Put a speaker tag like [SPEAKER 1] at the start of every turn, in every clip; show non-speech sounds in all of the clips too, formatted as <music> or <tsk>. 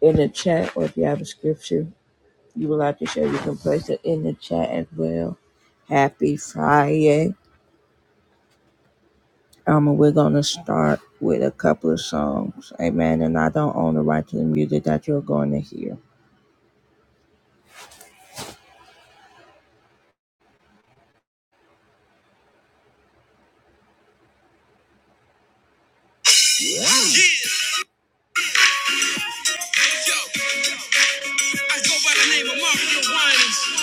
[SPEAKER 1] in the chat, or if you have a scripture you would like to share, you can place it in the chat as well. Happy Friday. Um, and we're gonna start with a couple of songs, amen. And I don't own the right to the music that you're going to hear. Yo, I go by the name of Mario Winans,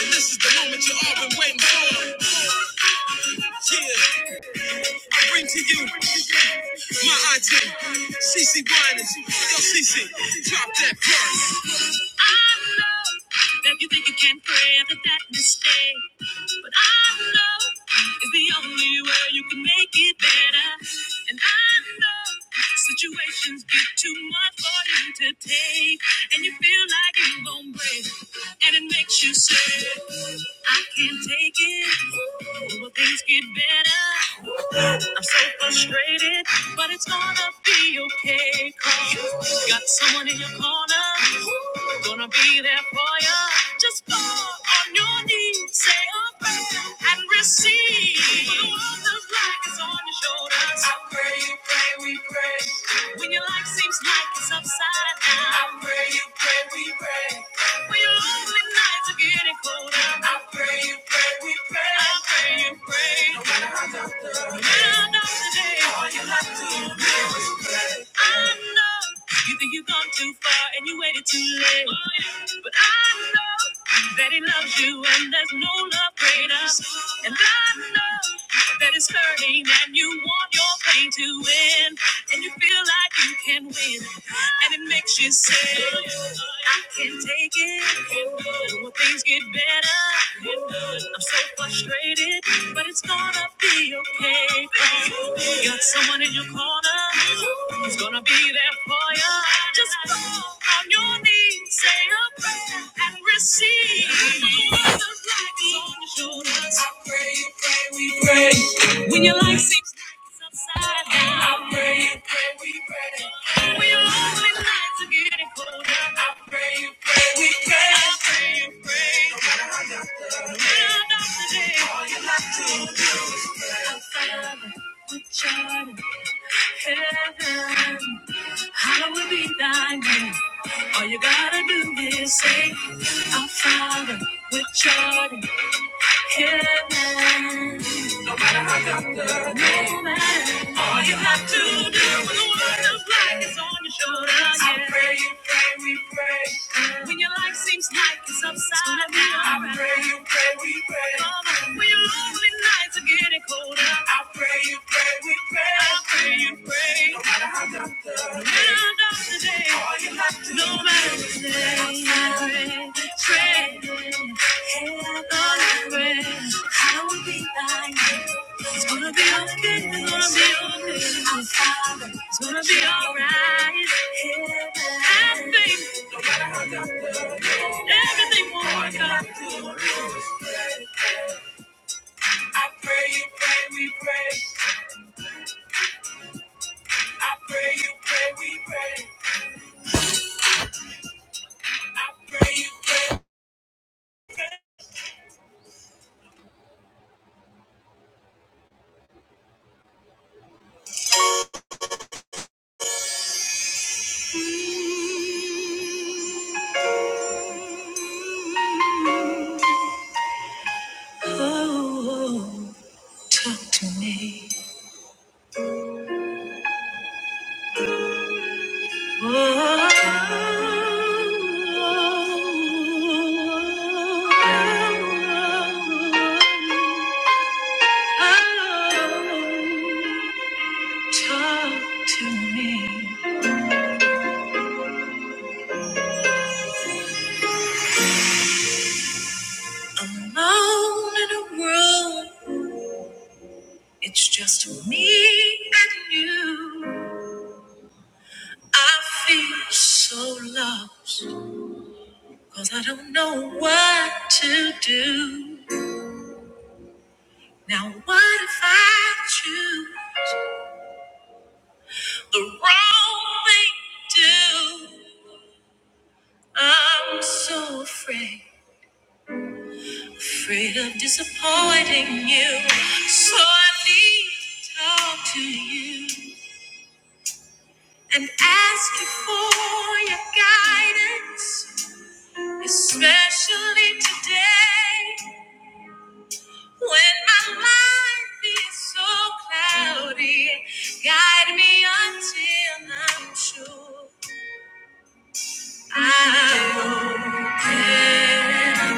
[SPEAKER 1] and this is the moment you all been waiting for. Yeah, I bring to you my auntie, Cece Winans. Yo, Cece, drop that bar. I know that you think you can pray after that mistake. But I know it's the only way you can make it better. And I know situations get too much for you to take. And you feel like you're going to break. And it makes you say, I can't take it. Will things get better? I'm so frustrated, but it's gonna be okay. 'Cause you got someone in your corner Gonna be there for you. Just fall on your knees, say a prayer, and receive. For the world looks like it's on your shoulders. I pray you pray, we pray. When your life seems like it's upside down. I pray you pray, we pray. When your lonely nights are getting colder. I pray you pray, we pray. I pray you pray. No matter how dark the, no matter how dark the day, all you have to do is pray. I know you think you've gone too far and you waited too late. But I know that he loves you and there's no love greater. And I know that it's hurting and you want your pain to end And you feel like you can win. And it makes you say, I can take it. When things get better, I'm so frustrated, but it's gonna be okay. You got someone in your corner who's gonna be there for you. Just fall on your knees, say a prayer, and receive. The light is on your shoulders. I pray, you pray, we pray. When your life seems like it's upside down, I pray, you pray, we pray. We are lonely nights are getting colder. I pray you pray, we pray. I pray you pray. Round up the day. All you like to. Father, which art in heaven, hallowed be thy name. All you gotta do is say, Our Father, which art in heaven. All you have to do when the world of black is on your shoulders. I pray you pray, we pray. When your life seems like it's upside down. I pray you pray, we pray. Mama, when your lonely nights are getting colder. I pray you pray, I pray you pray. It's gonna be okay, it's gonna be okay. It's gonna be alright. Have faith, everything will work out. I pray you pray, we pray. I pray you pray, we pray. I pray you pray. Oh, talk to me. Talk to me. Alone in a room, it's just me and you. I feel so lost, cause I don't know what to do. Now, what if I choose? the wrong thing to do. I'm so afraid, afraid of disappointing you. So I need to talk to you and ask you for your guidance, especially today when my life is so cloudy. Guide me until I'm sure I'm okay.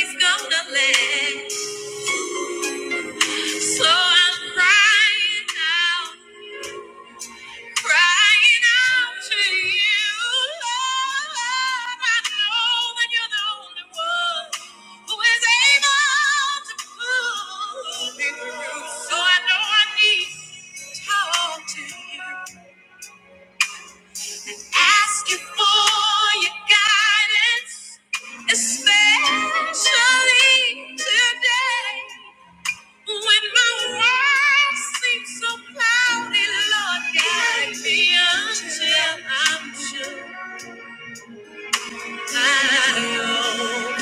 [SPEAKER 1] Gonna last, so I'm crying out. Crying out to you, Lord. I know that you're the only one who is able to pull me through. So I know I need to talk to you. Ask you for your guidance, especially today. When my world seems so cloudy, Lord, guide me until I'm sure. Show me how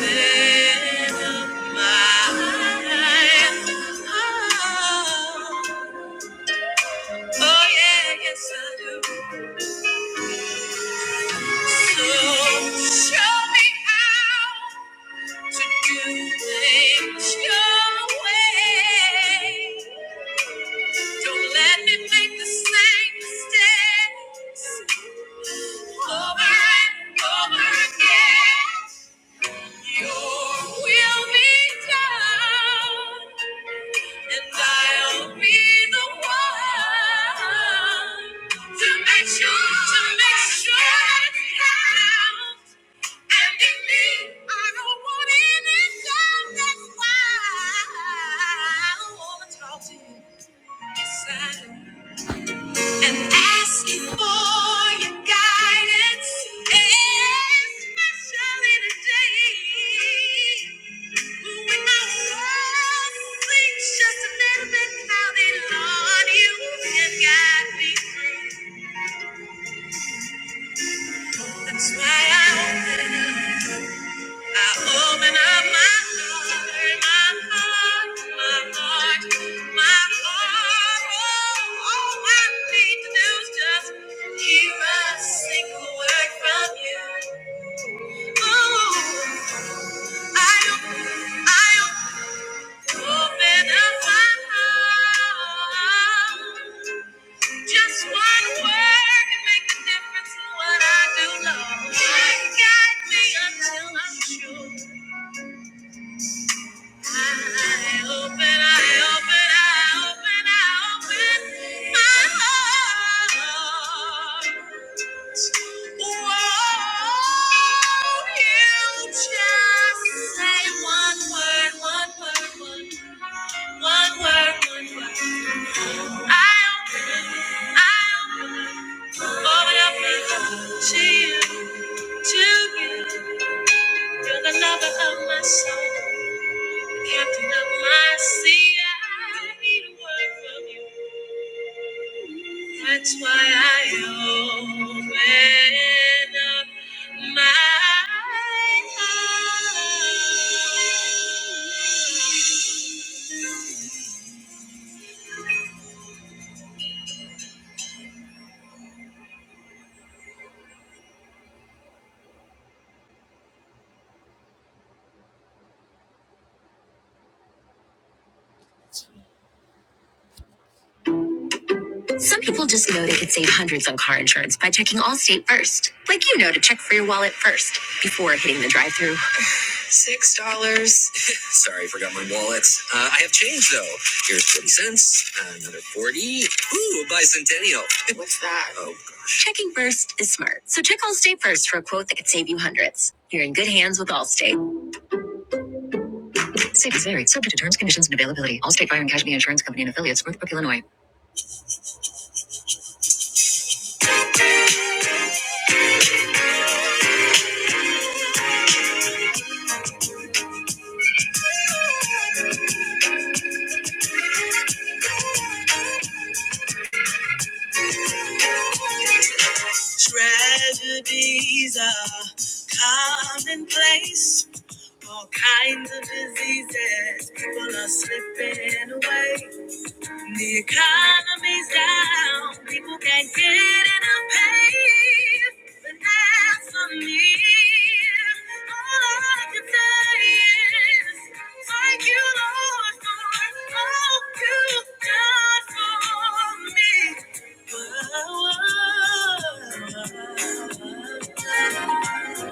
[SPEAKER 1] to do things your way. Don't let me make the same mistakes over and over again. Your will be done. And I'll be the one to make sure, to make sure it counts. And in me, I don't want any doubt. That's why I wanna talk to you, listen, and ask you for your guidance, especially today. Just a little bit how they love you and guide me through. That's why I open I open up my heart, my heart, my heart, my heart. Oh, all I need to do is just hear a single word from you. Oh, I open, I open up my heart. Just one word can make a difference in what I do, Lord. Guide guide me until I'm sure. I open, I open, I open, I open my heart. Whoa, you just say one word, one word, one word, one word, one word. I open, I open, open up to you. to you. You're the lover of my soul, the captain of my sea. I need a word from you. That's why I open up my heart. Some people just know they could save hundreds on car insurance by checking Allstate first. Like you know to check for your wallet first before hitting the drive-thru. Sorry, I forgot my wallet. Uh, I have change though. Here's 40 cents, another 40. Ooh, a bicentennial. Oh, gosh. Checking first is smart. So check Allstate first for a quote that could save you hundreds. You're in good hands with Allstate. Save is varied, subject to terms, conditions, and availability. Allstate Fire and Casualty Insurance Company and affiliates, Northbrook, Illinois. Tragedies are commonplace. All kinds of diseases. People are slipping away. The economy's down, people can't get enough pay, but that's on me. All I can say is, thank you, Lord, for all you've done for me. Whoa, whoa, whoa.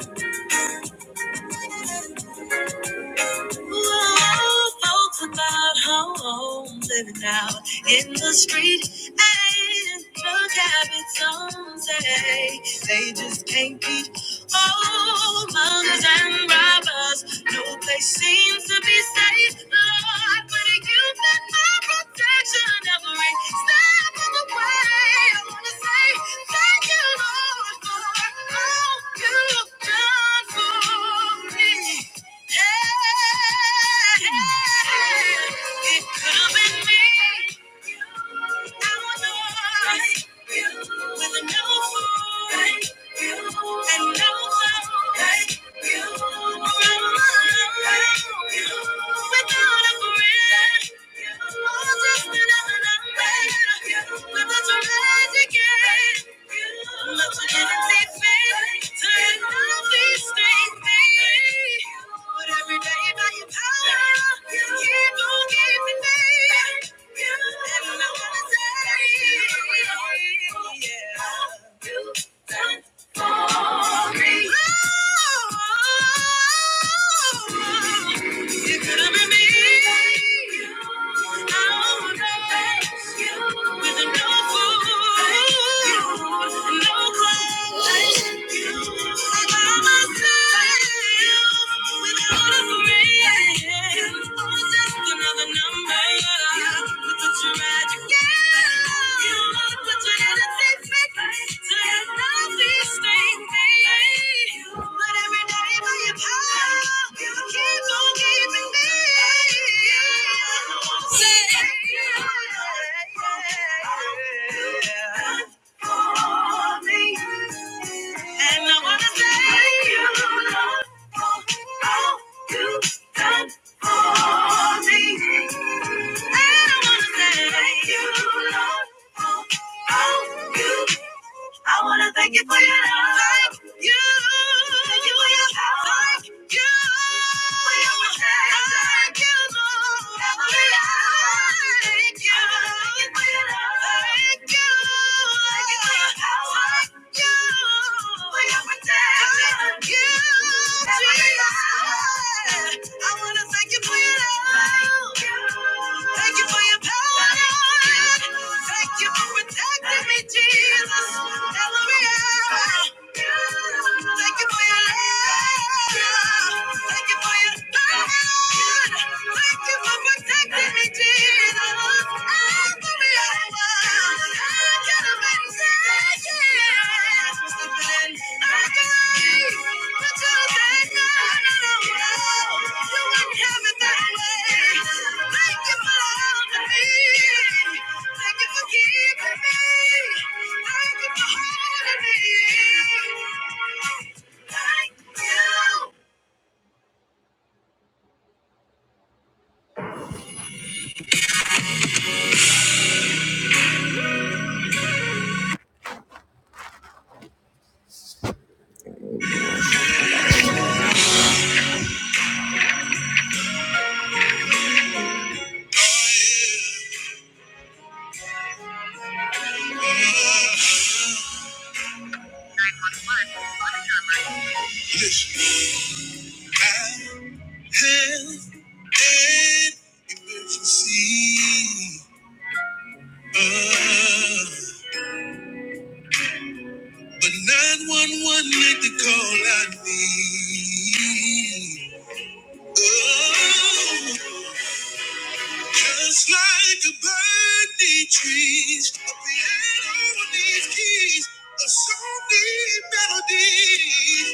[SPEAKER 1] Ooh, folks about home, living out in the street. And look at it, some say they just can't beat. Oh, muggers and robbers, no place seems to be safe. Lord, but you've been my protection every step of the way. I wanna say thank you, Lord, for all you've done for me. It could have been me. Our noise no no Without a friend, just another number. Yeah. Another number with such a magic and I wanna thank you, Lord. I wanna thank you for your love. Thank you. Thank you for your love. Thank you thank you. I wanna thank you for your love. Thank you for your power. Thank you for protecting me, Jesus. Every hour. Thank you for your love. Thank you for your love. Thank you for protecting me, Jesus. I'm gonna I could have been saying I could but you said no, no, no, no. You wouldn't have it that way. Thank you for loving me. Thank you for keeping me. Thank you for holding me. Thank you. Listen, I have an emergency, uh, but 911 made the call I need. Oh, just like a bird needs trees, a piano needs keys, a song needs melodies.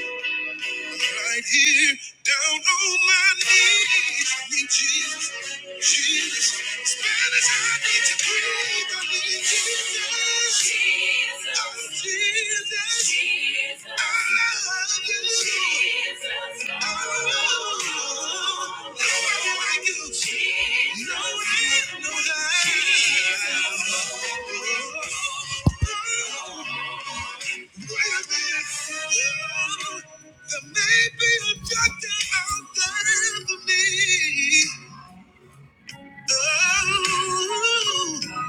[SPEAKER 1] Right here, down on my knees. I need Jesus, Jesus. As bad as I need to breathe, I need Jesus. Jesus. Oh, Jesus. Jesus. I love you. Jesus. Oh, no one like you. Jesus. No one, no one. Jesus. Oh, oh, Oh.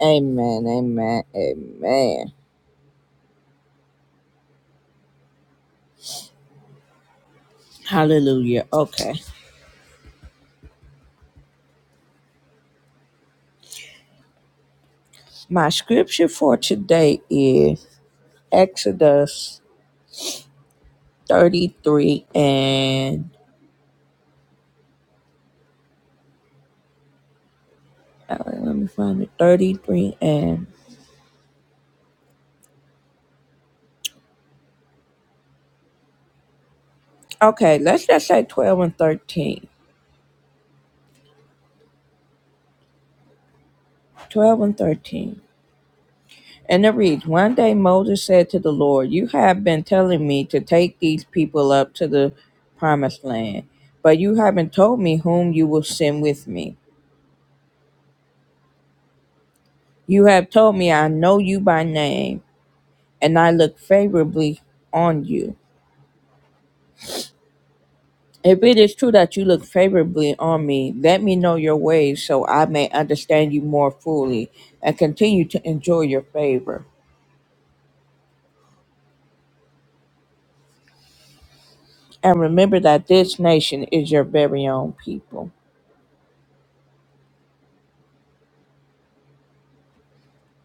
[SPEAKER 1] Amen, amen, amen. Hallelujah. Okay. My scripture for today is Exodus 33 and, all right, let me find it, 33 and, okay, let's just say 12 and 13. 12 and 13. And it reads, One day Moses said to the Lord, You have been telling me to take these people up to the promised land, but you haven't told me whom you will send with me. You have told me I know you by name, and I look favorably on you. If it is true that you look favorably on me, let me know your ways so I may understand you more fully and continue to enjoy your favor. And remember that this nation is your very own people.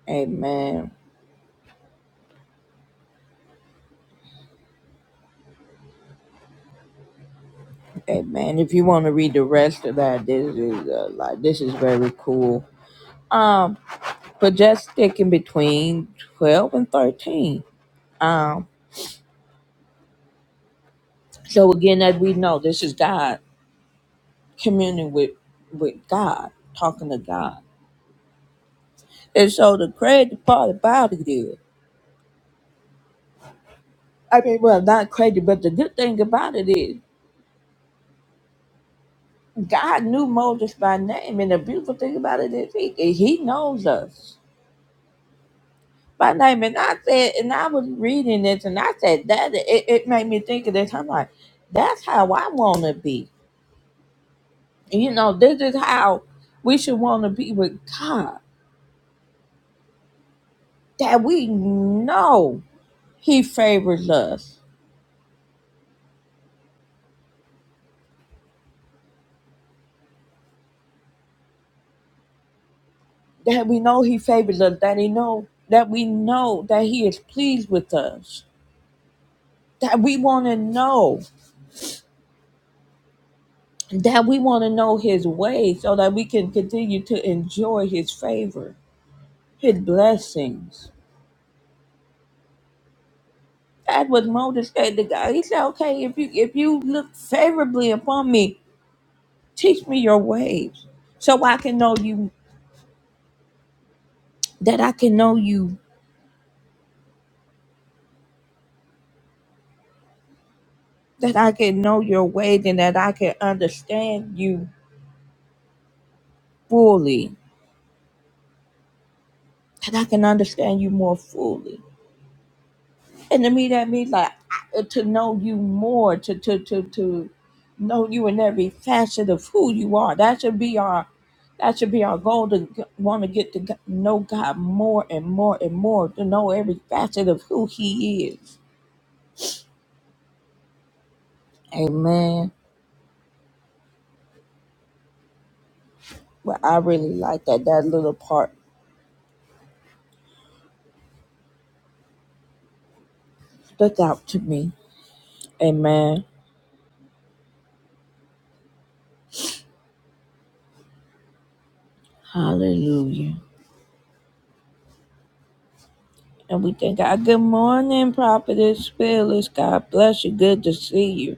[SPEAKER 1] Amen. Amen. If you want to read the rest of that, this is uh, like this is very cool. Um, but just stick in between twelve and thirteen. Um, so again, as we know, this is God communing with with God, talking to God. And so the crazy part about it is, I mean, well, not crazy, but the good thing about it is, God knew Moses by name, and the beautiful thing about it is, He He knows us. my name. And I said, and I was reading this and I said that it, it made me think of this. I'm like, that's how I wanna be. You know, this is how we should wanna be with God. That we know He favors us. That we know He favors us, that He know that we know that He is pleased with us. That we wanna know. That we want to know his way so that we can continue to enjoy his favor, his blessings That was Moses said to God. He said, Okay, if you if you look favorably upon me, teach me your ways. So I can know you that I can know you, that I can know your ways and that I can understand you fully. That I can understand you more fully. And to me, that means like I- to know you more, to to to to know you in every facet of who you are. That should be our that should be our goal to want to get to g- know God more and more and more, to know every facet of who He is. Amen. Well, I really like that. That little part stuck out to me. Amen. Hallelujah. And we thank God. Good morning, Prophetess Phyllis. God bless you. Good to see you.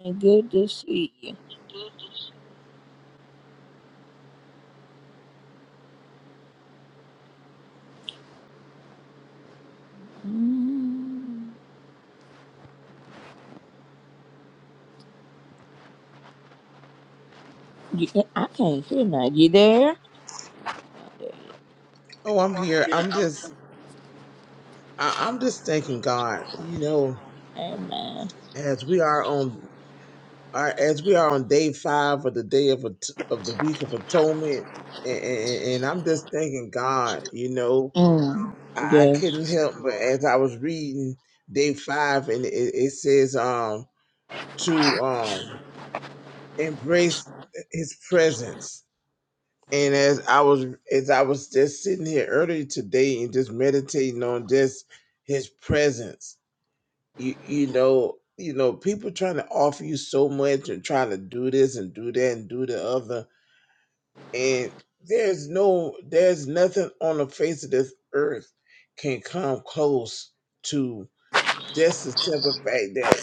[SPEAKER 1] And good to see you. Mm. You, I can't hear now. You there?
[SPEAKER 2] Oh, I'm here. I'm just, I, I'm just thanking God. You know,
[SPEAKER 1] Amen.
[SPEAKER 2] as we are on, our, as we are on day five of the day of at- of the week of atonement, and, and, and I'm just thanking God. You know,
[SPEAKER 1] Mm.
[SPEAKER 2] I, I couldn't
[SPEAKER 1] Yes.
[SPEAKER 2] help but as I was reading day five, and it, it says, um, to um, embrace His presence. And as I was, as I was just sitting here earlier today and just meditating on just His presence you you know you know people trying to offer you so much and trying to do this and do that and do the other and there's no there's nothing on the face of this earth can come close to just the simple fact that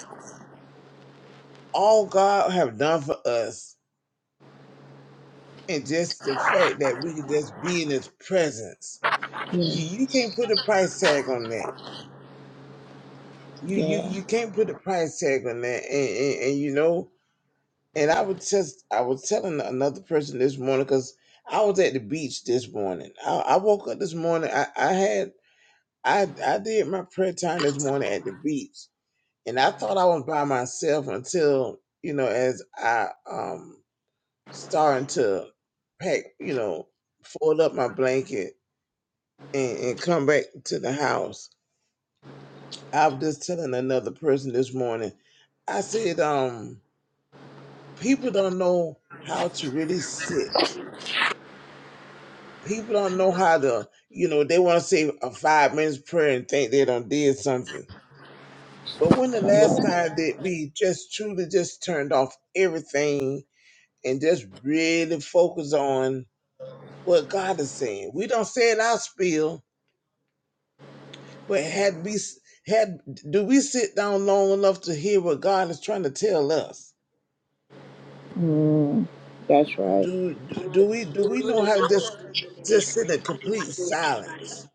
[SPEAKER 2] all god have done for us and just the fact that we can just be in his presence you
[SPEAKER 1] Yeah.
[SPEAKER 2] you can't put a price tag on that you you
[SPEAKER 1] Yeah.
[SPEAKER 2] you can't put a price tag on that and and, and you know And I was just, I was telling another person this morning because I was at the beach this morning. I, I woke up this morning. I, I had, I, I did my prayer time this morning at the beach, and I thought I was by myself until you know, as I um starting to pack, you know, fold up my blanket and, and come back to the house. I was just telling another person this morning. I said, um, people don't know how to really sit People don't know how to, you know, they want to say a five minutes prayer and think they done did something. But when the
[SPEAKER 1] Come
[SPEAKER 2] last
[SPEAKER 1] on.
[SPEAKER 2] time that we just truly just turned off everything and just really focus on what God is saying? We don't say it out spiel, but had we s- had do we sit down long enough to hear what God is trying to tell us?
[SPEAKER 1] Mm. That's right.
[SPEAKER 2] Do do, do we do we know how to just just sit in complete silence?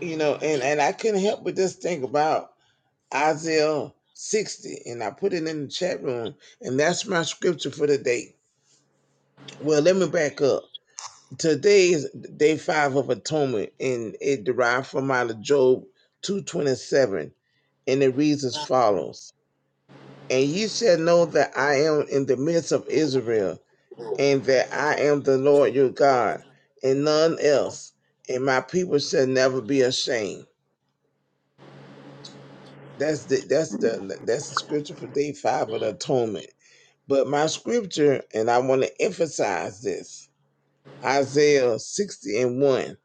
[SPEAKER 2] You know, and and I couldn't help but just think about. Isaiah 60, and I put it in the chat room, and that's my scripture for the day. Well, let me back up. Today is day five of atonement, and it derived from out of Job 227, and it reads as follows And ye shall know that I am in the midst of Israel, and that I am the Lord your God, and none else, and my people shall never be ashamed. That's the that's the that's the scripture for day five of the atonement. But my scripture, and I want to emphasize this Isaiah 60 and 1,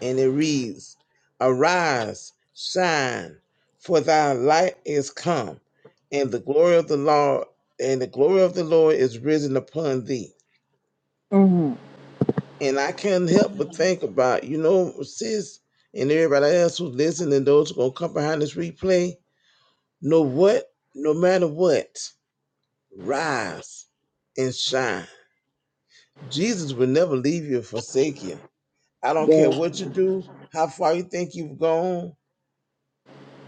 [SPEAKER 2] and it reads, Arise, shine, for thy light is come, and the glory of the Lord, and the glory of the Lord is risen upon thee.
[SPEAKER 1] Mm.
[SPEAKER 2] And I can't help but think about, you know, sis, and everybody else who's listening, and those who are gonna come behind this replay, know what? No matter what, rise and shine Jesus will never leave you or forsake you. I don't care
[SPEAKER 1] Yes.
[SPEAKER 2] what you do, how far you think you've gone.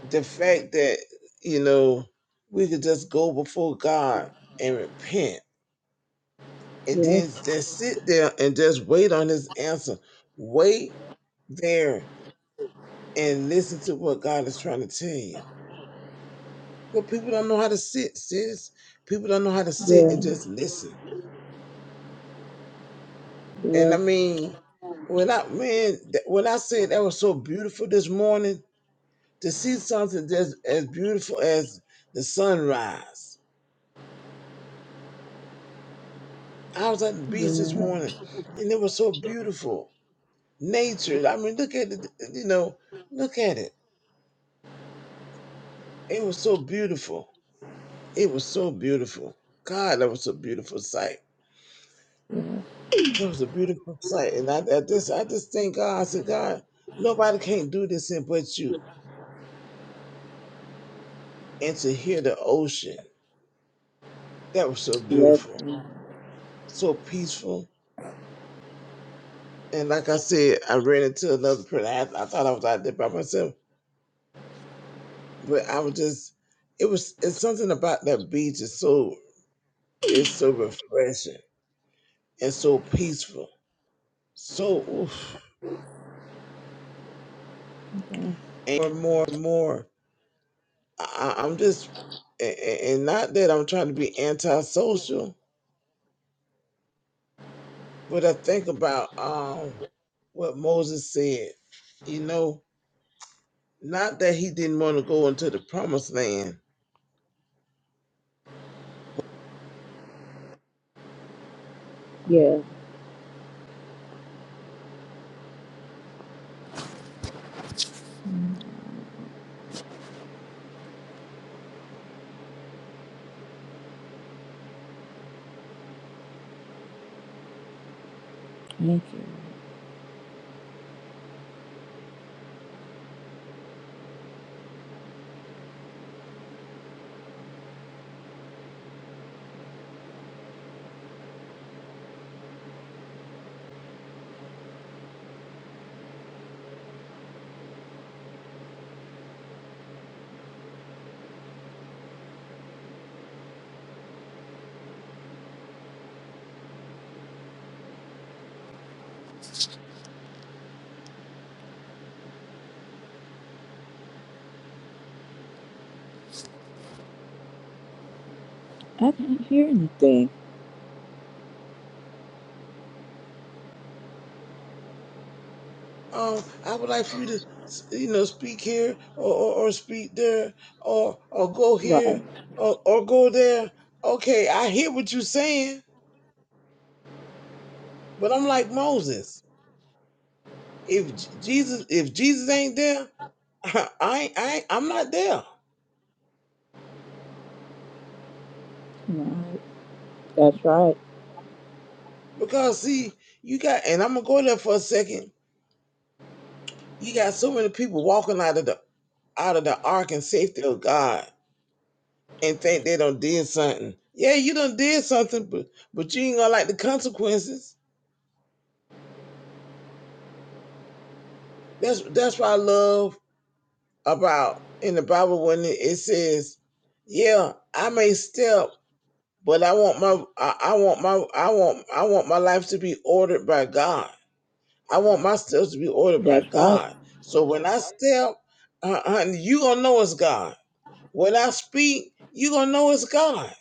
[SPEAKER 2] The fact that, you know, we could just go before God and repent and
[SPEAKER 1] Yes.
[SPEAKER 2] then just sit there and just wait on his answer. Wait there and listen to what God is trying to tell you. But people don't know how to sit, sis. People don't know how to sit
[SPEAKER 1] Yeah.
[SPEAKER 2] and just listen. And I
[SPEAKER 1] Yes.
[SPEAKER 2] mean, when I man, th- when I said that was so beautiful this morning, to see something that's as beautiful as the sunrise. I was at the beach this
[SPEAKER 1] Yeah.
[SPEAKER 2] morning, and it was so beautiful. Nature. I mean, look at it. You know, look at it. It was so beautiful. It was so beautiful. God, that was a beautiful sight. It was a beautiful sight, and I, I just, I just thank God. I said, God, nobody can't do this in but you. And to hear the ocean, that was so
[SPEAKER 1] Yes.
[SPEAKER 2] beautiful, so peaceful And like I said, I ran into another print. I, I thought I was out there by myself, but I was just, it was, it's something about that beach. It's so, it's so refreshing and so peaceful. So, oof. and more, and more, and more. I, I- I'm just, and, and not that I'm trying to be antisocial, but I think about um what Moses said. You know, not that he didn't want to go into the promised land,
[SPEAKER 1] Yeah. Yes. Mm. Thank you. I can't hear anything.
[SPEAKER 2] um, I would like for you to, you know, speak here or, or, or speak there or or go
[SPEAKER 1] Right.
[SPEAKER 2] here or, or go there. Okay, I hear what you're saying, but I'm like Moses. If J- Jesus, if Jesus ain't there, <laughs> I, ain't- I, ain't- I'm not there
[SPEAKER 1] No. That's right.
[SPEAKER 2] because see, you got, and I'm gonna go there for a second. You got so many people walking out of the out of the ark and safety of God and think they done did something. Yeah, you done did something, but but you ain't gonna like the consequences. That's that's what I love about in the Bible when it says, "Yeah, I may step, but I want my I, I want my I want I want my life to be ordered by God. I want my steps to be ordered by
[SPEAKER 1] That's right.
[SPEAKER 2] God. So when I step, uh, honey, you gonna know it's God. When I speak, you gonna know it's God.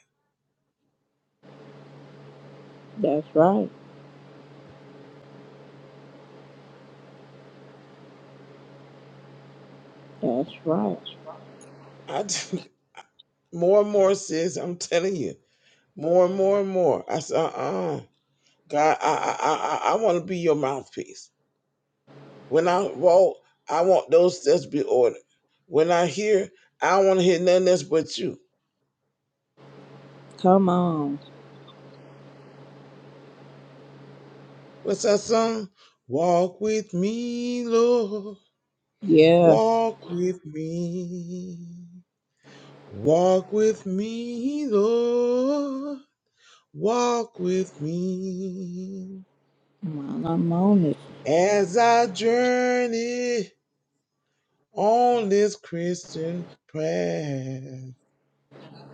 [SPEAKER 1] That's right. That's right.
[SPEAKER 2] I do, <laughs> more and more, sis. I'm telling you, more and more and more. I said, uh, uh God, I, I, I, I want to be your mouthpiece. When I walk, I want those steps be ordered. When I hear, I don't want to hear nothing else but you.
[SPEAKER 1] Come on.
[SPEAKER 2] What's that song? Walk with me, Lord.
[SPEAKER 1] Yeah.
[SPEAKER 2] Walk with me. Walk with me, Lord. Walk with me.
[SPEAKER 1] While I'm on it.
[SPEAKER 2] As I journey on this Christian path,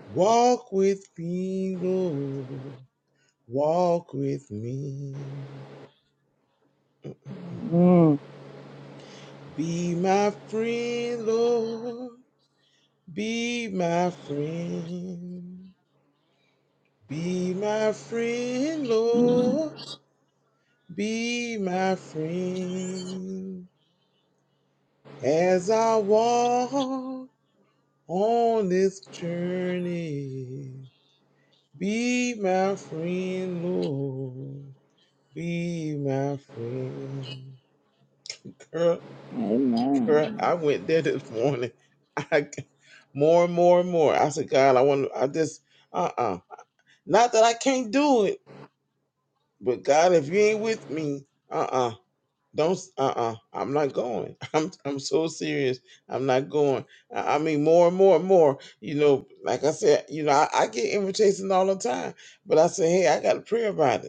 [SPEAKER 2] walk with me, Lord. Walk with me.
[SPEAKER 1] Mm.
[SPEAKER 2] Be my friend, Lord. Be my friend. Be my friend, Lord. Be my friend. As I walk on this journey, be my friend, Lord. Be my friend.
[SPEAKER 1] Amen.
[SPEAKER 2] Right? I went there this morning. <laughs> I c- more and more and more. I said, God, I want. to I just uh uh Not that I can't do it, but God, if you ain't with me, uh uh do not uh uh. I'm not going. <laughs> I'm I'm so serious. I'm not going. I, I mean, more and more and more. You know, like I said, you know, I, I get invitations all the time, but I say, hey, I got to pray about it.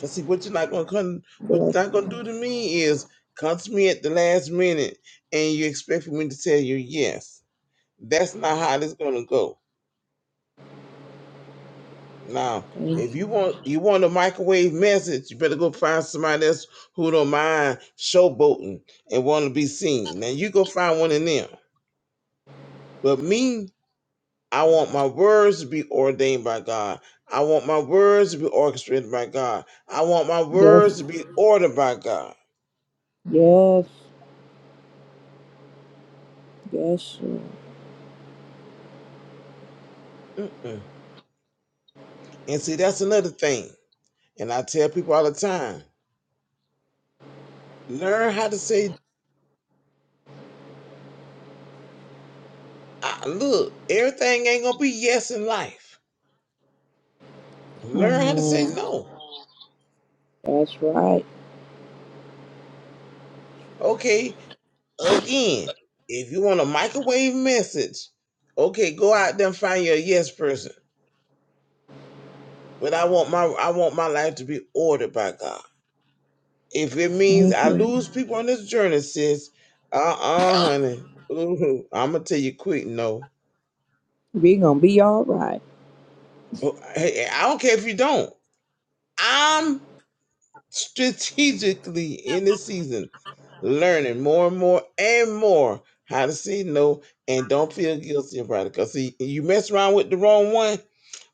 [SPEAKER 2] Cause see, what you're not gonna come, what
[SPEAKER 1] Yes,
[SPEAKER 2] you're not gonna do to me is come to me at the last minute and you expect for me to tell you yes. That's not how this gonna go. Now,
[SPEAKER 1] thank
[SPEAKER 2] if
[SPEAKER 1] you.
[SPEAKER 2] you want you want a microwave message, you better go find somebody else who don't mind showboating and want to be seen. Now you go find one of them. But me, I want my words to be ordained by God. I want my words to be orchestrated by God. I want my
[SPEAKER 1] yes,
[SPEAKER 2] words to be ordered by God.
[SPEAKER 1] yes, yes. Lord.
[SPEAKER 2] Mm-mm. And see, that's another thing. And I tell people all the time learn how to say, "Ah, look, everything ain't going to be yes in life. Learn
[SPEAKER 1] Come
[SPEAKER 2] how to say
[SPEAKER 1] on,
[SPEAKER 2] no.
[SPEAKER 1] that's right.
[SPEAKER 2] Okay, again, if you want a microwave message, okay, go out there and find your yes person. But I want my I want my life to be ordered by God. If it means
[SPEAKER 1] Thank
[SPEAKER 2] I
[SPEAKER 1] you.
[SPEAKER 2] lose people on this journey, sis, uh-uh, honey. Ooh, I'm gonna tell you quick no.
[SPEAKER 1] We gonna be all right.
[SPEAKER 2] Oh, Hey, I don't care if you don't. I'm." strategically in the season, learning more and more and more how to say no and don't feel guilty about it. Because see, you mess around with the wrong one.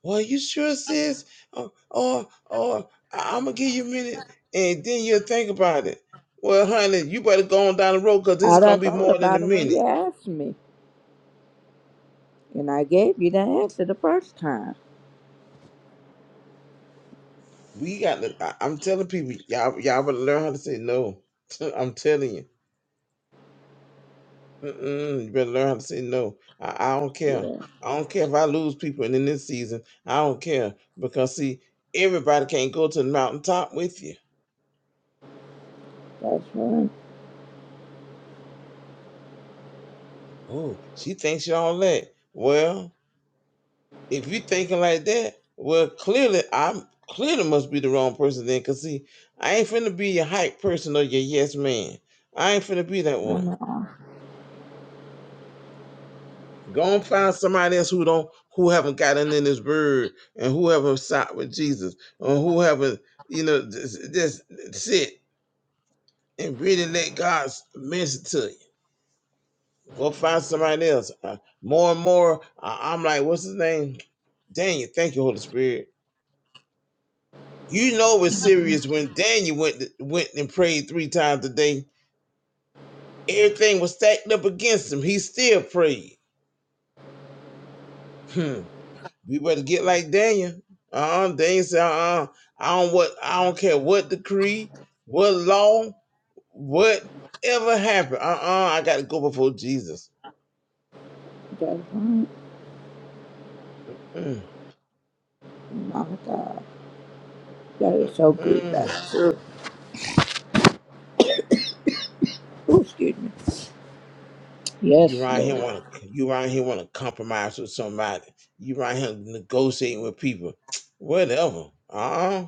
[SPEAKER 2] Well, you sure sis? Or or, or I'm gonna give you a minute, and then you'll think about it. Well, honey, you better go on down the road because this
[SPEAKER 1] I
[SPEAKER 2] is
[SPEAKER 1] done
[SPEAKER 2] gonna be
[SPEAKER 1] thought
[SPEAKER 2] more than a
[SPEAKER 1] about it when
[SPEAKER 2] minute.
[SPEAKER 1] you asked me, and I gave you the answer the first time.
[SPEAKER 2] We got to. I, I'm telling people, y'all, y'all better learn how to say no. <laughs> I'm telling you. Mm-mm, you better learn how to say no. I, I don't care.
[SPEAKER 1] Yeah,
[SPEAKER 2] I don't care if I lose people in this season. I don't care because see, everybody can't go to the mountaintop with you.
[SPEAKER 1] that's right.
[SPEAKER 2] Oh, she thinks you all that. Well, if you thinking like that, well, clearly I'm clearly must be the wrong person then. Cause see, I ain't finna be your hype person or your yes man. I ain't finna be that one.
[SPEAKER 1] Come on,
[SPEAKER 2] Go and find somebody else who don't who haven't gotten in his word and who haven't sat with Jesus or who haven't, you know, just, just sit and really let God's message to you. Go find somebody else. Uh, more and more, I- I'm like, what's his name? Daniel. Thank you, Holy Spirit. You know it was serious when Daniel went went and prayed three times a day. Everything was stacked up against him. He still prayed. Hmm. We better get like Daniel. Uh-uh. Daniel said, uh-uh. I don't what I don't care what decree, what law, whatever happened. Uh-uh. I gotta go before Jesus.
[SPEAKER 1] that's right.
[SPEAKER 2] Mm,
[SPEAKER 1] My God, that is
[SPEAKER 2] mm,
[SPEAKER 1] so good.
[SPEAKER 2] mm.
[SPEAKER 1] That's true. Ooh, excuse me.
[SPEAKER 2] You
[SPEAKER 1] Yes,
[SPEAKER 2] around here
[SPEAKER 1] Lord.
[SPEAKER 2] wanna you around here wanna compromise with somebody. You around here negotiating with people. <tsk> Whatever. Uh-uh.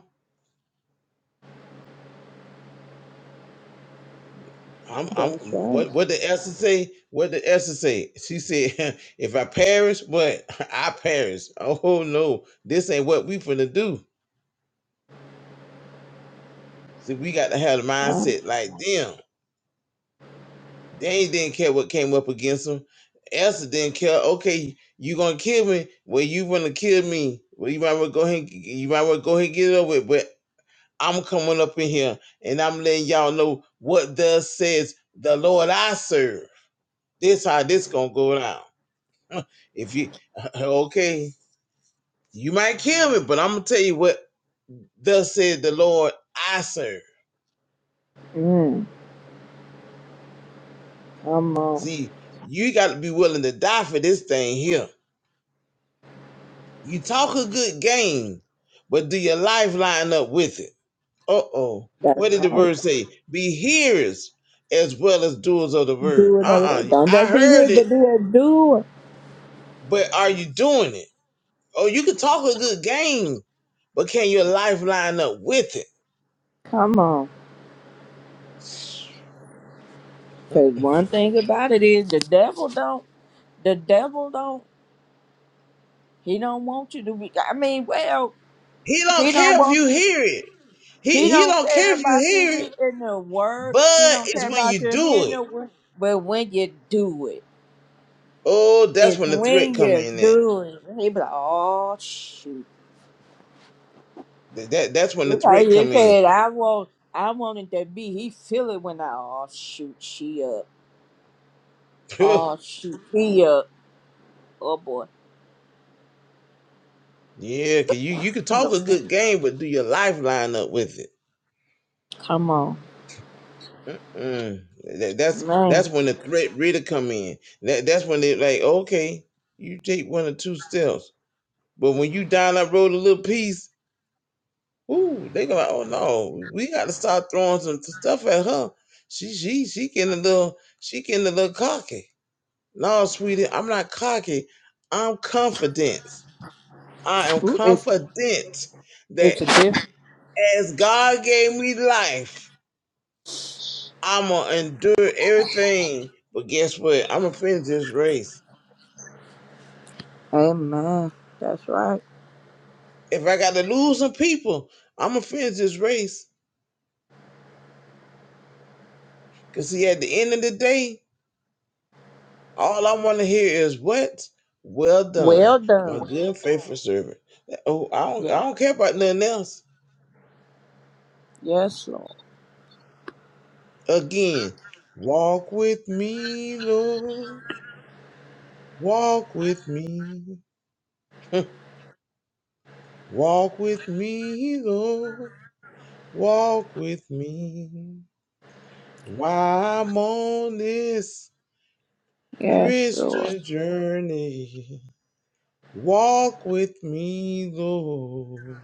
[SPEAKER 2] I'm I'm
[SPEAKER 1] That's right.
[SPEAKER 2] what what did Esther say? What did Esther say? She said, <laughs> if I perish, what <laughs> I perish. Oh no, this ain't what we finna do. See, we got to have the
[SPEAKER 1] Uh,
[SPEAKER 2] mindset like them. They didn't care what came up against them. Elsa didn't care. Okay, you gonna kill me? Well, you wanna kill me? Well, you might wanna go ahead. and- You might wanna go ahead and get it over with. But I'm coming up in here and I'm letting y'all know what thus says the Lord I serve. This how this gonna go down. If you <laughs> okay, you might kill me, but I'm gonna tell you what thus said the Lord I serve.
[SPEAKER 1] mm, come on.
[SPEAKER 2] See, you got to be willing to die for this thing here You talk a good game, but do your life line up with it? Uh oh.
[SPEAKER 1] That's
[SPEAKER 2] What did the
[SPEAKER 1] right.
[SPEAKER 2] word say? Be hearers as well as doers of the word.
[SPEAKER 1] Do it
[SPEAKER 2] Uh
[SPEAKER 1] already.
[SPEAKER 2] uh
[SPEAKER 1] Don't
[SPEAKER 2] I
[SPEAKER 1] just be here,
[SPEAKER 2] heard it,
[SPEAKER 1] but be a doer.
[SPEAKER 2] but are you doing it? Oh, you can talk a good game, but can your life line up with it?
[SPEAKER 1] Come on. Cause one thing about it is the devil don't the devil don't he don't want you to be I mean, well,
[SPEAKER 2] He
[SPEAKER 1] he
[SPEAKER 2] don't
[SPEAKER 1] don't
[SPEAKER 2] care if
[SPEAKER 1] want
[SPEAKER 2] you
[SPEAKER 1] you to
[SPEAKER 2] hear it.
[SPEAKER 1] he
[SPEAKER 2] He he
[SPEAKER 1] don't
[SPEAKER 2] don't
[SPEAKER 1] care
[SPEAKER 2] care if you
[SPEAKER 1] about you
[SPEAKER 2] hear it.
[SPEAKER 1] reading the word. He
[SPEAKER 2] But
[SPEAKER 1] don't
[SPEAKER 2] it's
[SPEAKER 1] care
[SPEAKER 2] when
[SPEAKER 1] about
[SPEAKER 2] you
[SPEAKER 1] you
[SPEAKER 2] do
[SPEAKER 1] hearing
[SPEAKER 2] it.
[SPEAKER 1] the word. But when you do it,
[SPEAKER 2] Oh, that's
[SPEAKER 1] it's
[SPEAKER 2] when the threat
[SPEAKER 1] when
[SPEAKER 2] come
[SPEAKER 1] you
[SPEAKER 2] in. At.
[SPEAKER 1] do it. He be like, Oh shoot.
[SPEAKER 2] That that- that's when the
[SPEAKER 1] It's Like
[SPEAKER 2] threat
[SPEAKER 1] you
[SPEAKER 2] come in.
[SPEAKER 1] said, I want I wanted to be. He feel it when I oh shoot she up.
[SPEAKER 2] <laughs>
[SPEAKER 1] Oh shoot he up. Oh boy.
[SPEAKER 2] Yeah, cause you you can talk a good game, but do your life line up with it?
[SPEAKER 1] Come on.
[SPEAKER 2] Mm-mm. That, that's
[SPEAKER 1] Man.
[SPEAKER 2] that's when the threat really come in. That that's when they like, okay, you take one or two steps, but when you down that road a little piece, ooh, they go, like, oh no, we got to start throwing some stuff at her. She she she getting a little she getting a little cocky. No, sweetie, I'm not cocky. I'm confident. I am confident
[SPEAKER 1] It's
[SPEAKER 2] that
[SPEAKER 1] a gift.
[SPEAKER 2] as God gave me life. I'm gonna endure everything. But guess what? I'm gonna finish this race.
[SPEAKER 1] Amen. That's right.
[SPEAKER 2] If I gotta lose some people, I'm gonna finish this race. Cause see, at the end of the day, all I want to hear is what? Well done,
[SPEAKER 1] Well
[SPEAKER 2] my
[SPEAKER 1] done.
[SPEAKER 2] good and faithful servant. Oh, I don't, I
[SPEAKER 1] Yeah.
[SPEAKER 2] don't care about nothing else.
[SPEAKER 1] Yes, Lord.
[SPEAKER 2] Again, walk with me, Lord. Walk with me. <laughs> walk with me, Lord. Walk with me. While I'm on this
[SPEAKER 1] Yes, Lord.
[SPEAKER 2] Christian journey, walk with me, Lord.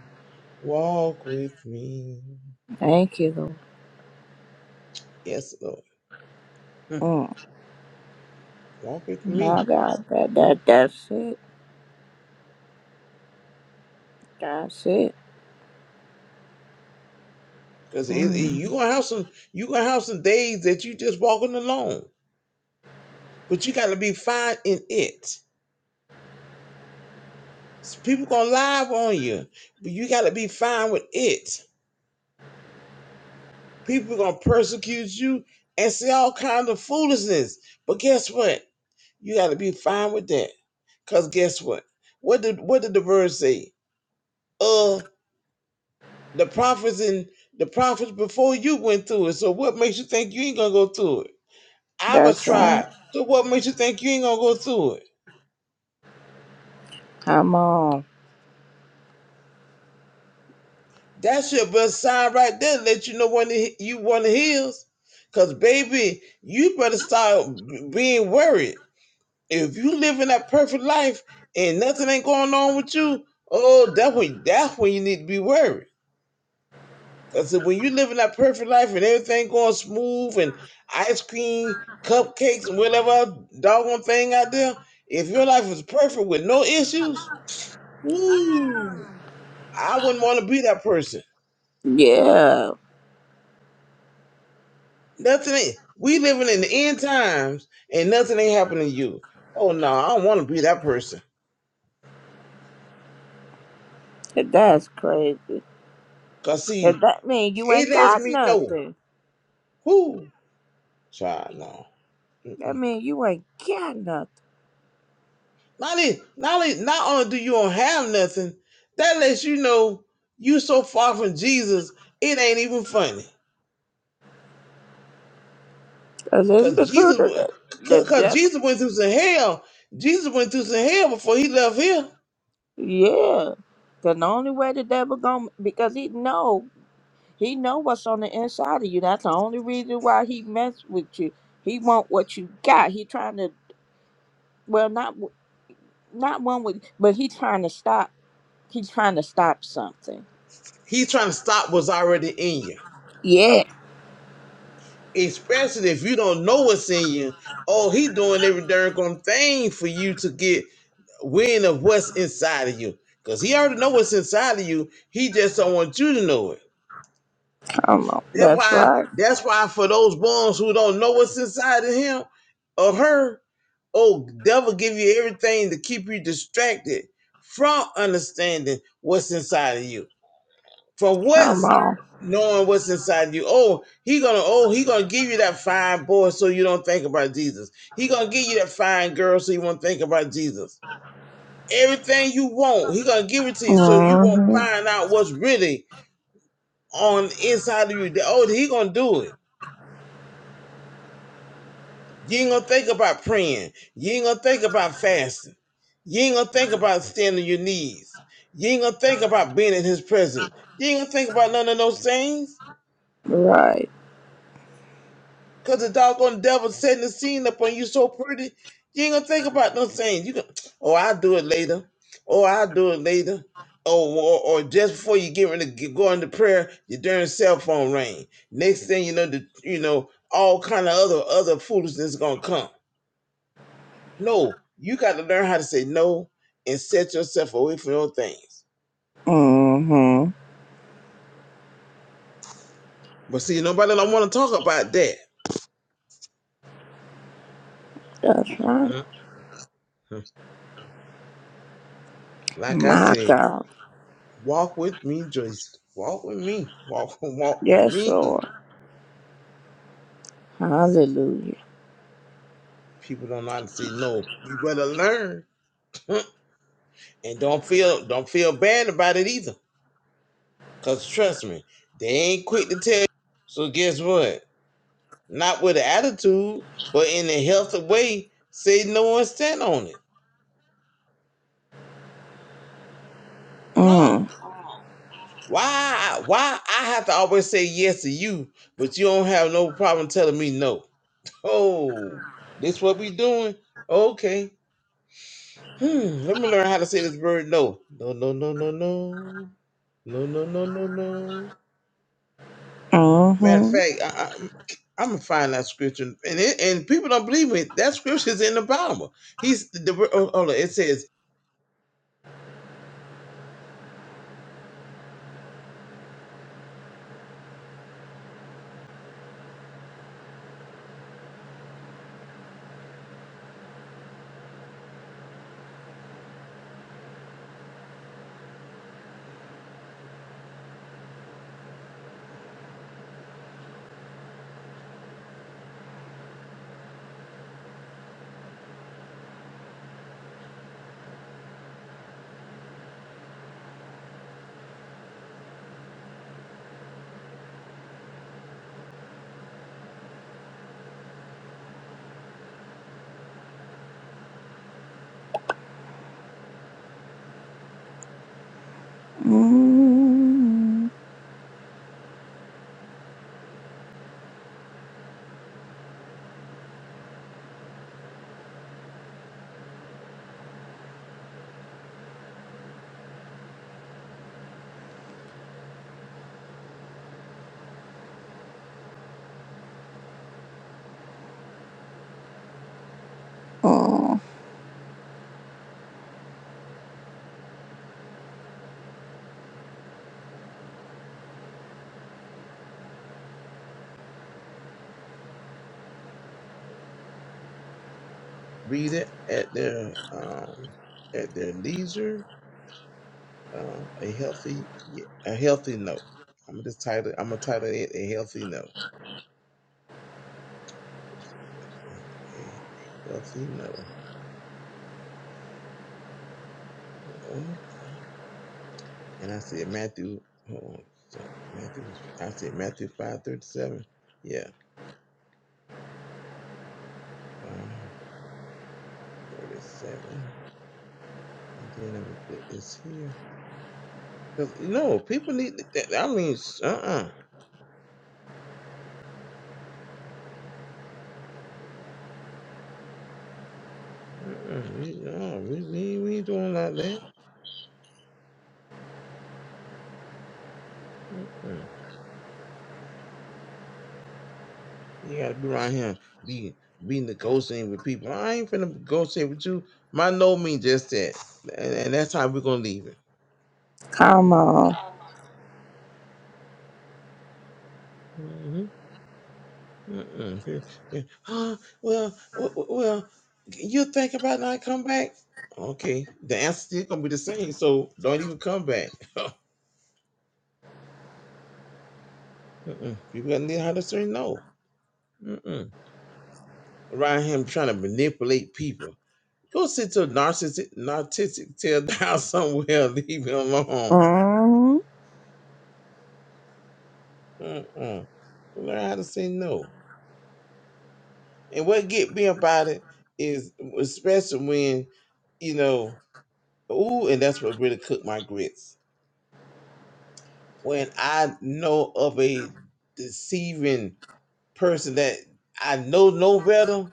[SPEAKER 2] Walk with me.
[SPEAKER 1] Thank you,
[SPEAKER 2] Yes, Lord. Hmm.
[SPEAKER 1] Lord. Mm.
[SPEAKER 2] Walk with me.
[SPEAKER 1] My God, that that that's it. That's it.
[SPEAKER 2] Because it, it- you
[SPEAKER 1] Mm.
[SPEAKER 2] gonna have some you gonna have some days that you just walking alone. But you gotta be fine in it. S- People gonna lie on you, but you gotta be fine with it. People gonna persecute you and say all kinds of foolishness. But guess what? You got to be fine with that. Cause guess what? What did what did the verse say? Uh, the prophets and the prophets before you went through it. So what makes you think you ain't gonna go through it? I was
[SPEAKER 1] That's right.
[SPEAKER 2] tried. So what makes you think you ain't gonna go through it?
[SPEAKER 1] Come on.
[SPEAKER 2] That should be a sign right there. to Let you know when the, you want to heal, Cause baby, you better start being worried. If you living that perfect life and nothing ain't going on with you, oh, that's when that's when you need to be worried. Cause when you living that perfect life and everything going smooth and ice cream, cupcakes, and whatever doggone thing out there, if your life is perfect with no issues, woo, I wouldn't want to be that person.
[SPEAKER 1] Yeah.
[SPEAKER 2] Nothing ain't. We living in the end times and nothing ain't happening to you. Oh no, I don't want to be that person.
[SPEAKER 1] That's crazy.
[SPEAKER 2] Cause
[SPEAKER 1] And
[SPEAKER 2] see,
[SPEAKER 1] that mean you
[SPEAKER 2] it
[SPEAKER 1] ain't
[SPEAKER 2] lets
[SPEAKER 1] got
[SPEAKER 2] me know.
[SPEAKER 1] nothing.
[SPEAKER 2] Whoo, child, no. Mm-mm.
[SPEAKER 1] That mean you ain't got nothing.
[SPEAKER 2] Not only, not only, not only do you don't have nothing, that lets you know you so far from Jesus, it ain't even funny.
[SPEAKER 1] Cause it's
[SPEAKER 2] Cause
[SPEAKER 1] the
[SPEAKER 2] Jesus,
[SPEAKER 1] truth of
[SPEAKER 2] went-
[SPEAKER 1] the, the
[SPEAKER 2] cause 'cause
[SPEAKER 1] devil.
[SPEAKER 2] Jesus went through some hell. Jesus went through some hell before he left here.
[SPEAKER 1] Yeah. 'Cause the only way the devil gonna because he know. He know what's on the inside of you. That's the only reason why he mess with you. He want what you got. He trying to well not w- not one with but he trying to stop. He trying to stop something.
[SPEAKER 2] He's trying to stop what's already in you,
[SPEAKER 1] Yeah,
[SPEAKER 2] especially if you don't know what's in you. Oh, he doing every darn good thing for you to get wind of what's inside of you. Cause he already know what's inside of you. He just don't want you to know it.
[SPEAKER 1] come on.
[SPEAKER 2] That's
[SPEAKER 1] That's
[SPEAKER 2] why.
[SPEAKER 1] right.
[SPEAKER 2] That's why for those ones who don't know what's inside of him or her, oh, devil give you everything to keep you distracted from understanding what's inside of you, from
[SPEAKER 1] Come
[SPEAKER 2] what's
[SPEAKER 1] on.
[SPEAKER 2] knowing what's inside of you. Oh, he gonna oh he gonna give you that fine boy so you don't think about Jesus. He gonna give you that fine girl so you won't think about Jesus. Everything you want, he gonna give it to you so you won't
[SPEAKER 1] Mhm.
[SPEAKER 2] find out what's really on the inside of you. That, Oh, he gonna do it. You ain't gonna think about praying. You ain't gonna think about fasting. You ain't gonna think about standing on your knees. You ain't gonna think about being in his presence. You ain't gonna think about none of those things.
[SPEAKER 1] Right.
[SPEAKER 2] Cause the doggone devil setting the scene up on you so pretty. You ain't gonna think about those things. You can oh I'll do it later. Oh I'll do it later. Oh, or, or just before you get ready to get- go into prayer, your darn cell phone ring. Next thing you know, the, you know all kind of other other foolishness gonna come. No, you got to learn how to say no and set yourself away from those things.
[SPEAKER 1] Mhm.
[SPEAKER 2] But see, nobody don't want to talk about that.
[SPEAKER 1] That's right.
[SPEAKER 2] Uh-uh. Like I
[SPEAKER 1] My
[SPEAKER 2] say,
[SPEAKER 1] God.
[SPEAKER 2] walk with me, Joyce. Walk with me. Walk, <laughs> walk with
[SPEAKER 1] Yes,
[SPEAKER 2] me.
[SPEAKER 1] Lord. Hallelujah.
[SPEAKER 2] People don't know how to say no. You better learn, <laughs> and don't feel don't feel bad about it either. Cause trust me, they ain't quick to tell. you. So guess what? Not with an attitude, but in a healthy way. Say no and stand on it. No.
[SPEAKER 1] Mm.
[SPEAKER 2] Why? Why I have to always say yes to you, but you don't have no problem telling me no? Oh, this what we doing? Okay. Hmm. Let me learn how to say this word no. No. No. No. No. No. No. No. No. No. No. Matter of
[SPEAKER 1] Mhm.
[SPEAKER 2] fact, I, I, I'm gonna find that scripture, and it, and people don't believe me. That scripture's in the Bible. He's the oh, hold on. It says,
[SPEAKER 1] Mm. Mm.
[SPEAKER 2] "Read it at their um at their leisure." Uh, a healthy, yeah, a healthy no. I'm just title. I'm gonna title it a healthy no. Just do it that way. A healthy no. Oh, And I said Matthew. Hold on. So Matthew was. I said Matthew five thirty seven. Yeah, five thirty seven. And then I'm gonna put this here because you know people need. I mean, uh uh-uh, uh, uh-uh. we, no, we we we ain't doing like that. Uh, uh-uh. uh. You gotta be around him, be be negotiating with people. I ain't finna negotiate with you. My no mean just that, and, and that's how we're gonna leave it.
[SPEAKER 1] Come on.
[SPEAKER 2] Mm-hmm. Mm-mm. Yeah. yeah. Huh? Well, w- w- well, you think about not come back? Okay, the answer still gonna be the same. So don't even come back. <laughs> Mm-mm. People gotta learn how to say no. Mm-mm. Around him trying to manipulate people. Go sit to a narcissistic, narcissistic, tear down <laughs> somewhere. Leave him alone.
[SPEAKER 1] Mm-hmm.
[SPEAKER 2] Mm-mm. Learn how to say no. And what get me about it is, especially when, you know, ooh, and that's what really cooked my grits. When I know of a deceiving person that I know no better,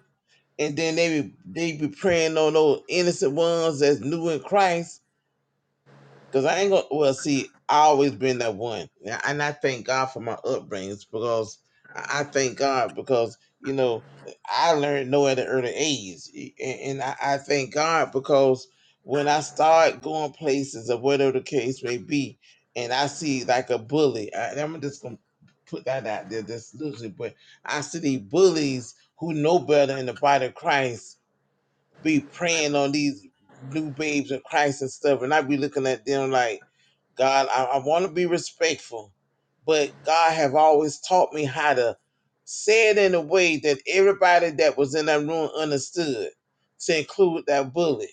[SPEAKER 2] and then they be, they be preying on those innocent ones that's new in Christ, Cause I ain't gonna. Well, see, I always been that one, and I and I thank God for my upbringings because I I thank God because you know I learned no at an early age, E- and, and I, I thank God because when I start going places or whatever the case may be, and I see like a bully, I, I'm just gonna put that out there, this loosely, but I see these bullies who know better in the body of Christ be preying on these new babes of Christ and stuff, and I be looking at them like God, I, I want to be respectful, but God have always taught me how to say it in a way that everybody that was in that room understood, to include that bully.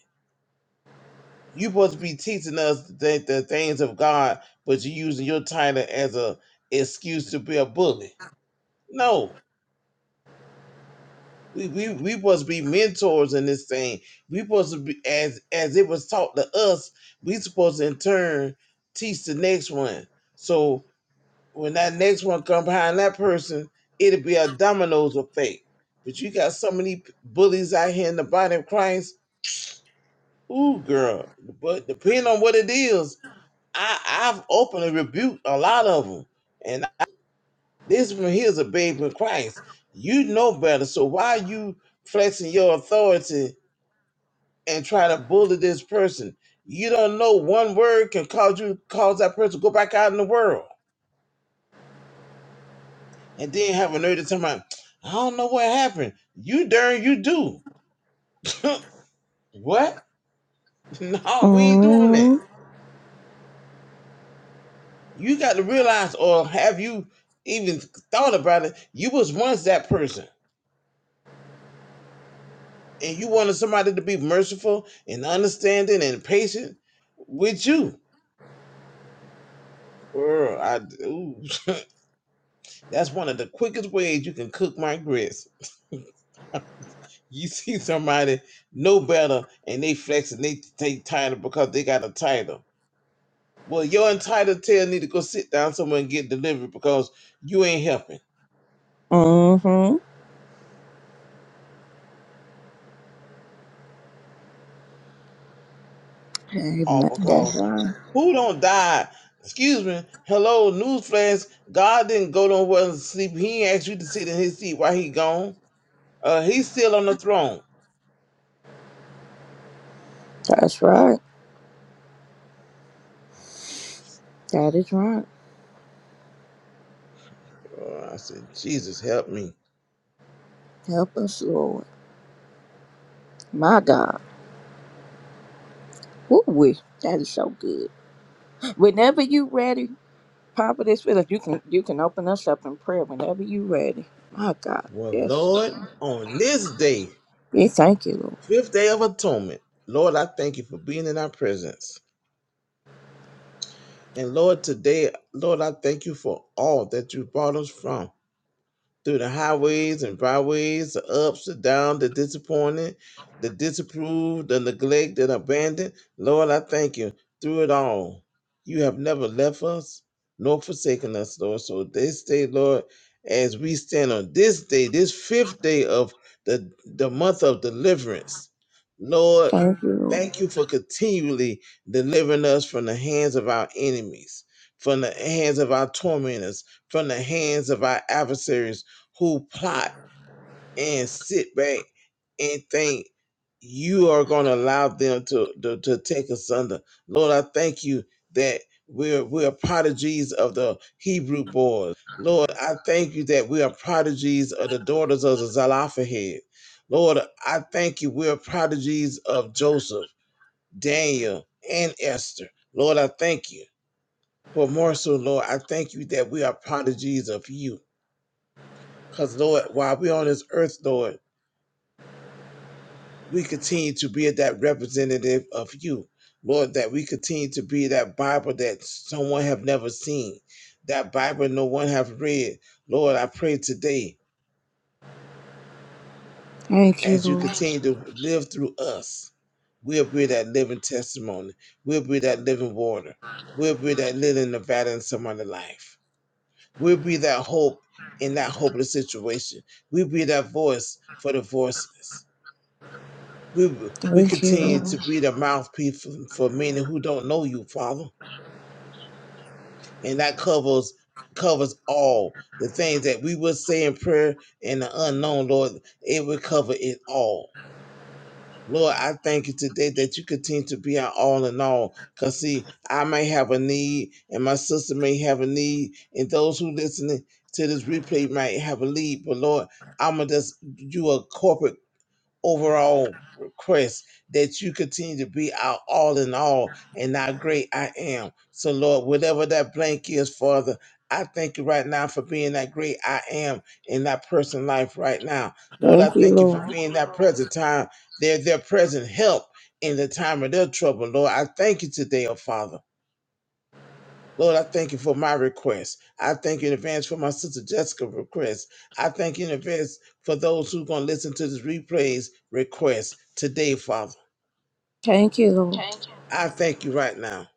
[SPEAKER 2] You supposed to be teaching us the, the things of God, but you're using your title as a excuse to be a bully. No, we we we supposed to be mentors in this thing. We supposed to be as as it was taught to us. We supposed to in turn teach the next one. So when that next one come behind that person, it'll be a dominoes effect. But you got so many bullies out here in the body of Christ. Ooh, girl. But depending on what it is, I, I've openly rebuked a lot of them. And this one here's a babe in Christ. You know better. So why are you flexing your authority and try to bully this person? You don't know one word can cause you cause that person to go back out in the world. and then have a nerd to tell me, I don't know what happened. You darn you do. <laughs> what? <laughs> no, we ain't doing
[SPEAKER 1] Mm-hmm.
[SPEAKER 2] that. You got to realize, or have you even thought about it? You was once that person, and you wanted somebody to be merciful and understanding and patient with you. Girl, I, ooh, <laughs> that's one of the quickest ways you can cook my grits. <laughs> you see somebody know better and they flex and they they title because they got a title Well, your entitled tail need to go sit down somewhere and get delivered because you ain't helping.
[SPEAKER 1] Mm-hmm. Amen.
[SPEAKER 2] All
[SPEAKER 1] That's
[SPEAKER 2] because
[SPEAKER 1] right.
[SPEAKER 2] who don't die? Excuse me. Hello, newsflash. God didn't go nowhere and sleep. He ain't asked you to sit in his seat while he gone. Uh, he's still on the throne.
[SPEAKER 1] That's right. That is right.
[SPEAKER 2] Oh, I said, Jesus, help me.
[SPEAKER 1] Help us, Lord. My God. Woo wee. That is so good. Whenever you ready, Papa this Philip, you can you can open us up in prayer whenever you ready. My God.
[SPEAKER 2] Well,
[SPEAKER 1] Yes,
[SPEAKER 2] Lord,
[SPEAKER 1] Lord.
[SPEAKER 2] on this day,
[SPEAKER 1] We thank you, Lord.
[SPEAKER 2] fifth day of atonement, Lord, I thank you for being in our presence. And Lord, today, Lord, I thank you for all that you brought us from. through the highways and byways, the ups, the downs, the disappointed, the disapproved, the neglect, the abandoned. Lord, I thank you through it all. You have never left us nor forsaken us, Lord. So this day, Lord, as we stand on this day, this fifth day of the, the month of deliverance, Lord,
[SPEAKER 1] Thank you, Lord.
[SPEAKER 2] Thank you for continually delivering us from the hands of our enemies, from the hands of our tormentors, from the hands of our adversaries who plot and sit back and think you are going to allow them to, to, to take us under. Lord, I thank you that we're, we're prodigies of the Hebrew boys. Lord, I thank you that we are prodigies of the daughters of the Zelophehad. Lord, I thank you. We're prodigies of Joseph. Daniel, and Esther. Lord, I thank you. But more so, Lord, I thank you that we are prodigies of you. Because, Lord, while we're on this earth, Lord, we continue to be that representative of you. Lord, that we continue to be that Bible that someone have never seen, that Bible no one have read. Lord, I pray today,
[SPEAKER 1] Thank you,
[SPEAKER 2] as you
[SPEAKER 1] Lord.
[SPEAKER 2] continue to live through us, we'll be that living testimony. We'll be that living water. We'll be that living Nevada in someone's life. We'll be that hope in that hopeless situation. We'll be that voice for the voiceless. We, we
[SPEAKER 1] Thank you,
[SPEAKER 2] continue to
[SPEAKER 1] Lord.
[SPEAKER 2] be the mouthpiece for, for many who don't know you, Father. And that covers covers all the things that we will say in prayer and the unknown, Lord. It will cover it all. Lord, I thank you today that you continue to be our all in all. Because, see, I may have a need, and my sister may have a need, and those who listen to this replay might have a need. But, Lord, I'm going to just do a corporate overall request that you continue to be our all in all and our great I am. So, Lord, whatever that blank is, Father, I thank you right now for being that great I am in that person's life right now. Lord, I
[SPEAKER 1] Thank you,
[SPEAKER 2] thank you for
[SPEAKER 1] Lord.
[SPEAKER 2] being that present time, their, their present help in the time of their trouble. Lord, I thank you today, oh Father. Lord, I thank you for my request. I thank you in advance for my sister Jessica's request. I thank you in advance for those who are going to listen to this replay's request today, Father.
[SPEAKER 1] Thank you, Lord.
[SPEAKER 2] I thank you right now.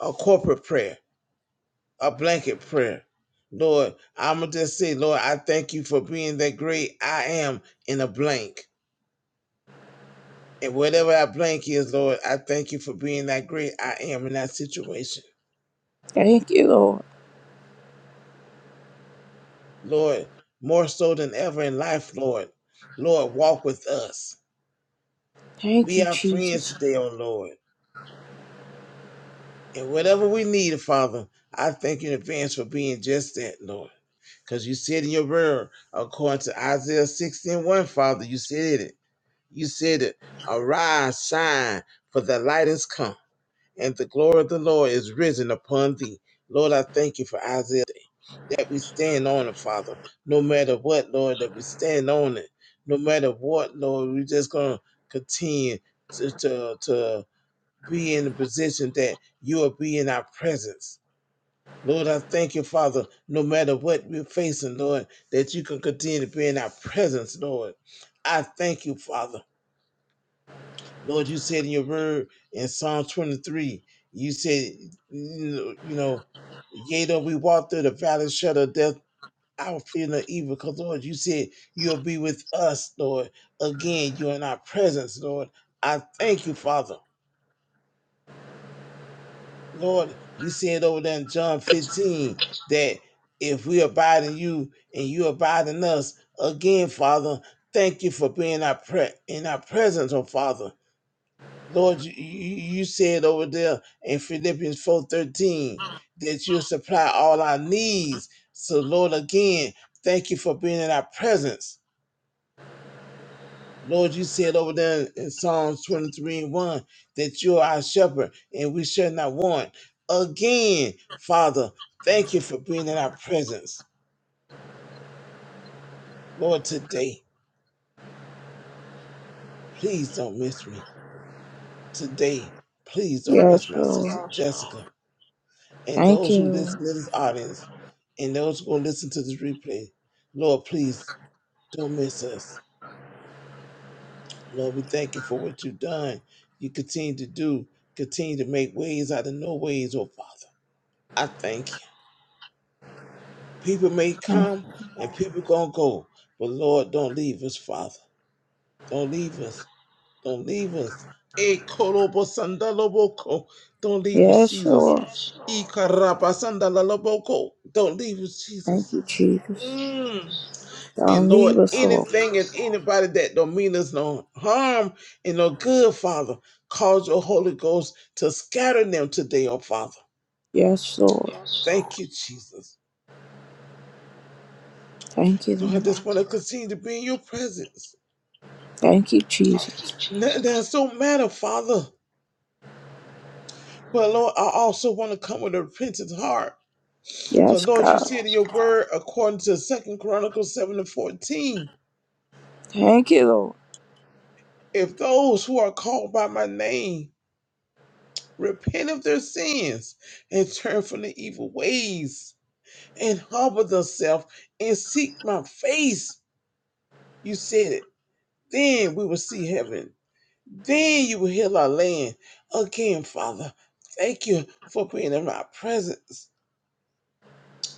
[SPEAKER 2] A corporate prayer, a blanket prayer. Lord, I'm going to just say, Lord, I thank you for being that great I am in a blank. And whatever that blank is, Lord, I thank you for being that great I am in that situation.
[SPEAKER 1] Thank you, Lord.
[SPEAKER 2] Lord, more so than ever in life, Lord, Lord, walk with us.
[SPEAKER 1] Thank
[SPEAKER 2] Be
[SPEAKER 1] you,
[SPEAKER 2] our friends
[SPEAKER 1] Jesus.
[SPEAKER 2] today, O Lord. And whatever we need, Father, I thank you in advance for being just that, Lord. Because you said in your word, according to Isaiah sixteen one, Father, you said it. You said it. Arise, shine, for the light is come, and the glory of the Lord is risen upon thee. Lord, I thank you for Isaiah that we stand on it, Father. No matter what, Lord, that we stand on it. No matter what, Lord, we're just gonna continue to to, to be in the position that you will be in our presence. Lord, I thank you, Father, no matter what we're facing, Lord, that you can continue to be in our presence, Lord. I thank you, Father. Lord, you said in your word in Psalm 23, you said, you know, yea, though we walk through the valley of shadow of death, I will fear no evil, because, Lord, you said you'll be with us, Lord. Again, you're in our presence, Lord. I thank you, Father. Lord, you said over there in John 15 that if we abide in you and you abide in us, again, Father, thank you for being our pre- in our presence, oh Father. Lord, you, you you said over there in Philippians 4:13 that you supply all our needs. So, Lord, again, thank you for being in our presence. Lord, you said over there in Psalms 23 and 1 that you are our shepherd and we shall not want. Again, Father, thank you for being in our presence. Lord, today, please don't miss me. Today, please don't
[SPEAKER 1] Yes,
[SPEAKER 2] miss my sister
[SPEAKER 1] Lord.
[SPEAKER 2] Yes, Jessica and
[SPEAKER 1] Thank
[SPEAKER 2] those
[SPEAKER 1] you,
[SPEAKER 2] who
[SPEAKER 1] Lord.
[SPEAKER 2] listen to this audience and those who will listen to this replay. Lord, please don't miss us. Lord, we thank you for what you've done. You continue to do, continue to make ways out of no ways, oh Father. I thank you. People may
[SPEAKER 1] Thank
[SPEAKER 2] come and people gonna go, but Lord, don't leave us, Father. Don't leave us. Don't leave us. Eh, korobo sandaloboko. Don't
[SPEAKER 1] you.
[SPEAKER 2] leave us,
[SPEAKER 1] Yes,
[SPEAKER 2] Jesus.
[SPEAKER 1] Lord.
[SPEAKER 2] Yes, Lord. Eh, sandaloboko. Don't leave us,
[SPEAKER 1] Thank
[SPEAKER 2] Jesus.
[SPEAKER 1] you, Jesus.
[SPEAKER 2] Mm. And
[SPEAKER 1] Don't
[SPEAKER 2] Lord,
[SPEAKER 1] leave us, Lord.
[SPEAKER 2] anything and anybody that don't mean us no harm and no good, Father, cause your Holy Ghost to scatter them today, oh Father.
[SPEAKER 1] Yes, Lord.
[SPEAKER 2] Yes, Thank Lord. you, Jesus.
[SPEAKER 1] Thank you,
[SPEAKER 2] So I
[SPEAKER 1] Lord.
[SPEAKER 2] just want to continue to be in your presence.
[SPEAKER 1] Thank you, Jesus.
[SPEAKER 2] Nothing else don't matter, Father. But Lord, I also want to come with a repentant heart. Because
[SPEAKER 1] Yes,
[SPEAKER 2] Lord, you
[SPEAKER 1] God.
[SPEAKER 2] said in Yes, your God. word, according to Second Chronicles 7 and 14,
[SPEAKER 1] Thank you, Lord.
[SPEAKER 2] if those who are called by my name repent of their sins and turn from the evil ways and humble themselves and seek my face, you said it, then we will see heaven. Then you will heal our land. Again, Father, thank you for being in my presence.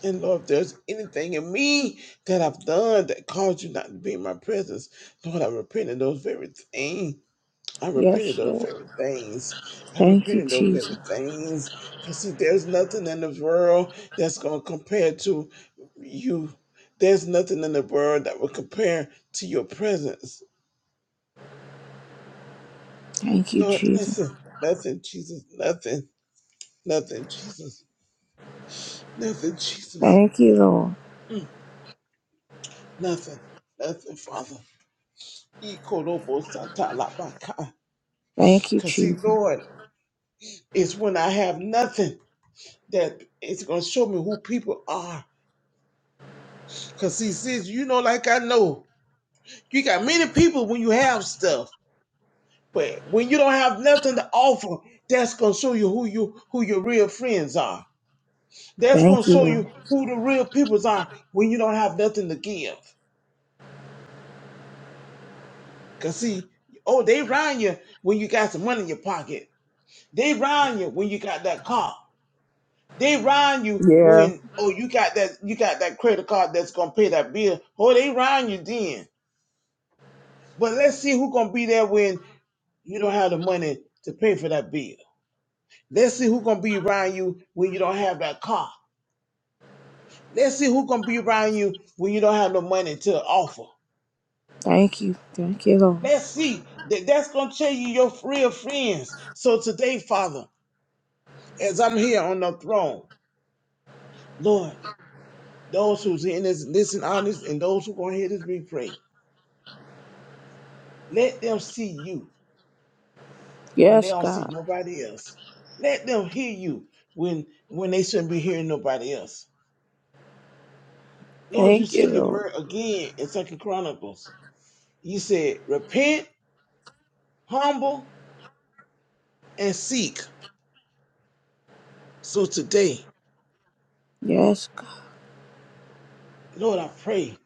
[SPEAKER 2] And Lord, if there's anything in me that I've done that caused you not to be in my presence, Lord, I repent of those very things. I repent of
[SPEAKER 1] Yes,
[SPEAKER 2] those
[SPEAKER 1] Lord.
[SPEAKER 2] very things. I
[SPEAKER 1] Thank
[SPEAKER 2] repent
[SPEAKER 1] you,
[SPEAKER 2] of those very
[SPEAKER 1] Jesus.
[SPEAKER 2] things. Because see, there's nothing in the world that's going to compare to you. There's nothing in the world that will compare to your presence.
[SPEAKER 1] Thank you,
[SPEAKER 2] Lord,
[SPEAKER 1] Jesus.
[SPEAKER 2] nothing, nothing, Jesus, nothing. Nothing, Jesus. Nothing, Jesus.
[SPEAKER 1] Thank you, Lord.
[SPEAKER 2] Mm, nothing. Nothing, Father. Because,
[SPEAKER 1] Thank you,
[SPEAKER 2] see,
[SPEAKER 1] Jesus.
[SPEAKER 2] Lord, it's when I have nothing that it's going to show me who people are. Because, see, sis, you know, like I know, you got many people when you have stuff. But when you don't have nothing to offer, that's gonna show you who you who your real friends are. That's gonna
[SPEAKER 1] Thank you,
[SPEAKER 2] show
[SPEAKER 1] Lord.
[SPEAKER 2] you who the real peoples are when you don't have nothing to give. Cause see, oh, they round you when you got some money in your pocket. They round you when you got that car. They round you
[SPEAKER 1] Yeah.
[SPEAKER 2] when oh you got that you got that credit card that's gonna pay that bill. Oh, they round you then. But let's see who gonna be there when you don't have the money to pay for that bill. Let's see who gonna be around you when you don't have that car. Let's see who gonna be around you when you don't have no money to offer.
[SPEAKER 1] Thank you. Thank you, Lord.
[SPEAKER 2] Let's see that that's gonna tell you your real friends. So today, Father. as I'm here on the throne, Lord, those who's in this listen on this and those who gonna hear this replay, let them see you when they
[SPEAKER 1] Yes,
[SPEAKER 2] don't see
[SPEAKER 1] God.
[SPEAKER 2] nobody else. Let them hear you when when they shouldn't be hearing nobody else. Lord, you
[SPEAKER 1] Thank you,
[SPEAKER 2] said your
[SPEAKER 1] Lord.
[SPEAKER 2] word again in Second Chronicles. You said, repent, humble, and seek. So today,
[SPEAKER 1] Yes, God.
[SPEAKER 2] Lord, I pray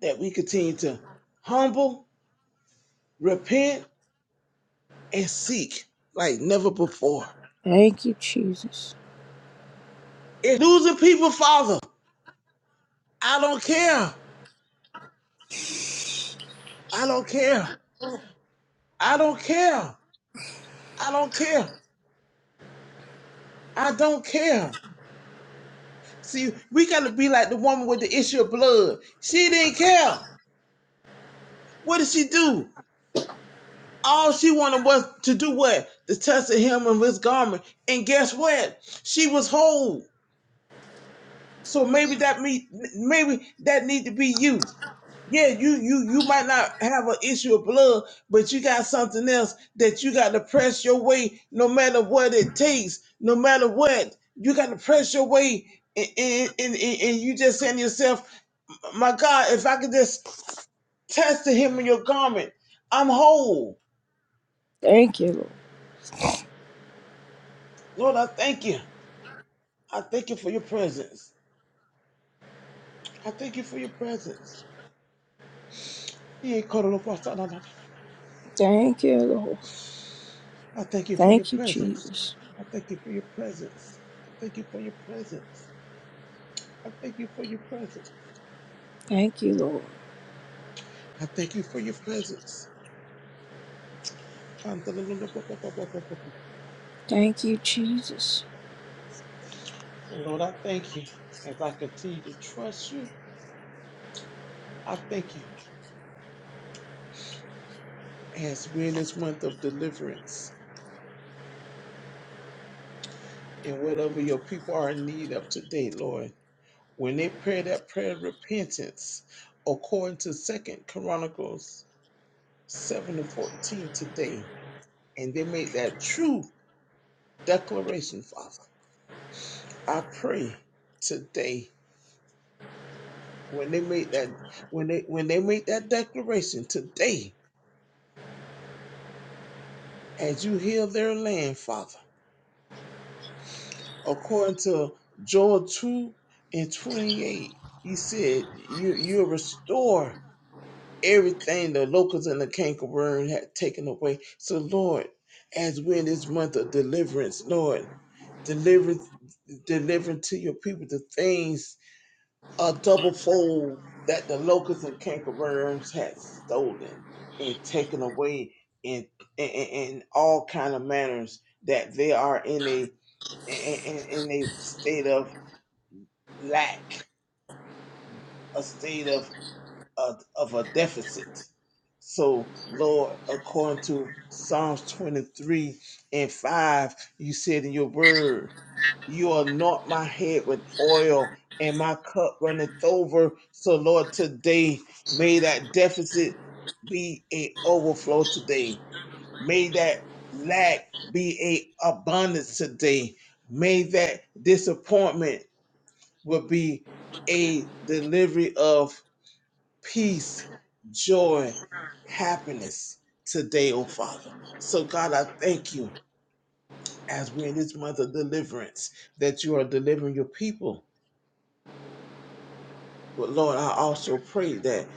[SPEAKER 2] that we continue to humble, repent, and seek like never before.
[SPEAKER 1] Thank you, Jesus.
[SPEAKER 2] It's losing people, Father. I don't care. I don't care. I don't care. I don't care. I don't care. See, we gotta be like the woman with the issue of blood. She didn't care. What did she do? All she wanted was to do what? To touch the hem of his garment. And guess what? She was whole. So maybe that me maybe that need to be you. Yeah, you you you might not have an issue of blood, but you got something else that you got to press your way, no matter what it takes, no matter what you got to press your way, and and, and, and you just saying to yourself, my God, if I could just test the hem of your garment, I'm whole.
[SPEAKER 1] Thank you, Lord.
[SPEAKER 2] Lord, I thank you. I thank you for your presence. I thank you for your presence. Yeah,
[SPEAKER 1] Thank you, Lord.
[SPEAKER 2] I thank you for your
[SPEAKER 1] Thank you,
[SPEAKER 2] presence.
[SPEAKER 1] Jesus.
[SPEAKER 2] I thank you for your presence. I thank you for your presence. I thank you for your presence.
[SPEAKER 1] Thank you, Lord.
[SPEAKER 2] I thank you for your presence. And
[SPEAKER 1] Thank you, Jesus.
[SPEAKER 2] Lord, I thank you as I continue to trust you. I thank you as we're in this month of deliverance and whatever your people are in need of today, Lord. When they pray that prayer of repentance, according to Second Chronicles 7 and 14 today, and they make that true declaration, Father. I pray today when they make that when they when they make that declaration today as you heal their land, Father, according to Joel 2 and 28, you said you you restore everything the locusts and the cankerworm had taken away. So Lord, as we're in this month of deliverance, Lord, deliver deliver to your people the things a double fold that the locusts and cankerworms had stolen and taken away in in, in all kind of manners that they are in a in, in in a state of lack, a state of of, of a deficit. So, Lord, according to Psalms 23 and 5, you said in your word, You anoint my head with oil and my cup runneth over. So, Lord, today, may that deficit be a overflow today. May that lack be a abundance today. May that disappointment will be a delivery of peace, joy, happiness today, oh Father. So, God, I thank you as we're in this month of deliverance that you are delivering your people. But Lord, I also pray that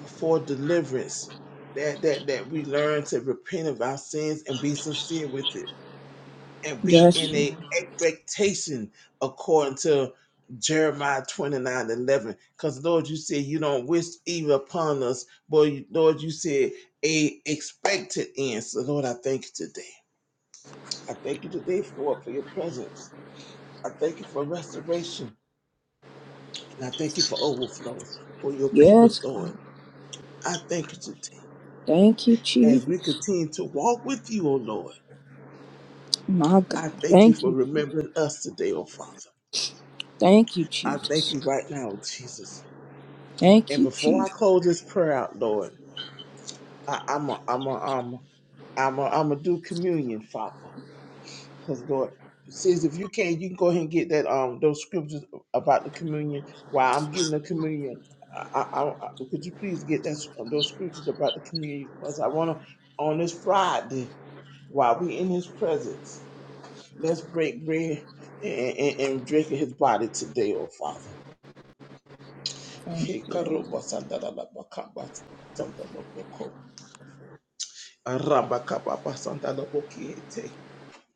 [SPEAKER 2] before deliverance, that that that we learn to repent of our sins and be sincere with it and be
[SPEAKER 1] Yes.
[SPEAKER 2] in
[SPEAKER 1] Lord.
[SPEAKER 2] a expectation according to Jeremiah 29 11, Because Lord, you said you don't wish evil upon us, but Lord, you said a expected end. So Lord, I thank you today. I thank you today for for your presence. I thank you for restoration. And I thank you for overflow for your
[SPEAKER 1] Yes,
[SPEAKER 2] people's Lord.
[SPEAKER 1] God.
[SPEAKER 2] I thank you today.
[SPEAKER 1] Thank you,
[SPEAKER 2] As we
[SPEAKER 1] Jesus.
[SPEAKER 2] continue to walk with you, O Lord,
[SPEAKER 1] My God.
[SPEAKER 2] I thank you
[SPEAKER 1] Thank
[SPEAKER 2] for
[SPEAKER 1] you. Jesus.
[SPEAKER 2] remembering us today, O Father.
[SPEAKER 1] Thank you,
[SPEAKER 2] I thank
[SPEAKER 1] Jesus.
[SPEAKER 2] you right now, Jesus.
[SPEAKER 1] Thank
[SPEAKER 2] And
[SPEAKER 1] you,
[SPEAKER 2] before I
[SPEAKER 1] Jesus.
[SPEAKER 2] close this prayer out, Lord, I, I'm a, I'm a, um, I'm a, I'm a do communion, Father, because Lord it says if you can, you can go ahead and get that um those scriptures about the communion. While I'm getting the communion, I, I, I could you please get that those scriptures about the communion? Because I want to on this Friday while we in His presence, let's break bread and, and, and drink of His body today, oh Father.
[SPEAKER 1] Thank you, Lord.
[SPEAKER 2] Arabakababasandalobokiete.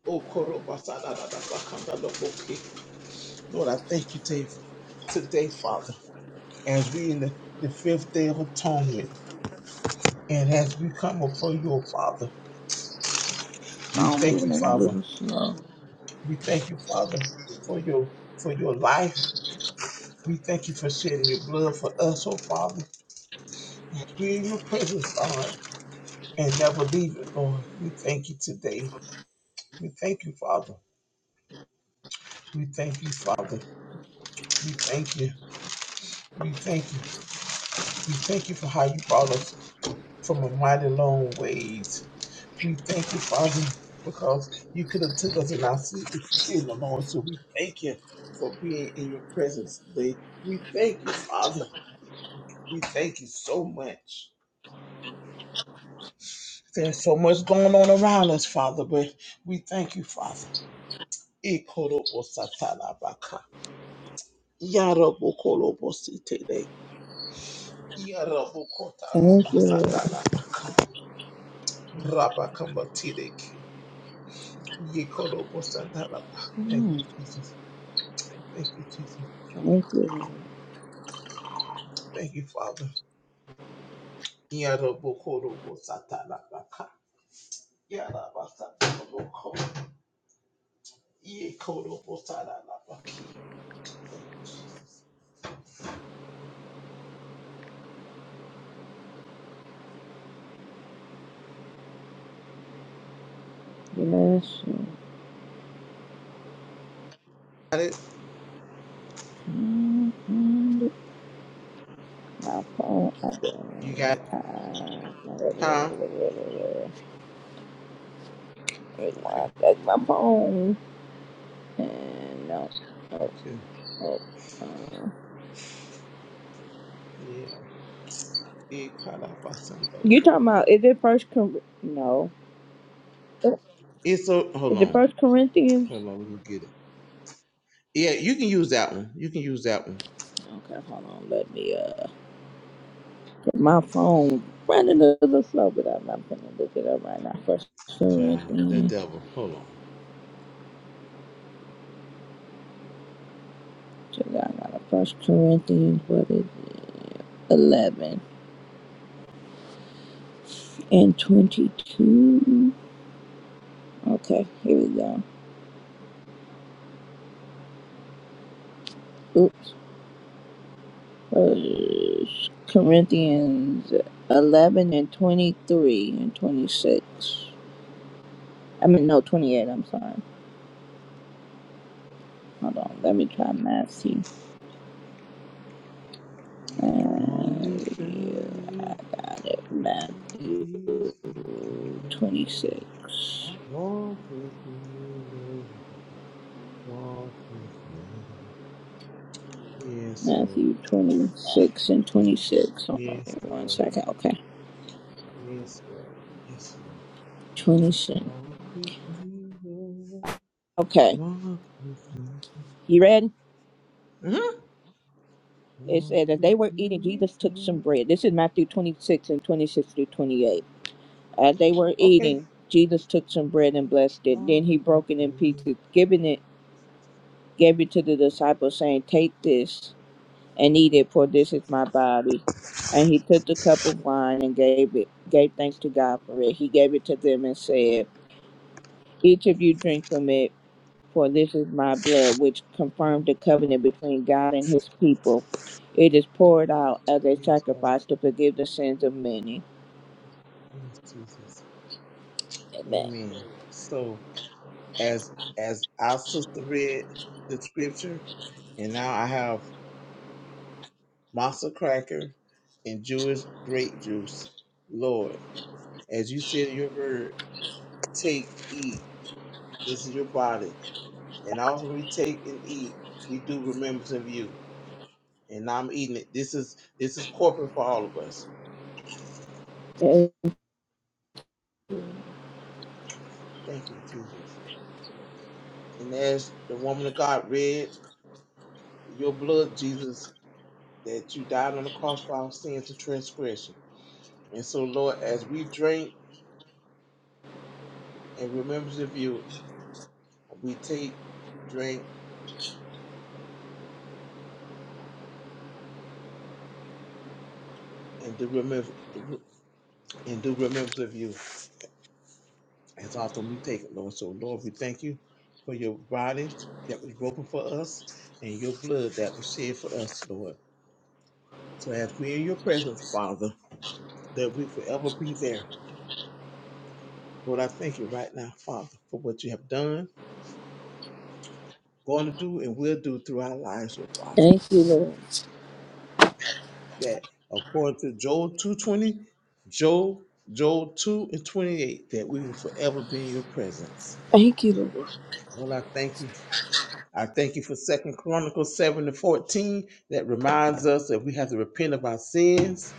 [SPEAKER 2] Okorobasadadadabakandaloboki. Lord, I thank you today, today, Father, as we in the, the fifth day of atonement, and as we come before you, O Father, we
[SPEAKER 1] Wow, I'm
[SPEAKER 2] thank
[SPEAKER 1] moving
[SPEAKER 2] you,
[SPEAKER 1] in a
[SPEAKER 2] Father.
[SPEAKER 1] little slow.
[SPEAKER 2] We thank you, Father, for your for your life. We thank you for shedding your blood for us, oh Father. As we in your presence, Lord, and never leave it, Lord. We thank you today. We thank you, Father. We thank you, Father. We thank you. We thank you. We thank you for how you brought us from a mighty long ways. We thank you, Father, because you could have took us in our sleep if you didn't, Lord. So we thank you for being in your presence today. We thank you, Father. We thank you so much. There's so much going on around us, Father, but we thank you, Father. Ikorobosatalabaka. Yarabokolobositele.
[SPEAKER 1] Thank you,
[SPEAKER 2] Yarabokotalabasa
[SPEAKER 1] Lord.
[SPEAKER 2] Rabakambatileke. Yekorobo Santalaba. Thank you,
[SPEAKER 1] Mm,
[SPEAKER 2] Jesus. Thank you, Jesus.
[SPEAKER 1] Thank you,
[SPEAKER 2] Thank you, Father. Yarobo Korobo Satalaba. Yaraba Satalobo Korobo. Yekorobo Satalaba. Ki. Thank you, Jesus.
[SPEAKER 1] Lord. Bless you.
[SPEAKER 2] Got it?
[SPEAKER 1] Mm, mm, My phone.
[SPEAKER 2] You got it?
[SPEAKER 1] uh, uh,
[SPEAKER 2] Huh?
[SPEAKER 1] Take
[SPEAKER 2] Okay.
[SPEAKER 1] my, take my phone. And no. Oh,
[SPEAKER 2] Okay.
[SPEAKER 1] oh, uh.
[SPEAKER 2] Yeah. Yekaraba
[SPEAKER 1] You
[SPEAKER 2] Santalobo
[SPEAKER 1] talking about,
[SPEAKER 2] Ko-
[SPEAKER 1] is it first? Cor- no.
[SPEAKER 2] It's a, hold
[SPEAKER 1] Is it
[SPEAKER 2] on.
[SPEAKER 1] First Corinthians?
[SPEAKER 2] Hold on, let me get it. Yeah, you can use that one. You can use that one.
[SPEAKER 1] Okay, hold on. Let me uh, my phone running a little slow, but I'm, i gonna look it up right now. First
[SPEAKER 2] Child, the
[SPEAKER 1] Corinthians,
[SPEAKER 2] devil. Hold on.
[SPEAKER 1] check out now. First Corinthians, what is it? Eleven and twenty-two. Okay, here we go. Oops. First Corinthians eleven and twenty-three and twenty-six. I mean, no, twenty-eight. I'm sorry. Hold on. Let me try math. See.
[SPEAKER 2] On this
[SPEAKER 1] Uh,
[SPEAKER 2] journey,
[SPEAKER 1] yeah, math.
[SPEAKER 2] please
[SPEAKER 1] 26.
[SPEAKER 2] walk with me, Lord. Walk with me. Yes, Lord.
[SPEAKER 1] Matthew 26 and 26. Hold on there
[SPEAKER 2] Yes,
[SPEAKER 1] one
[SPEAKER 2] Lord.
[SPEAKER 1] second. Okay.
[SPEAKER 2] Yes, Lord. Yes, Lord.
[SPEAKER 1] 26.
[SPEAKER 2] Walk with me, Lord.
[SPEAKER 1] Okay.
[SPEAKER 2] Walk with me.
[SPEAKER 1] You ready?
[SPEAKER 2] Mhm.
[SPEAKER 1] It
[SPEAKER 2] Walk
[SPEAKER 1] said as they
[SPEAKER 2] with
[SPEAKER 1] were eating,
[SPEAKER 2] me,
[SPEAKER 1] Jesus took some
[SPEAKER 2] Lord.
[SPEAKER 1] bread. This is Matthew 26 and 26 through 28. As they were
[SPEAKER 2] Okay.
[SPEAKER 1] eating, Jesus took some bread and blessed it. Then
[SPEAKER 2] Walk
[SPEAKER 1] he
[SPEAKER 2] with
[SPEAKER 1] broke it in
[SPEAKER 2] me.
[SPEAKER 1] pieces, giving it, gave it to the disciples, saying, Take this and eat it, for this is my body. And he took the cup of wine and gave it, gave thanks to God for it. He gave it to them and said, Each of you drink from it, for this is my blood, which confirmed the covenant between God and his people. It is poured out as a
[SPEAKER 2] Yes, Lord.
[SPEAKER 1] sacrifice to forgive the sins of many.
[SPEAKER 2] Yes, Jesus.
[SPEAKER 1] Amen.
[SPEAKER 2] Amen. So as as our sister read the scripture, and now I have masa cracker and Jewish grape juice. Lord, as you said in your word, take, eat. This is your body. And also when we take and eat, we do remembrance of you. And I'm eating it. This is this is corporate for all of us.
[SPEAKER 1] Thank
[SPEAKER 2] Thank you, Jesus. And as the woman of God read, your blood, Jesus, that you died on the cross for our sins and transgression. And so, Lord, as we drink in remembrance of you, we take, drink, and do remember and do remembrance of you as often we take it, Lord. So, Lord, we thank you for your body that was broken for us and your blood that was shed for us, Lord. So as we're in your presence, Father, that we forever be there. Lord, I thank you right now, Father, for what you have done, going to do, and will do through our lives, oh Father.
[SPEAKER 1] thank you, Lord.
[SPEAKER 2] that according to Joel 220, Joel, Joel 2 and 28, that we will forever be in your presence.
[SPEAKER 1] Thank you, Lord.
[SPEAKER 2] Lord, I thank you. I thank you for Second Chronicles 7 and 14 that reminds us that we have to repent of our sins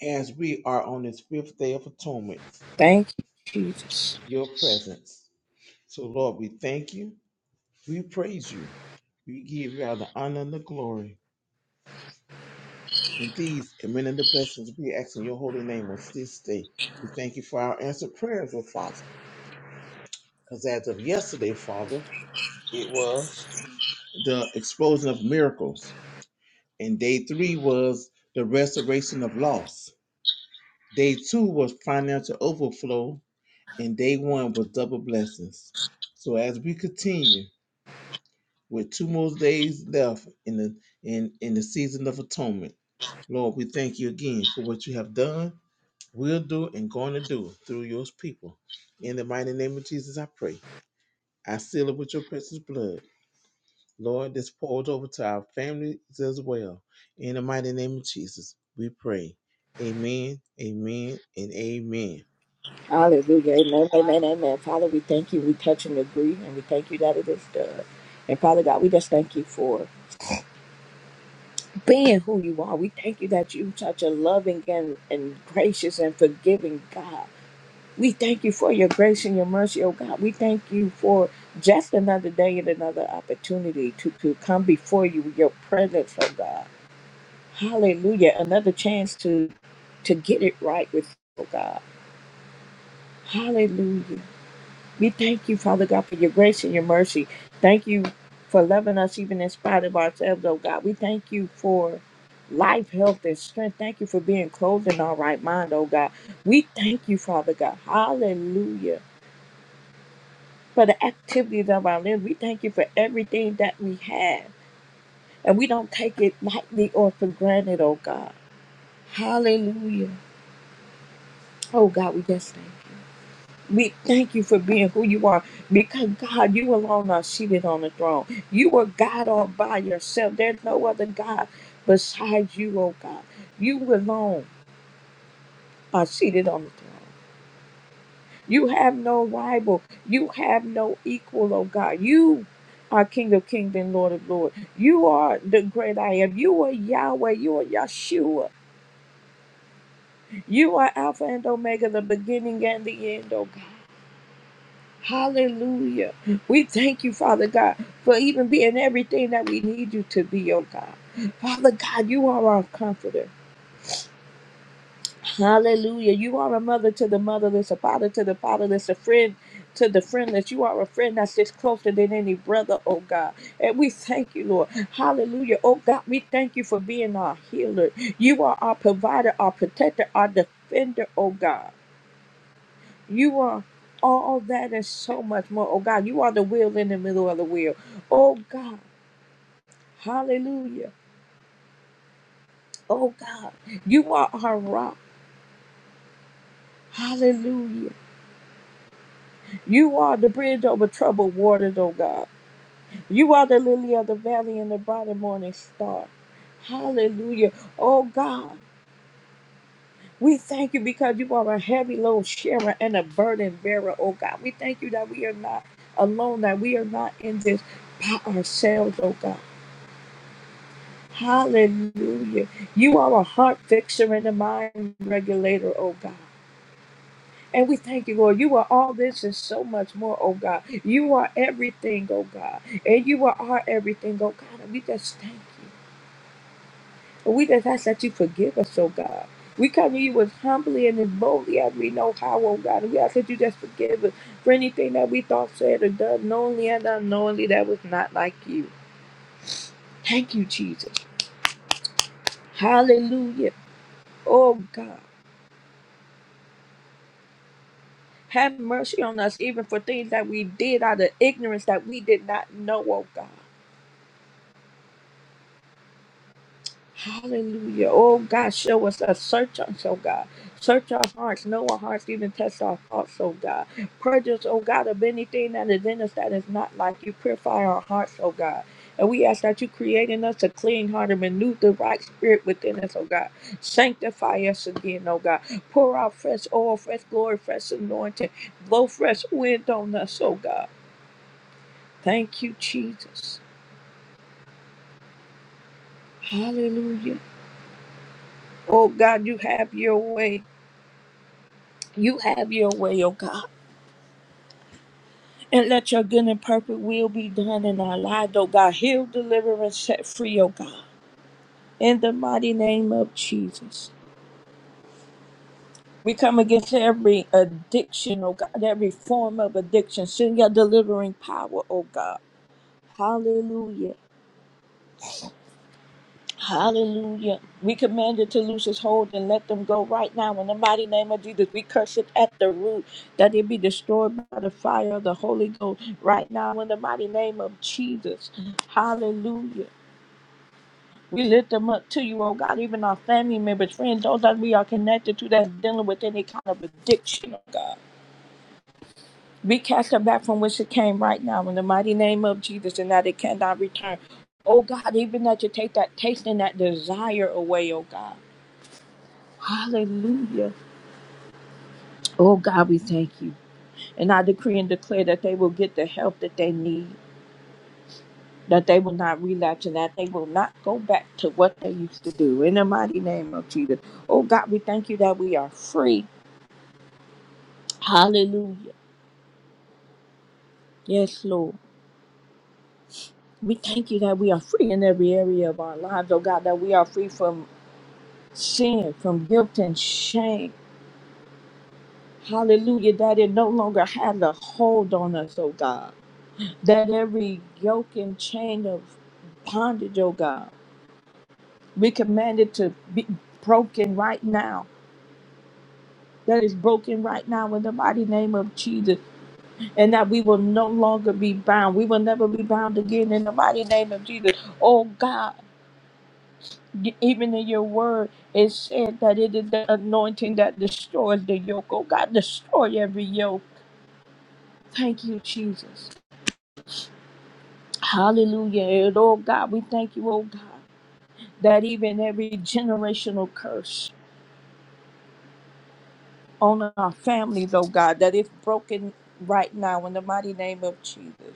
[SPEAKER 2] as we are on this fifth day of atonement,
[SPEAKER 1] Thank you, Jesus.
[SPEAKER 2] your presence. So, Lord, we thank you. We praise you. We give you all the honor and the glory. And these and many blessings we ask in your holy name on this day. We thank you for our answered prayers, oh Father. Because as of yesterday, Father, it was the explosion of miracles. And day three was the restoration of loss. Day two was financial overflow. And day one was double blessings. So as we continue with two more days left in the in, in the season of atonement, Lord, we thank you again for what you have done will do and going to do through your people. In the mighty name of Jesus, I pray. I seal it with your precious blood. Lord, this pours over to our families as well. In the mighty name of Jesus, we pray. Amen, amen, and amen.
[SPEAKER 1] Hallelujah. Amen, amen, amen. Father, we thank you. We touch and agree, and we thank you that it is done. And Father God, we just thank you for being who you are. We thank you that you such a loving and, and gracious and forgiving God. We thank you for your grace and your mercy, oh God. We thank you for just another day and another opportunity to, to come before you with your presence, oh God. Hallelujah. Another chance to to get it right with you, oh God. Hallelujah. We thank you, Father God, for your grace and your mercy. Thank you for loving us even in spite of ourselves, oh God. We thank you for life, health, and strength. Thank you for being clothed in our right mind, oh God. We thank you, Father God. Hallelujah for the activities of our limbs. We thank you for everything that we have. And we don't take it lightly or for granted, oh God. Hallelujah. Oh God, we just thank you. We thank you for being who you are because God, you alone are seated on the throne. You are God all by yourself. There's no other God besides you, oh God. You alone are seated on the throne. You have no rival. You have no equal, oh God. You are King of Kings and Lord of Lords. You are the great I am. You are Yahweh. You are Yeshua. You are Alpha and Omega, the beginning and the end, oh God. Hallelujah. We thank you, Father God, for even being everything that we need you to be, oh God. Father God, you are our comforter. Hallelujah. You are a mother to the motherless, a father to the fatherless, a friend to the friendless. You are a friend that sits closer than any brother, oh God. And we thank you, Lord. Hallelujah. Oh God, we thank you for being our healer. You are our provider, our protector, our defender, oh God. You are all that and so much more. Oh God, you are the wheel in the middle of the wheel. Oh God. Hallelujah. Oh God. You are our rock. Hallelujah. You are the bridge over troubled waters, O God. You are the lily of the valley and the bright and morning star. Hallelujah. Oh God, we thank you because you are a heavy load sharer and a burden bearer, oh God. We thank you that we are not alone, that we are not in this by ourselves, oh God. Hallelujah. You are a heart fixer and a mind regulator, oh God. And we thank you, Lord. You are all this and so much more, oh God. You are everything, oh God. And you are our everything, oh God. And we just thank you. And we just ask that you forgive us, oh God. We come to you as humbly and as boldly as we know how, oh God. And we ask that you just forgive us for anything that we thought, said, or done, knowingly and unknowingly, that was not like you. Thank you, Jesus. Hallelujah. Oh God. Have mercy on us, even for things that we did out of ignorance that we did not know, oh God. Hallelujah. Oh God, show us a search us, oh God. Search our hearts, know our hearts, even test our thoughts, oh God. Purge us, oh God, of anything that is in us that is not like you. Purify our hearts, oh God. And we ask that you create in us a clean heart and renew the right spirit within us, oh God. Sanctify us again, oh God. Pour out fresh oil, fresh glory, fresh anointing. Blow fresh wind on us, oh God. Thank you, Jesus. Hallelujah. Oh God, you have your way. You have your way, oh God. And let your good and perfect will be done in our lives, oh God. Heal, deliver, and set free, oh God. In the mighty name of Jesus. We come against every addiction, oh God, every form of addiction. Send your delivering power, oh God. Hallelujah. Hallelujah. We command it to loose its hold and let them go right now. In the mighty name of Jesus, we curse it at the root that it be destroyed by the fire of the Holy Ghost right now. In the mighty name of Jesus. Hallelujah. We lift them up to you, oh God, even our family members, friends, those that we are connected to that's dealing with any kind of addiction, oh God. We cast it back from which it came right now in the mighty name of Jesus and that it cannot return. Oh God, even that you take that taste and that desire away, oh God. Hallelujah. Oh God, we thank you. And I decree and declare that they will get the help that they need, that they will not relapse, and that they will not go back to what they used to do. In the mighty name of Jesus. Oh God, we thank you that we are free. Hallelujah. Yes, Lord. We thank you that we are free in every area of our lives, oh God, that we are free from sin, from guilt and shame. Hallelujah, that it no longer has a hold on us, oh God. that every yoke and chain of bondage, oh God, we command it to be broken right now. That is broken right now in the mighty name of Jesus, and that we will no longer be bound. We will never be bound again in the mighty name of Jesus. Oh God, even in your word, it said that it is the anointing that destroys the yoke. Oh God, destroy every yoke. Thank you, Jesus. Hallelujah. And oh God, we thank you, oh God. that even every generational curse on our families, oh God, that it's broken right now in the mighty name of Jesus,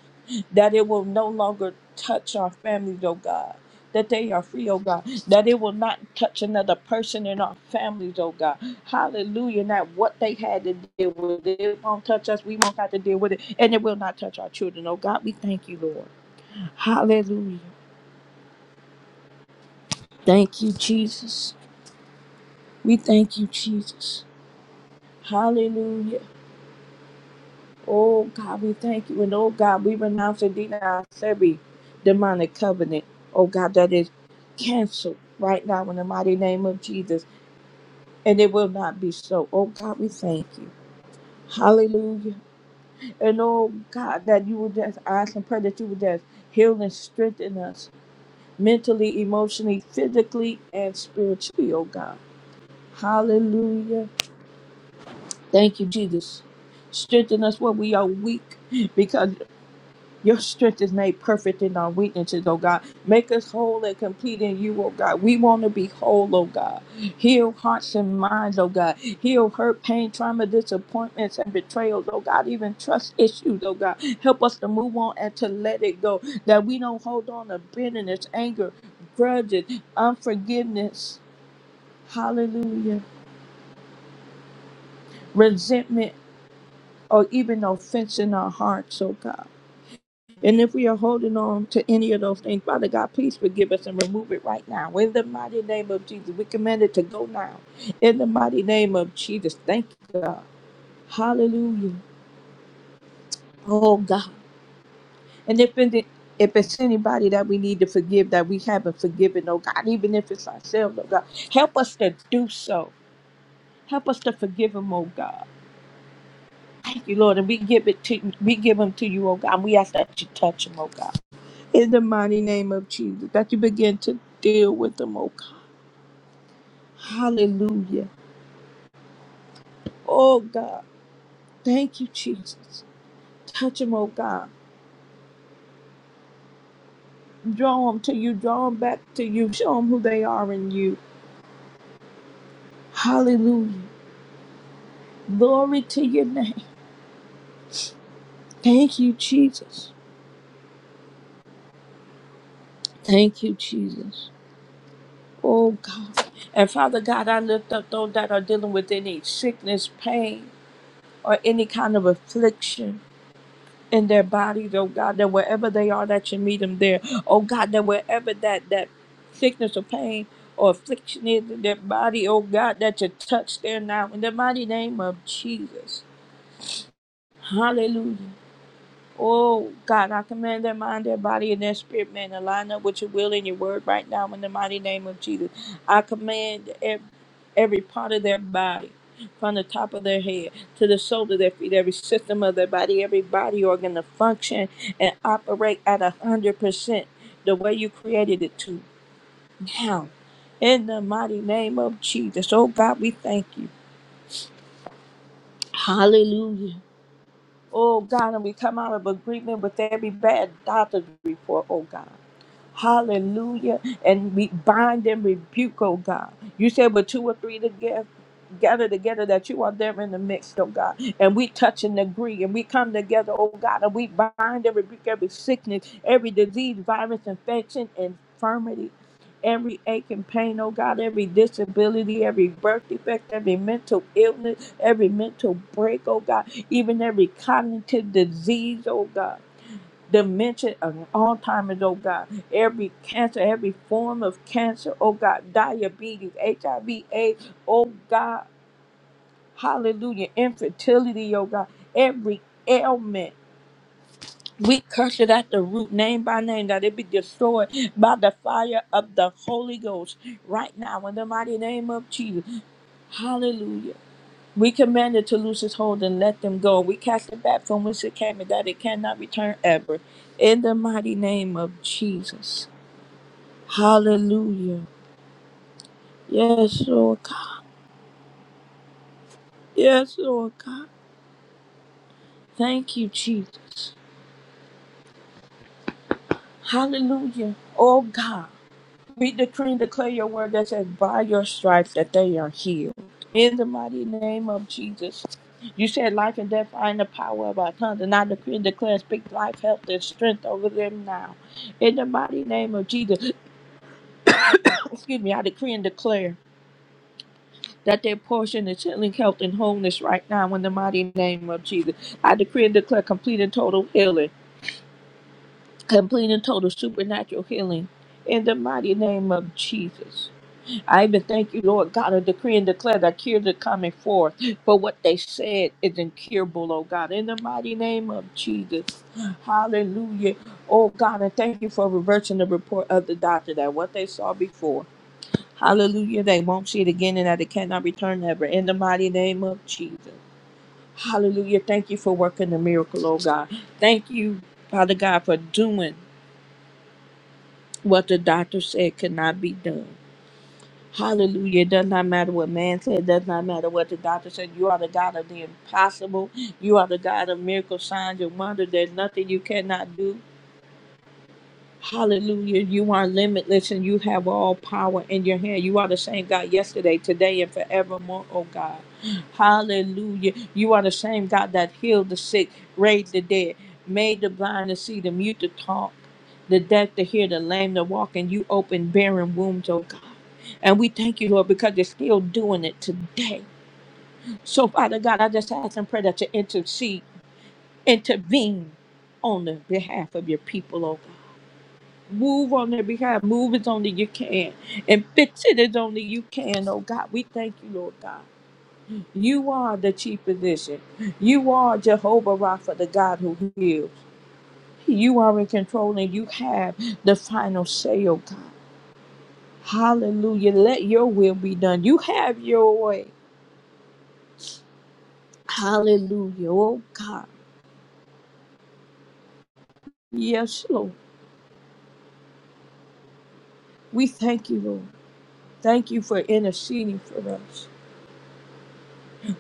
[SPEAKER 1] that it will no longer touch our families, oh God. That they are free, oh God. That it will not touch another person in our families, oh God. Hallelujah. Not what they had to deal with. It won't touch us. We won't have to deal with it. And it will not touch our children, oh God. We thank you, Lord. Hallelujah. Thank you, Jesus. We thank you, Jesus. Hallelujah. Oh God, we thank you. And oh God, we renounce and deny every demonic covenant. Oh God, that is canceled right now in the mighty name of Jesus. And it will not be so. Oh God, we thank you. Hallelujah. And oh God, that you would just I ask and pray that you would just heal and strengthen us mentally, emotionally, physically, and spiritually, oh God. Hallelujah. Thank you, Jesus. Strengthen us where we are weak because. Your strength is made perfect in our weaknesses, oh God. Make us whole and complete in you, oh God. We want to be whole, oh God. Heal hearts and minds, oh God. Heal hurt, pain, trauma, disappointments, and betrayals, oh God. Even trust issues, oh God. Help us to move on and to let it go. That we don't hold on to bitterness, anger, grudges, unforgiveness, hallelujah, resentment, or even offense in our hearts, oh God. And if we are holding on to any of those things, Father God, please forgive us and remove it right now. In the mighty name of Jesus, we command it to go now. In the mighty name of Jesus, thank you, God. Hallelujah. Oh, God. And if it, if it's anybody that we need to forgive that we haven't forgiven, oh God, even if it's ourselves, oh God, help us to do so. Help us to forgive them, oh God. Thank you, Lord. And we give it to we give them to you, oh God. And we ask that you touch them, oh God. in the mighty name of Jesus, that you begin to deal with them, oh God. Hallelujah. Oh God, thank you, Jesus. Touch them, oh God. Draw them to you, draw them back to you. Show them who they are in you. Hallelujah. Glory to your name. Thank you, Jesus. Thank you, Jesus. Oh God. And Father God, I lift up those that are dealing with any sickness, pain, or any kind of affliction. in their bodies, oh God, that wherever they are, that you meet them there. Oh God, that wherever that that sickness or pain or affliction is in their body, oh God, that you touch there now in the mighty name of Jesus. Hallelujah. Oh God, I command their mind, their body, and their spirit, man, to line up with your will and your word right now in the mighty name of Jesus. I command every, every part of their body, from the top of their head to the sole of their feet, every system of their body, every body organ to function and operate at a hundred percent the way you created it to now. In the mighty name of Jesus. Oh God, we thank you. Hallelujah. Oh God, and we come out of agreement with every bad doctor's report, oh God. Hallelujah. And we bind and rebuke, oh God. You said, but two or three together gather together that you are there in the midst, oh God. And we touch and agree and we come together, oh God, and we bind and rebuke every sickness, every disease, virus, infection, infirmity. Every ache and pain, oh God, every disability, every birth defect, every mental illness, every mental break, oh God, even every cognitive disease, oh God, dementia and Alzheimer's, oh God, every cancer, every form of cancer, oh God, diabetes, HIV, AIDS, oh God, Hallelujah. Infertility, oh God. Every ailment. We curse it at the root, name by name, that it be destroyed by the fire of the Holy Ghost right now in the mighty name of Jesus. Hallelujah. We command it to loose its hold and let them go. We cast it back from whence it came and that it cannot return ever. In the mighty name of Jesus. Hallelujah. Yes, Lord God. Yes, Lord God. Thank you, Jesus. Hallelujah. Oh God. We decree and declare your word that says, by your stripes, that they are healed. In the mighty name of Jesus. You said life and death are in the power of our tongues, and I decree and declare, speak life, health, and strength over them now. In the mighty name of Jesus, <coughs> excuse me, I decree and declare that their portion is healing, health, and wholeness right now. In the mighty name of Jesus, I decree and declare complete and total healing, complete and total supernatural healing. In the mighty name of Jesus. I even thank you, Lord God, I decree and declare that cures are coming forth. For what they said is incurable, oh God, in the mighty name of Jesus. Hallelujah. Oh God, and thank you for reversing the report of the doctor that what they saw before. Hallelujah. They won't see it again and that it cannot return ever. In the mighty name of Jesus. Hallelujah. Thank you for working the miracle, oh God. Thank you, Father God, for doing what the doctor said could not be done. Hallelujah. It does not matter what man said. It does not matter what the doctor said. You are the God of the impossible. You are the God of miracles, signs, and wonders. There's nothing you cannot do. Hallelujah. You are limitless and you have all power in your hand. You are the same God yesterday, today, and forevermore, oh God. Hallelujah. You are the same God that healed the sick, raised the dead, made the blind to see, the mute to talk, the deaf to hear, the lame to walk, and you opened barren wombs, oh God. And we thank you, Lord, because you're still doing it today. So, Father God, I just ask and pray that you intercede, intervene on the behalf of your people, oh Move on their behalf. Move as only you can. And fix it as only you can, oh God. We thank you, Lord God. You are the chief physician. You are Jehovah Rapha, the God who heals. You are in control and you have the final say, oh God. Hallelujah. Let your will be done. You have your way. Hallelujah. Oh God. Yes, Lord. We thank you, Lord. Thank you for interceding for us.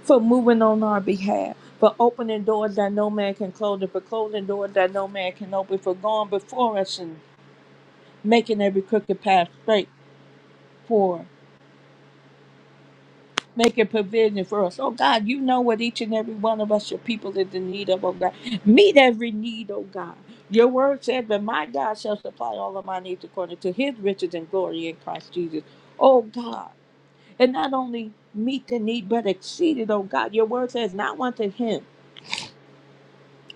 [SPEAKER 1] for moving on our behalf, for opening doors that no man can close, and for closing doors that no man can open, for going before us and making every crooked path straight for us, making provision for us. Oh God, you know what each and every one of us, your people, is in need of, oh God. Meet every need, oh God. Your word said that my God shall supply all of my needs according to his riches and glory in Christ Jesus. Oh God. And not only meet the need, but exceed it, oh God. Your word says, not unto him.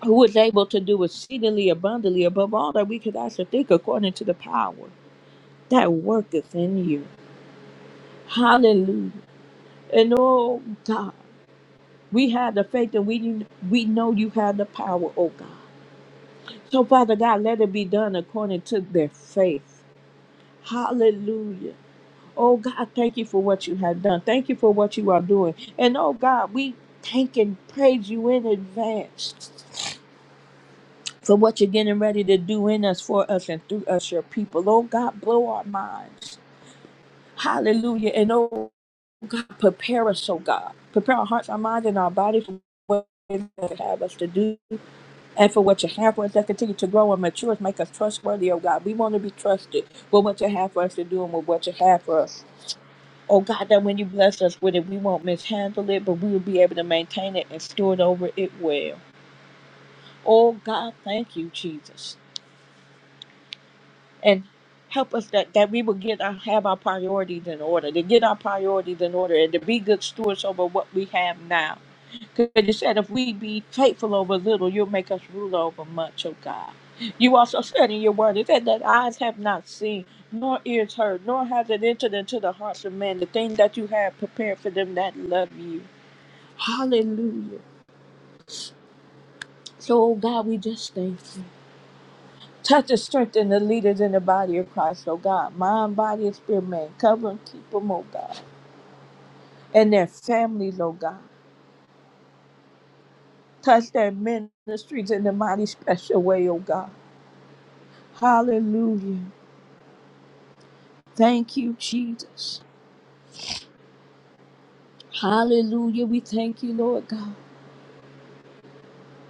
[SPEAKER 1] who was able to do exceedingly abundantly above all that we could ask or think according to the power that worketh in you. Hallelujah. And oh God, we have the faith and we we know you have the power, oh God. So Father God, let it be done according to their faith. Hallelujah. Oh God, thank you for what you have done. Thank you for what you are doing. And oh God, we thank and praise you in advance. for what you're getting ready to do in us, for us, and through us, your people. Oh God, blow our minds. Hallelujah. And oh God, prepare us, oh God. Prepare our hearts, our minds, and our bodies for what you have us to do and for what you have for us that continue to grow and mature us, make us trustworthy, oh God. We want to be trusted with what you have for us to do and with what you have for us. Oh God, that when you bless us with it, we won't mishandle it, but we will be able to maintain it and steward over it well. Oh God, thank you, Jesus. and help us that, that we will get our, have our priorities in order to get our priorities in order and to be good stewards over what we have now because you said if we be faithful over little you'll make us rule over much oh god you also said in your word it said that eyes have not seen nor ears heard nor has it entered into the hearts of men the thing that you have prepared for them that love you hallelujah so oh god we just thank you Touch and strengthen the leaders in the body of Christ, oh God. Mind, body, and spirit, man. Cover and keep them, oh God. And their families, oh God. Touch their ministries in the mighty special way, oh God. Hallelujah. Thank you, Jesus. Hallelujah. We thank you, Lord God.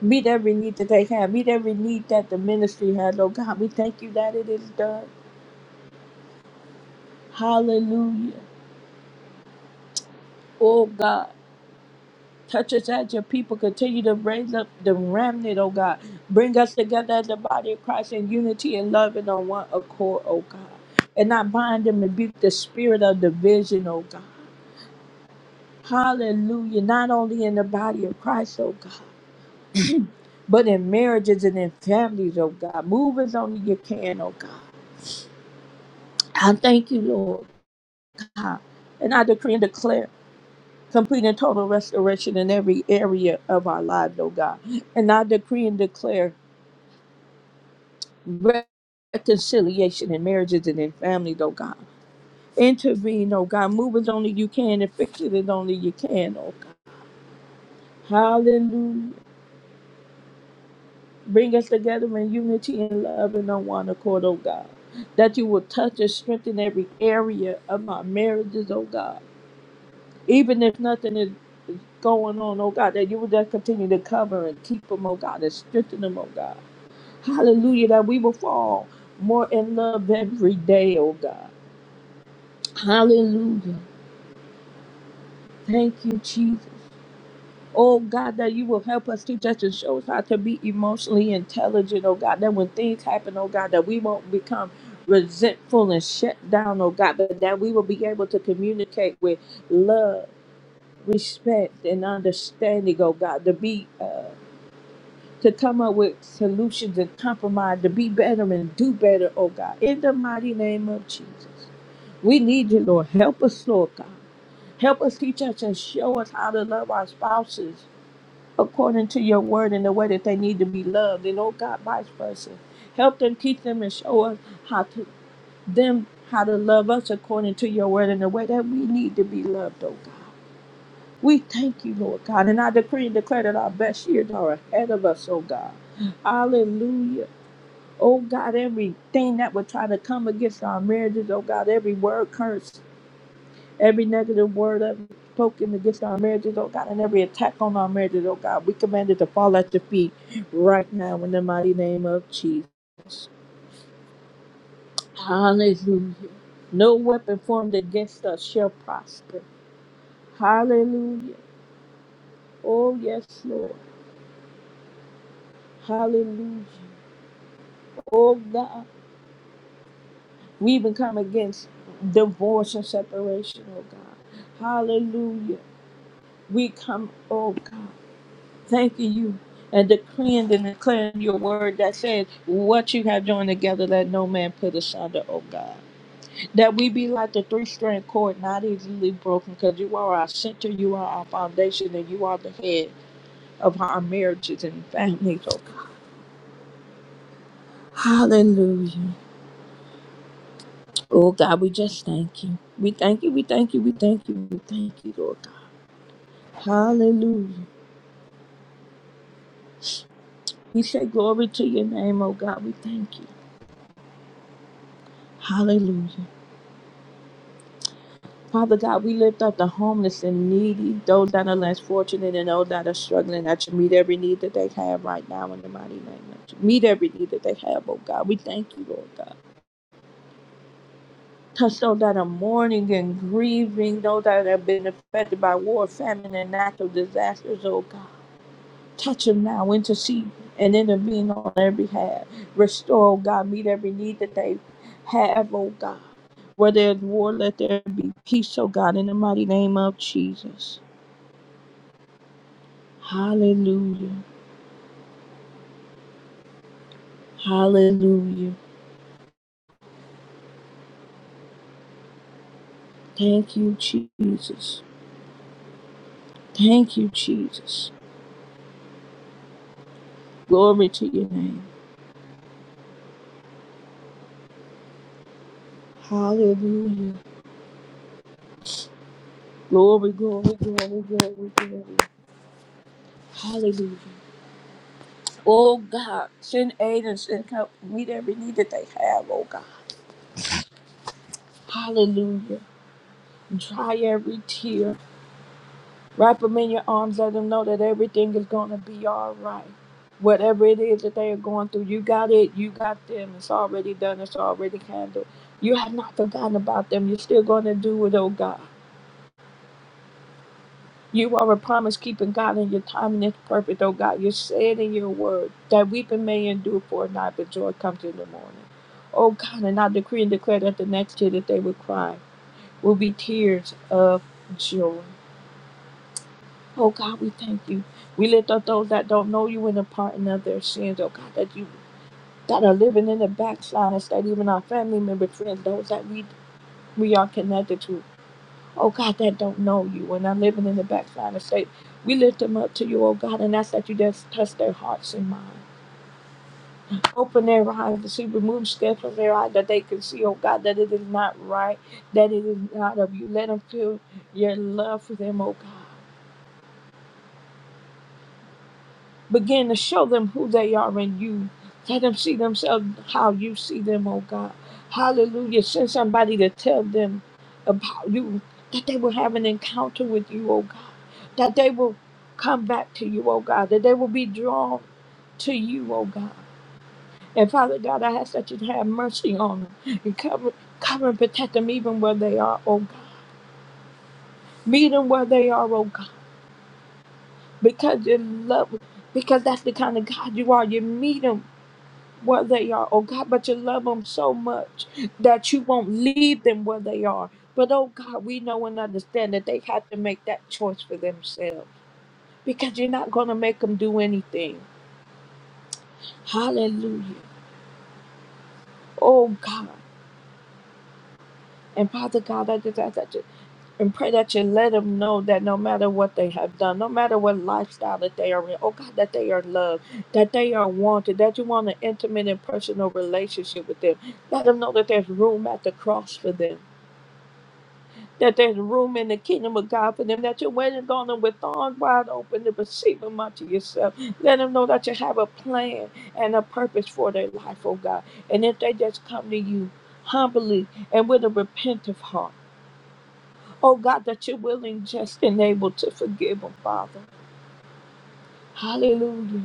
[SPEAKER 1] Meet every need that they have. Meet every need that the ministry has, oh God. We thank you that it is done. Hallelujah. Oh God. Touch us as your people. Continue to raise up the remnant, oh God. Bring us together as the body of Christ in unity and love and on one accord, oh God. And not bind and rebuke the spirit of division, oh God. Hallelujah. Not only in the body of Christ, oh God, but in marriages and in families, oh God. Move as only you can, oh God. I thank you, Lord. God. And I decree and declare complete and total restoration in every area of our lives, oh God. And I decree and declare reconciliation in marriages and in families, oh God. Intervene, oh God. Move as only you can and fix it as only you can, oh God. Hallelujah. Bring us together in unity and love and on one accord, oh God. That you will touch and strengthen every area of our marriages, oh God. Even if nothing is going on, oh God, that you will just continue to cover and keep them, oh God, and strengthen them, oh God. Hallelujah. That we will fall more in love every day, oh God. Hallelujah. Thank you, Jesus. Oh God, that you will help us teach us and show us how to be emotionally intelligent, oh God. That when things happen, oh God, that we won't become resentful and shut down, oh God, but that we will be able to communicate with love, respect, and understanding, oh God, to be uh to come up with solutions and compromise, to be better and do better, oh God. In the mighty name of Jesus. We need you, Lord. Help us, Lord God. Help us teach us and show us how to love our spouses according to your word in the way that they need to be loved. And oh God, vice versa. Help them, teach them, and show us how to them how to love us according to your word in the way that we need to be loved, oh God. We thank you, Lord God. And I decree and declare that our best years are ahead of us, oh God. Hallelujah. Oh God, everything that would try to come against our marriages, oh God, every word curse Every negative word that was spoken against our marriages, oh God, and every attack on our marriages, oh God, we command it to fall at your feet right now in the mighty name of Jesus. Hallelujah. No weapon formed against us shall prosper. Hallelujah. Oh, yes, Lord. Hallelujah. Oh, God. We even come against divorce and separation, oh God. Hallelujah. We come, oh God. thanking you and decreeing and declaring your word that says, What you have joined together, let no man put asunder, O God. That we be like the three strand cord, not easily broken, because you are our center, you are our foundation, and you are the head of our marriages and families, O God. Hallelujah. Oh God, we just thank you. We thank you, we thank you, we thank you, we thank you, Lord God. Hallelujah. We say glory to your name, oh God. We thank you. Hallelujah. Father God, we lift up the homeless and needy, those that are less fortunate and those that are struggling, that you meet every need that they have right now in the mighty name of Jesus. Meet every need that they have, oh God. We thank you, Lord God. Touch those that are mourning and grieving, those that have been affected by war, famine, and natural disasters, oh God. Touch them now, intercede and intervene on their behalf. Restore, oh God, meet every need that they have, oh God. Where there's war, let there be peace, oh God, in the mighty name of Jesus. Hallelujah. Hallelujah. Thank you, Jesus. Thank you, Jesus. Glory to your name. Hallelujah. Glory, glory, glory, glory, glory. Hallelujah. Oh God, send aid and send help. Meet every need that they have, oh God. Hallelujah. Dry every tear. Wrap them in your arms. Let them know that everything is going to be all right. Whatever it is that they are going through, you got it. You got them. It's already done. It's already handled. You have not forgotten about them. You're still going to do it, oh God. You are a promise keeping God, and your timing is perfect, oh God. You said in your word that weeping may endure for a night, but joy comes in the morning. Oh God, and I decree and declare that the next year that they will cry will be tears of joy. Oh God, we thank you. We lift up those that don't know you in the pardon of their sins, oh God, that you that are living in the backsliders, that even our family members, friends, those that we we are connected to, oh God, that don't know you and are living in the backsliding state. We lift them up to you, oh God, and ask that you just touch their hearts and minds. Open their eyes to see, remove scales from their eyes that they can see, oh God, that it is not right, that it is not of you. Let them feel your love for them, oh God. Begin to show them who they are in you. Let them see themselves how you see them, oh God. Hallelujah. Send somebody to tell them about you, that they will have an encounter with you, oh God. That they will come back to you, oh God. That they will be drawn to you, oh God. And Father God, I ask that you have mercy on them and cover, cover and protect them even where they are, oh God. Meet them where they are, oh God. Because you love, because that's the kind of God you are. You meet them where they are, oh God, but you love them so much that you won't leave them where they are. But oh God, we know and understand that they had to make that choice for themselves because you're not going to make them do anything. Hallelujah. Oh God. And Father God, I just ask that you and pray that you let them know that no matter what they have done, no matter what lifestyle that they are in, oh God, that they are loved, that they are wanted, that you want an intimate and personal relationship with them. Let them know that there's room at the cross for them that there's room in the kingdom of God for them, that you're waiting on them with arms wide open to receive them unto yourself. Let them know that you have a plan and a purpose for their life, oh God. And if they just come to you humbly and with a repentant heart, oh God, that you're willing, just, and able to forgive them, Father. Hallelujah.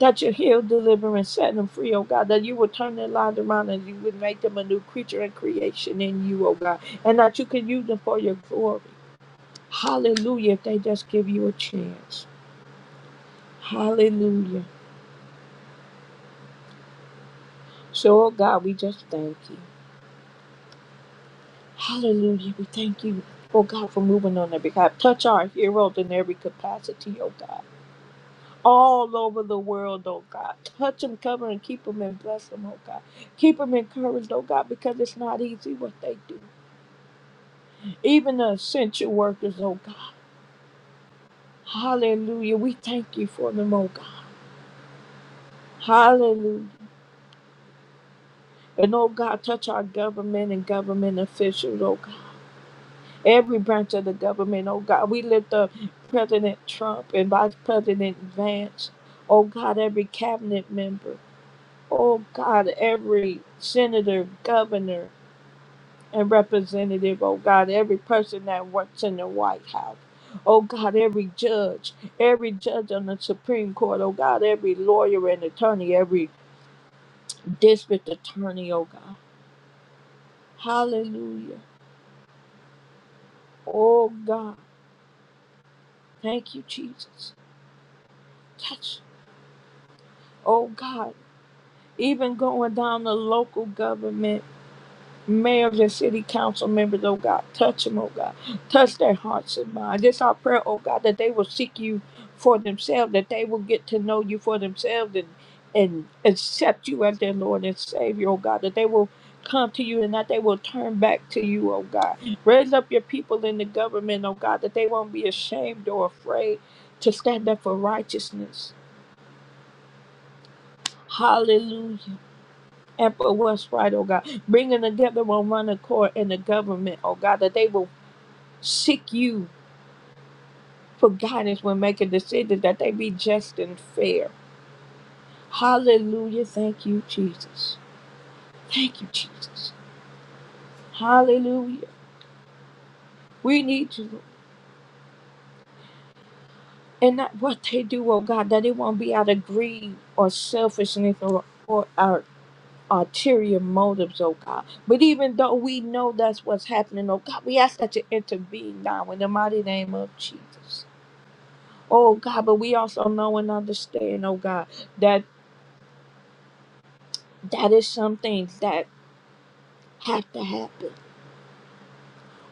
[SPEAKER 1] That you heal, deliver, and set them free, oh God. That you will turn their lives around and you would make them a new creature and creation in you, oh God. And that you can use them for your glory. Hallelujah. If they just give you a chance. Hallelujah. So, oh God, we just thank you. Hallelujah. We thank you, oh God, for moving on their behalf. Touch our heroes in every capacity, oh God. All over the world, oh God. Touch them, cover and keep them and bless them, oh God. Keep them encouraged, oh God, because it's not easy what they do. Even the essential workers, oh God. Hallelujah. We thank you for them, oh God. Hallelujah. And oh God, touch our government and government officials, oh every branch of the government, oh God. We lift up President Trump and Vice President Vance, oh God, every cabinet member, oh God, every senator, governor, and representative, oh God, every person that works in the White House. Oh God, every judge, every judge on the Supreme Court, oh God, every lawyer and attorney, every district attorney, oh God. Hallelujah. Oh God, thank you, Jesus. Touch. Oh God. even going down to local government, mayors and city council members, oh God, touch them, oh God. Touch their hearts and minds. It's our prayer, oh God, that they will seek you for themselves, that they will get to know you for themselves and and accept you as their Lord and Savior, oh God, that they will come to you and that they will turn back to you, oh God. Raise up your people in the government, oh God, that they won't be ashamed or afraid to stand up for righteousness. Hallelujah. and for what's right, oh God. Bringing together on one accord in the government, oh God, that they will seek you for guidance when making decisions, that they be just and fair. Hallelujah. Thank you, Jesus. Thank you, Jesus. Hallelujah. We need you. And not what they do, oh God, that it won't be out of greed or selfishness or, or our ulterior motives, oh God. But even though we know that's what's happening, oh God, we ask that you intervene now in the mighty name of Jesus. Oh God, but we also know and understand, oh God, that that is some things that have to happen.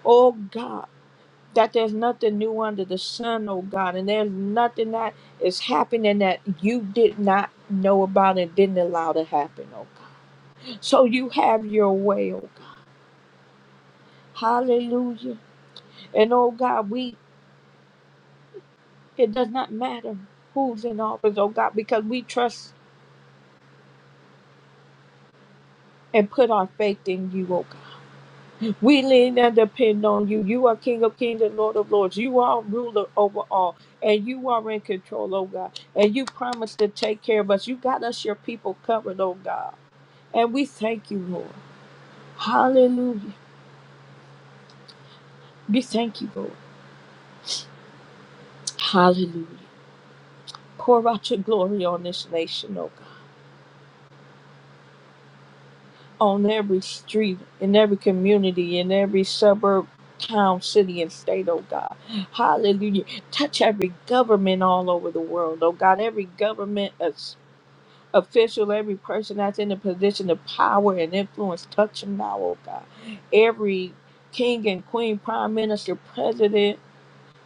[SPEAKER 1] Oh God, that there's nothing new under the sun, oh God, and there's nothing that is happening that you did not know about and didn't allow to happen, oh God. So you have your way, oh God. Hallelujah. And oh God, we it does not matter who's in office, oh God, because we trust and put our faith in you, oh God. We lean and depend on you. You are King of Kings and Lord of Lords. You are ruler over all, and you are in control, oh God. And you promised to take care of us. You got us, your people, covered, oh God. And we thank you, Lord. Hallelujah. We thank you, Lord. Hallelujah. Pour out your glory on this nation, oh God. On every street, in every community, in every suburb, town, city, and state, oh God. Hallelujah touch every government all over the world, oh God, every government official, every person that's in a position of power and influence. Touch them now, oh God. Every king and queen, prime minister, president,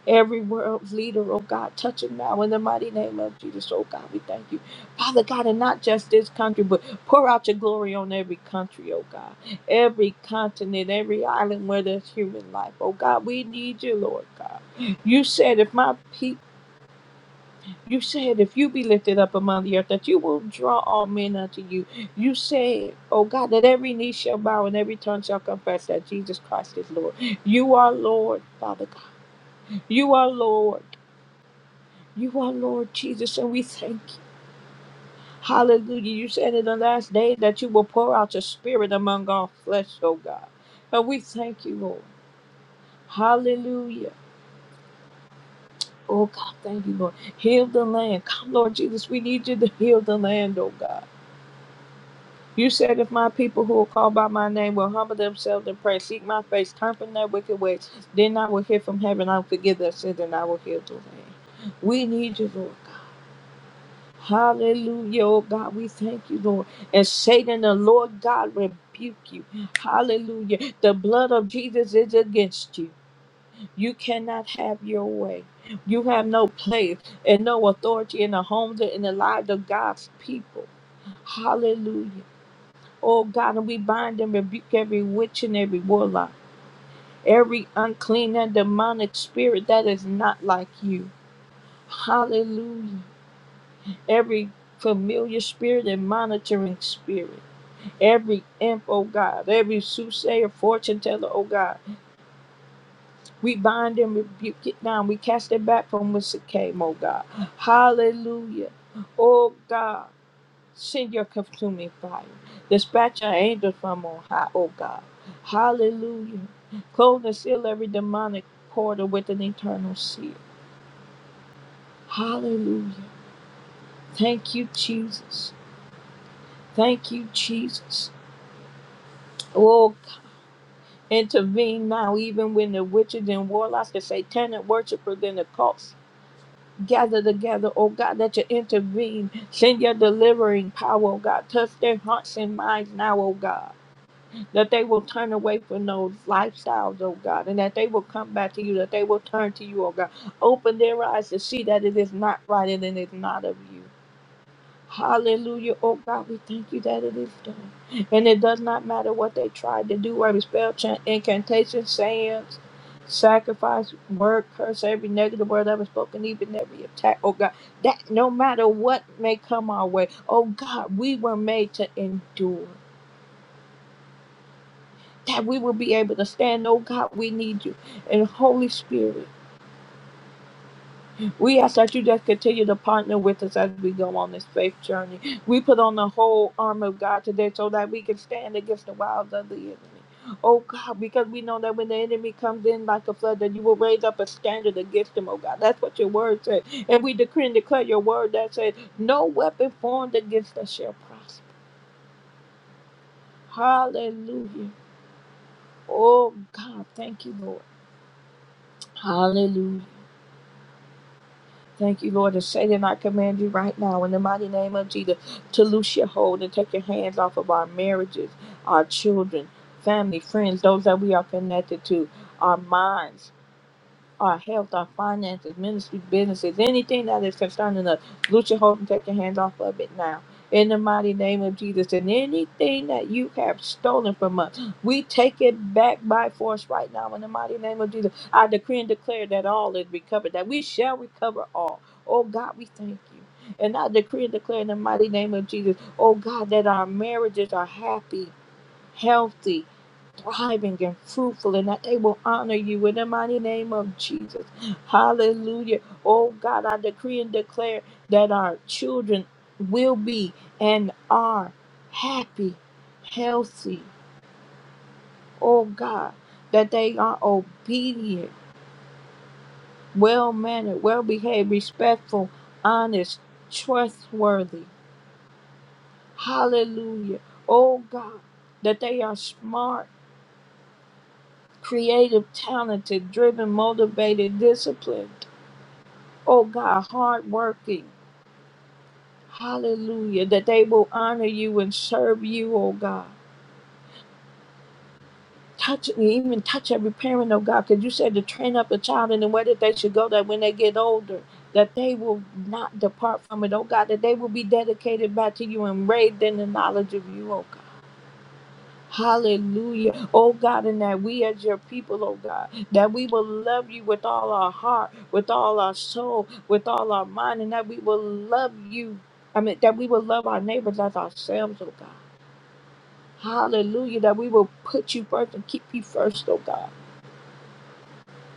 [SPEAKER 1] every world leader, oh God, touch them now in the mighty name of Jesus. Oh God, we thank you. Father God, and not just this country, but pour out your glory on every country, oh God. Every continent, every island where there's human life. Oh God, we need you, Lord God. You said if my people you said, if you be lifted up among the earth, that you will draw all men unto you. You said, oh God, that every knee shall bow and every tongue shall confess that Jesus Christ is Lord. You are Lord, Father God. You are Lord. You are Lord Jesus, and we thank you. Hallelujah. You said in the last day that you will pour out your spirit among all flesh, oh God. And we thank you, Lord. Hallelujah. Oh God, thank you, Lord. Heal the land. Come, Lord Jesus. We need you to heal the land, oh God. You said, If my people who are called by my name will humble themselves and pray, seek my face, turn from their wicked ways, then I will hear from heaven, I will forgive their sins, and I will heal the land. We need you, Lord God. Hallelujah, oh God. We thank you, Lord. And Satan, the Lord God, rebuke you. Hallelujah. The blood of Jesus is against you. You cannot have your way. You have no place and no authority in the homes and in the lives of God's people. Hallelujah. Oh God, and we bind and rebuke every witch and every warlock, every unclean and demonic spirit that is not like you. Hallelujah. Every familiar spirit and monitoring spirit, every imp, oh God, every soothsayer, fortune teller, oh God, we bind and rebuke it now. We cast it back from whence it came, oh God. Hallelujah. Oh God. Send your consuming fire. Dispatch your angels from on high, O God. Hallelujah. Close and seal every demonic portal with an eternal seal. Hallelujah. Thank you, Jesus. Thank you, Jesus. Oh, intervene now, even when the witches and warlocks, the satanic worshipers, and the cults gather together, oh God, that you intervene. Send your delivering power, oh God. Touch their hearts and minds now, oh God. that they will turn away from those lifestyles, oh God, and that they will come back to you, that they will turn to you, oh God. Open their eyes to see that it is not right and it is not of you. Hallelujah, oh God, we thank you that it is done. And it does not matter what they tried to do, whether spell chant, incantation, sayings, sacrifice, word, curse, every negative word ever spoken, even every attack, oh God, that no matter what may come our way, oh God, we were made to endure. that we will be able to stand. Oh God, we need you. And Holy Spirit, we ask that you just continue to partner with us as we go on this faith journey. We put on the whole armor of God today so that we can stand against the wiles of the enemy. Oh God, because we know that when the enemy comes in like a flood, that you will raise up a standard against him, oh God. That's what your word said. And we decree and declare your word that says, No weapon formed against us shall prosper. Hallelujah. Oh God, thank you, Lord. Hallelujah. Thank you, Lord, and Satan, I command you right now in the mighty name of Jesus to loose your hold and take your hands off of our marriages, our children, family, friends, those that we are connected to, our minds our health, our finances, ministry, businesses, anything that is concerning us. Loose your hold and take your hands off of it now. In the mighty name of Jesus, and anything that you have stolen from us, we take it back by force right now. In the mighty name of Jesus, I decree and declare that all is recovered, that we shall recover all. Oh God, we thank you. And I decree and declare in the mighty name of Jesus, oh God, that our marriages are happy, healthy, thriving and fruitful and that they will honor you in the mighty name of Jesus. Hallelujah. Oh God, I decree and declare that our children will be and are happy, healthy. Oh God, that they are obedient, well mannered, well behaved, respectful, honest, trustworthy. Hallelujah. Oh God, that they are smart, creative, talented, driven, motivated, disciplined. oh God, hardworking. Hallelujah. That they will honor you and serve you, oh God. Touch even touch every parent, oh God, because you said to train up a child in the way that they should go, that when they get older, that they will not depart from it, oh God, that they will be dedicated back to you and raised in the knowledge of you, oh God. Hallelujah. Oh God, and that we as your people, oh God, that we will love you with all our heart, with all our soul, with all our mind, and that we will love you. I mean, that we will love our neighbors as ourselves, oh God. Hallelujah. That we will put you first and keep you first, oh God.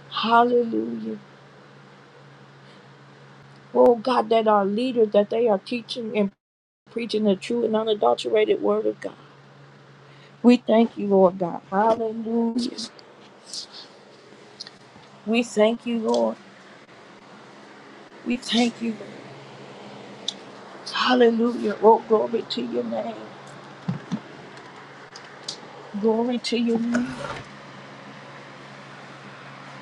[SPEAKER 1] Hallelujah. Oh God, that our leaders, that they are teaching and preaching the true and unadulterated word of God. We thank you, Lord God. Hallelujah. We thank you, Lord. We thank you, Lord. Hallelujah. Oh, glory to your name. Glory to your name.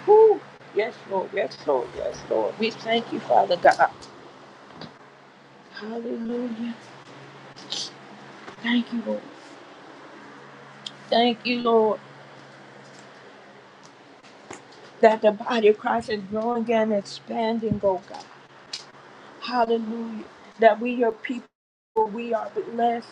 [SPEAKER 1] Woo. Yes, Lord. Yes, Lord. Yes, Lord. We thank you, Father God. Hallelujah. Thank you, Lord. Thank you, Lord, that the body of Christ is growing and expanding, oh God. Hallelujah. That we are people, we are blessed.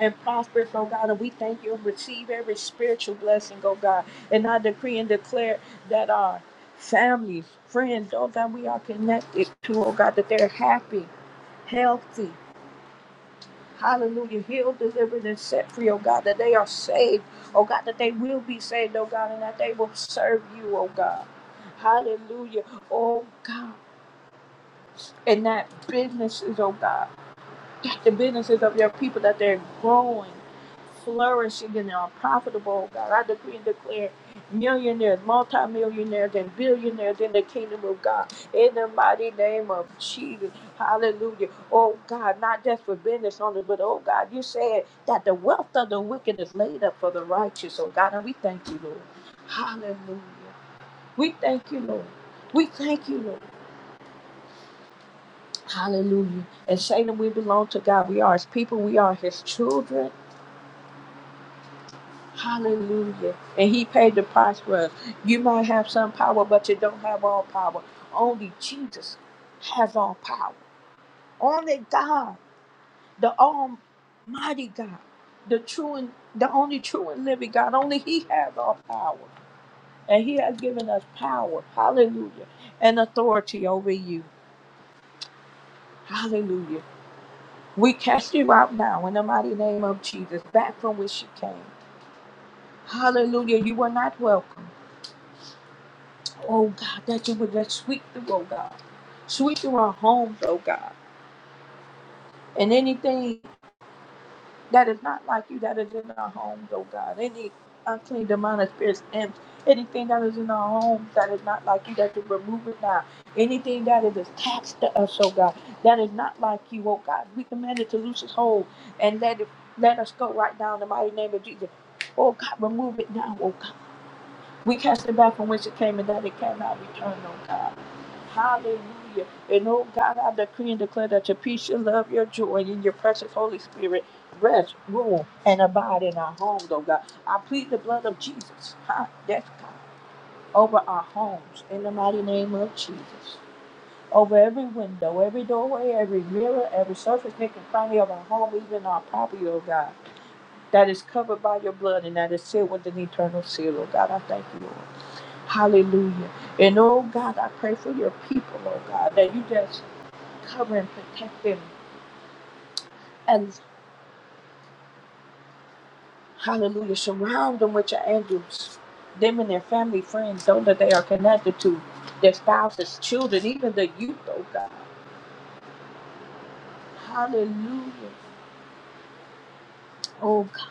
[SPEAKER 1] and prosper, oh God. And we thank you and receive every spiritual blessing, oh God. And I decree and declare that our families, friends, oh that we are connected to, oh God, that they're happy, healthy. Hallelujah. Healed, delivered, and set free, oh God, that they are saved, oh God, that they will be saved, oh God, and that they will serve you, oh God. Hallelujah. Oh God. And that businesses, oh God. the businesses of your people that they're growing, flourishing, and are profitable. God, I decree and declare millionaires, multimillionaires, and billionaires in the kingdom of God. In the mighty name of Jesus. Hallelujah. Oh God, not just for business owners, but oh God, you said that the wealth of the wicked is laid up for the righteous. Oh God, and we thank you, Lord. Hallelujah. We thank you, Lord. We thank you, Lord. Hallelujah. And Satan, we belong to God. We are his people. We are his children. Hallelujah. And he paid the price for us. You might have some power, but you don't have all power. Only Jesus has all power. Only God, the Almighty God, the true and the only true and living God. Only He has all power. And He has given us power. Hallelujah. And authority over you. Hallelujah. We cast you out now in the mighty name of Jesus, back from which you came. Hallelujah. You were not welcome. Oh God, that you would just sweep through, oh God. Sweep through our homes, oh God. And anything that is not like you that is in our homes, oh God. Any unclean demonic spirits, imps, anything that is in our homes that is not like you, that you remove it now. Anything that is attached to us, oh God, that is not like you, oh God. We command it to loose its hold and let it let us go right now in the mighty name of Jesus. Oh God, remove it now, oh God. We cast it back from whence it came and that it cannot return, oh God. Hallelujah. And oh God, I decree and declare that your peace, your love, your joy, and your precious Holy Spirit rest, rule, and abide in our homes, oh God. I plead the blood of Jesus, huh? That's God, over our homes in the mighty name of Jesus. Over every window, every doorway, every mirror, every surface, nook and cranny of our home, even our property, oh God, that is covered by your blood and that is sealed with an eternal seal, oh God. I thank you, Lord. Hallelujah. And oh God, I pray for your people, oh God, that you just Cover and protect them. And hallelujah, surround them with your angels. Them and their family, friends, those that they are connected to, their spouses, children, even the youth, oh God. Hallelujah. Oh, c-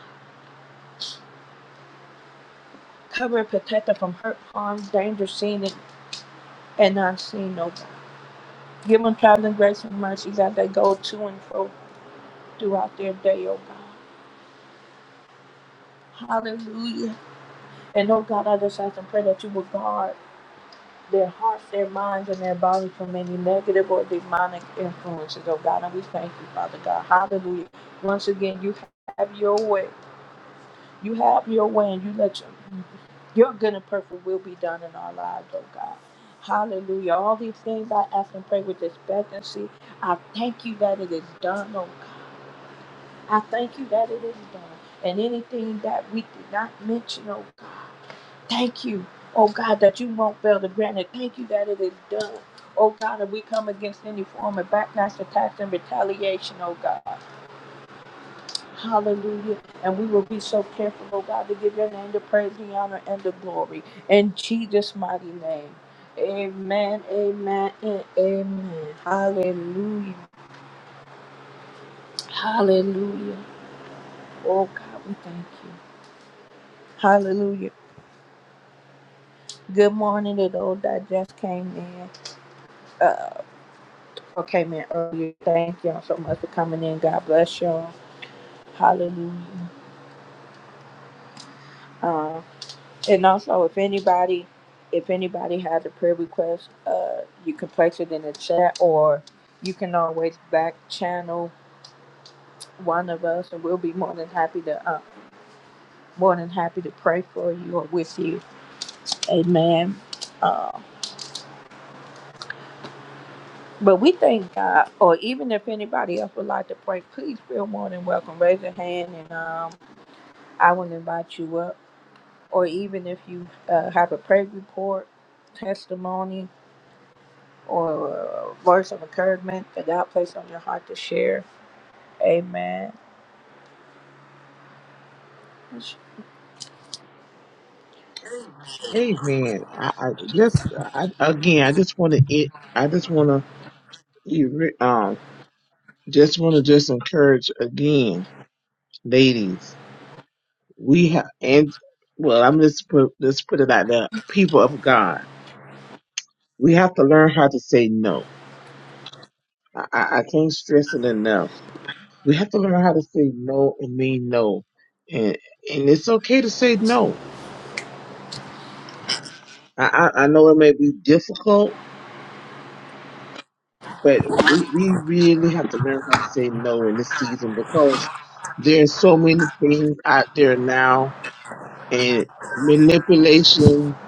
[SPEAKER 1] cover and protect them from hurt, harm, danger, seen and, and unseen, oh God. Give them traveling grace and mercy as they go to and fro throughout their day, oh God. Hallelujah. And oh God, I just ask and pray that you will guard. their hearts, their minds, and their bodies from any negative or demonic influences, oh God. And we thank you, Father God. Hallelujah. Once again, you have your way. You have your way, and you let your, your good and perfect will be done in our lives, oh God. Hallelujah. All these things I ask and pray with expectancy. I thank you that it is done, oh God. I thank you that it is done. And anything that we did not mention, oh God. Thank you, oh God, that you won't fail to grant it. Thank you that it is done. Oh God, and we come against any form of backlash, attacks, and retaliation, oh God. Hallelujah. And we will be so careful, oh God, to give your name the praise, the honor, and the glory. In Jesus' mighty name. Amen, amen, and amen. Hallelujah. Hallelujah. Oh God, we thank you. Hallelujah. Good morning to those that just came in. Uh, came in earlier. Thank y'all so much for coming in. God bless y'all. Hallelujah. Um, and also, if anybody, if anybody has a prayer request, uh, you can place it in the chat, or you can always back channel one of us, and we'll be more than happy to, uh, more than happy to pray for you or with you. Amen. Uh, but we thank God, or even if anybody else would like to pray, please feel more than welcome. Raise your hand, and um, I will invite you up. or even if you uh, have a prayer report, testimony, or a words of encouragement that God placed on your heart to share. Amen.
[SPEAKER 2] Amen. I, I just I, again, I just want to it. I just want to um, just want to just encourage again, ladies. We have and well, I'm just put just put it out there. People of God. We have to learn how to say no. I, I I can't stress it enough. We have to learn how to say no and mean no. And, and it's okay to say no. I, I, I know it may be difficult, but we, we really have to learn how to say no in this season because there's so many things out there now and manipulation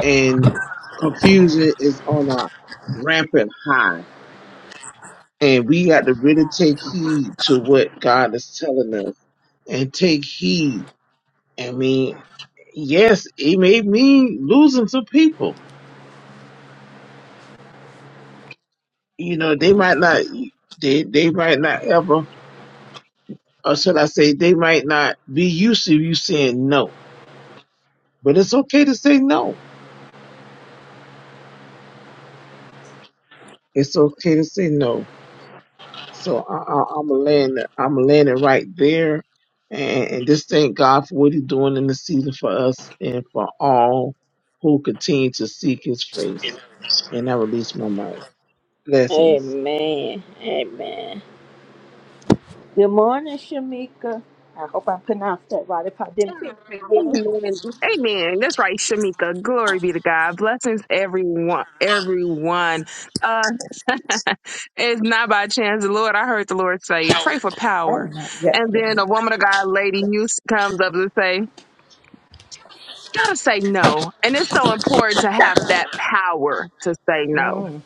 [SPEAKER 2] and confusion is on a rampant high. And we got to really take heed to what God is telling us and take heed. I mean, yes, it may mean losing some people. You know, they might not, they they might not ever, or should I say, they might not be used to you saying no. But it's okay to say no. It's okay to say no. So I, I, I'm gonna land, I'm gonna land it right there, and, and just thank God for what He's doing in the season for us and for all who continue to seek His face. And I release my mind. Blessings.
[SPEAKER 1] Amen. Amen. Good morning, Shamika. I hope I pronounced that right. If I didn't, feel free to-
[SPEAKER 3] Amen. Amen. That's right, Shamika. Glory be to God. Blessings, everyone. Everyone. Uh, <laughs> it's not by chance. The Lord, I heard the Lord say, pray for power.
[SPEAKER 1] Amen. Yes.
[SPEAKER 3] And then a woman of God, lady, you s- comes up and say, you gotta say no. And it's so important to have that power to say no.
[SPEAKER 1] Mm,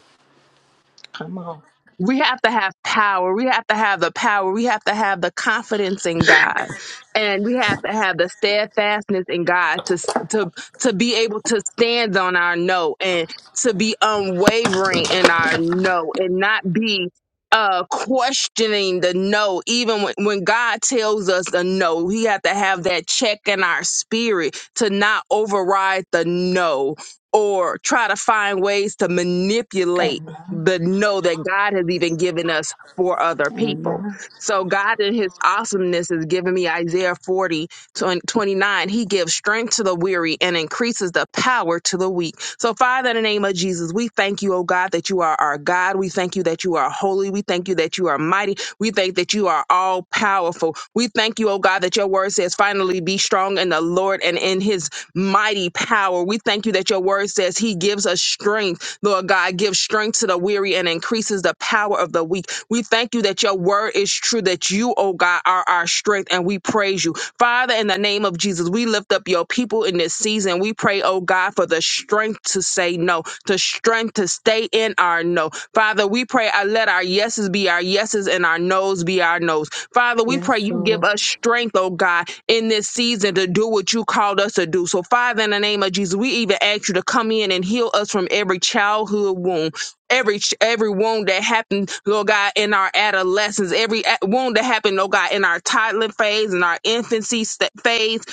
[SPEAKER 1] come on.
[SPEAKER 3] we have to have power. We have to have the power. We have to have the confidence in God, and we have to have the steadfastness in God to to to be able to stand on our no and to be unwavering in our no and not be uh questioning the no even when, when god tells us the no we have to have that check in our spirit to not override the no or try to find ways to manipulate
[SPEAKER 1] Amen.
[SPEAKER 3] the know that God has even given us for other people.
[SPEAKER 1] Amen.
[SPEAKER 3] So God in his awesomeness has given me Isaiah 40, 20 29. He gives strength to the weary and increases the power to the weak. So Father, in the name of Jesus, we thank you, oh God, that you are our God. We thank you that you are holy. We thank you that you are mighty. We thank that you are all powerful. We thank you, oh God, that your word says finally be strong in the Lord and in his mighty power. We thank you that your word says he gives us strength Lord God, give strength to the weary and increases the power of the weak. We thank you that your word is true, that you, oh God, are our strength, and we praise you. Father, in the name of Jesus, we lift up your people in this season. We pray, oh God, for the strength to say no, the strength to stay in our no. Father, we pray, I let our yeses be our yeses and our nos be our nos. Father, we pray
[SPEAKER 1] Yes,
[SPEAKER 3] you give
[SPEAKER 1] Lord.
[SPEAKER 3] us strength, oh God, in this season to do what you called us to do. So, Father, in the name of Jesus, we even ask you to come in and heal us from every childhood wound. Every every wound that happened, Lord God, in our adolescence, every a- wound that happened, Lord God, in our toddler phase, in our infancy st- phase,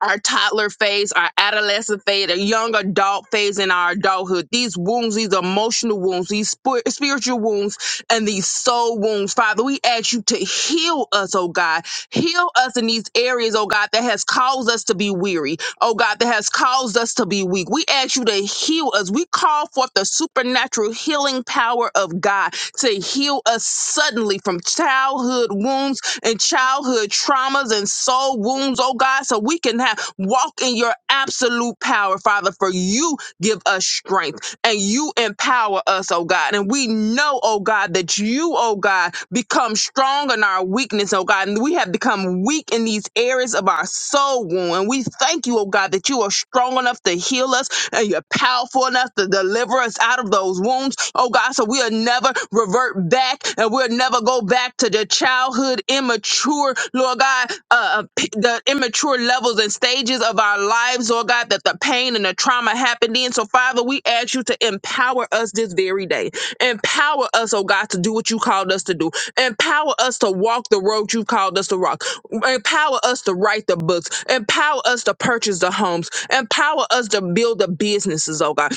[SPEAKER 3] our toddler phase, our adolescent phase, our young adult phase in our adulthood. These wounds, these emotional wounds, these spir- spiritual wounds, and these soul wounds. Father, we ask you to heal us, oh God. Heal us in these areas, oh God, that has caused us to be weary. Oh God, that has caused us to be weak. We ask you to heal us. We call forth the supernatural healing power of God to heal us suddenly from childhood wounds and childhood traumas and soul wounds, oh God, so we can have walk in your absolute power, Father, for you give us strength and you empower us, oh God. And we know, oh God, that you, oh God, become strong in our weakness, oh God. And we have become weak in these areas of our soul wound. And we thank you, oh God, that you are strong enough to heal us and you're powerful enough to deliver us out of those wounds, oh God. So we'll never revert back and we'll never go back to the childhood immature, Lord God, uh, uh, p- the immature levels and stages of our lives, Lord God, that the pain and the trauma happened in. So, Father, we ask you to empower us this very day. Empower us, oh God, to do what you called us to do. Empower us to walk the road you called us to walk. Empower us to write the books. Empower us to purchase the homes. Empower us to build the businesses, oh God.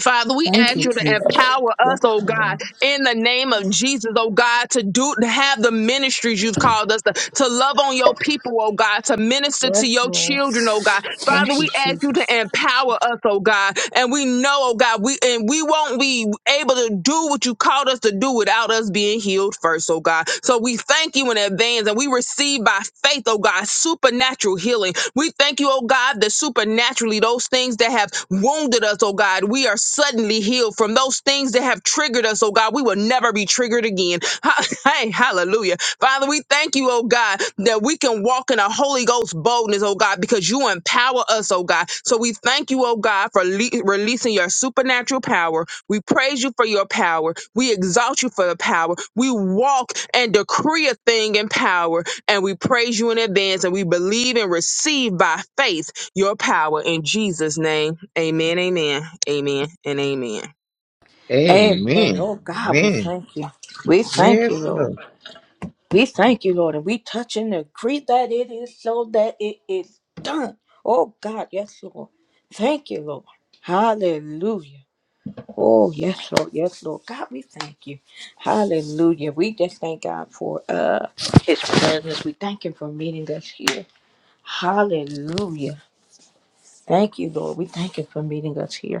[SPEAKER 3] Father, we
[SPEAKER 1] Thank you,
[SPEAKER 3] ask you to
[SPEAKER 1] Jesus.
[SPEAKER 3] empower us, oh God, in the name of Jesus, oh God, to do to have the ministries you've called us to, to love on your people, oh God, to minister
[SPEAKER 1] Yes,
[SPEAKER 3] to your
[SPEAKER 1] Lord.
[SPEAKER 3] children, oh God. Father,
[SPEAKER 1] Thank you,
[SPEAKER 3] we ask
[SPEAKER 1] Jesus.
[SPEAKER 3] you to empower us, oh God. And we know, oh God, we and we won't be able to do what you called us to do without us being healed first, oh God. So we thank you in advance and we receive by faith, oh God, supernatural healing we thank you, oh God, that supernaturally those things that have wounded us, oh God, we are suddenly healed from those things that have triggered us, oh God. We will never be triggered again. Ha- <laughs> Hey, hallelujah. Father, we thank you, oh God, that we can walk in a Holy Ghost boldness, oh God, because you empower us, oh God. So we thank you, oh God, for le- releasing your supernatural power. We praise you for your power. We exalt you for the power. We walk and decree a thing in power and we praise you in advance and we believe and receive by faith your power in Jesus' name. Amen, amen, amen, and amen.
[SPEAKER 1] Amen.
[SPEAKER 2] Amen.
[SPEAKER 1] Oh, God, we
[SPEAKER 2] Amen.
[SPEAKER 1] thank you. We thank you,
[SPEAKER 2] Yes,
[SPEAKER 1] Lord.
[SPEAKER 2] Lord.
[SPEAKER 1] We thank you, Lord, and we touch and agree that it is so that it is done. Oh God, yes, Lord. Thank you, Lord. Hallelujah. Oh, yes, Lord, yes, Lord. God, we thank you. Hallelujah. We just thank God for uh his presence. We thank him for meeting us here. Hallelujah. Thank you, Lord. We thank him for meeting us here.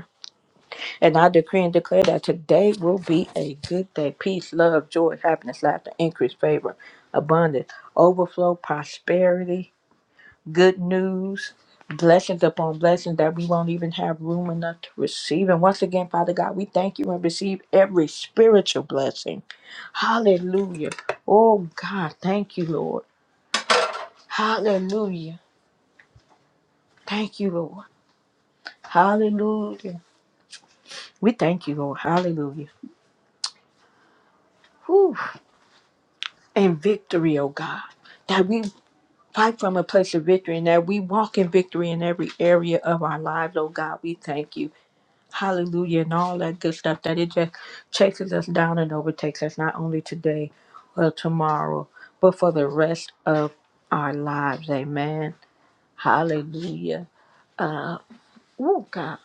[SPEAKER 1] And I decree and declare that today will be a good day. Peace, love, joy, happiness, laughter, increase, favor, abundance, overflow, prosperity, good news, blessings upon blessings that we won't even have room enough to receive. And once again, Father God, we thank you and receive every spiritual blessing. Hallelujah. Oh God, thank you, Lord. Hallelujah. Thank you, Lord. Hallelujah. We thank you, Lord. Hallelujah. Whew. And victory, oh God that we. fight from a place of victory and that we walk in victory in every area of our lives, oh God. We thank you. Hallelujah and all that good stuff that it just chases us down and overtakes us not only today or tomorrow, but for the rest of our lives. Amen. Hallelujah. Oh God.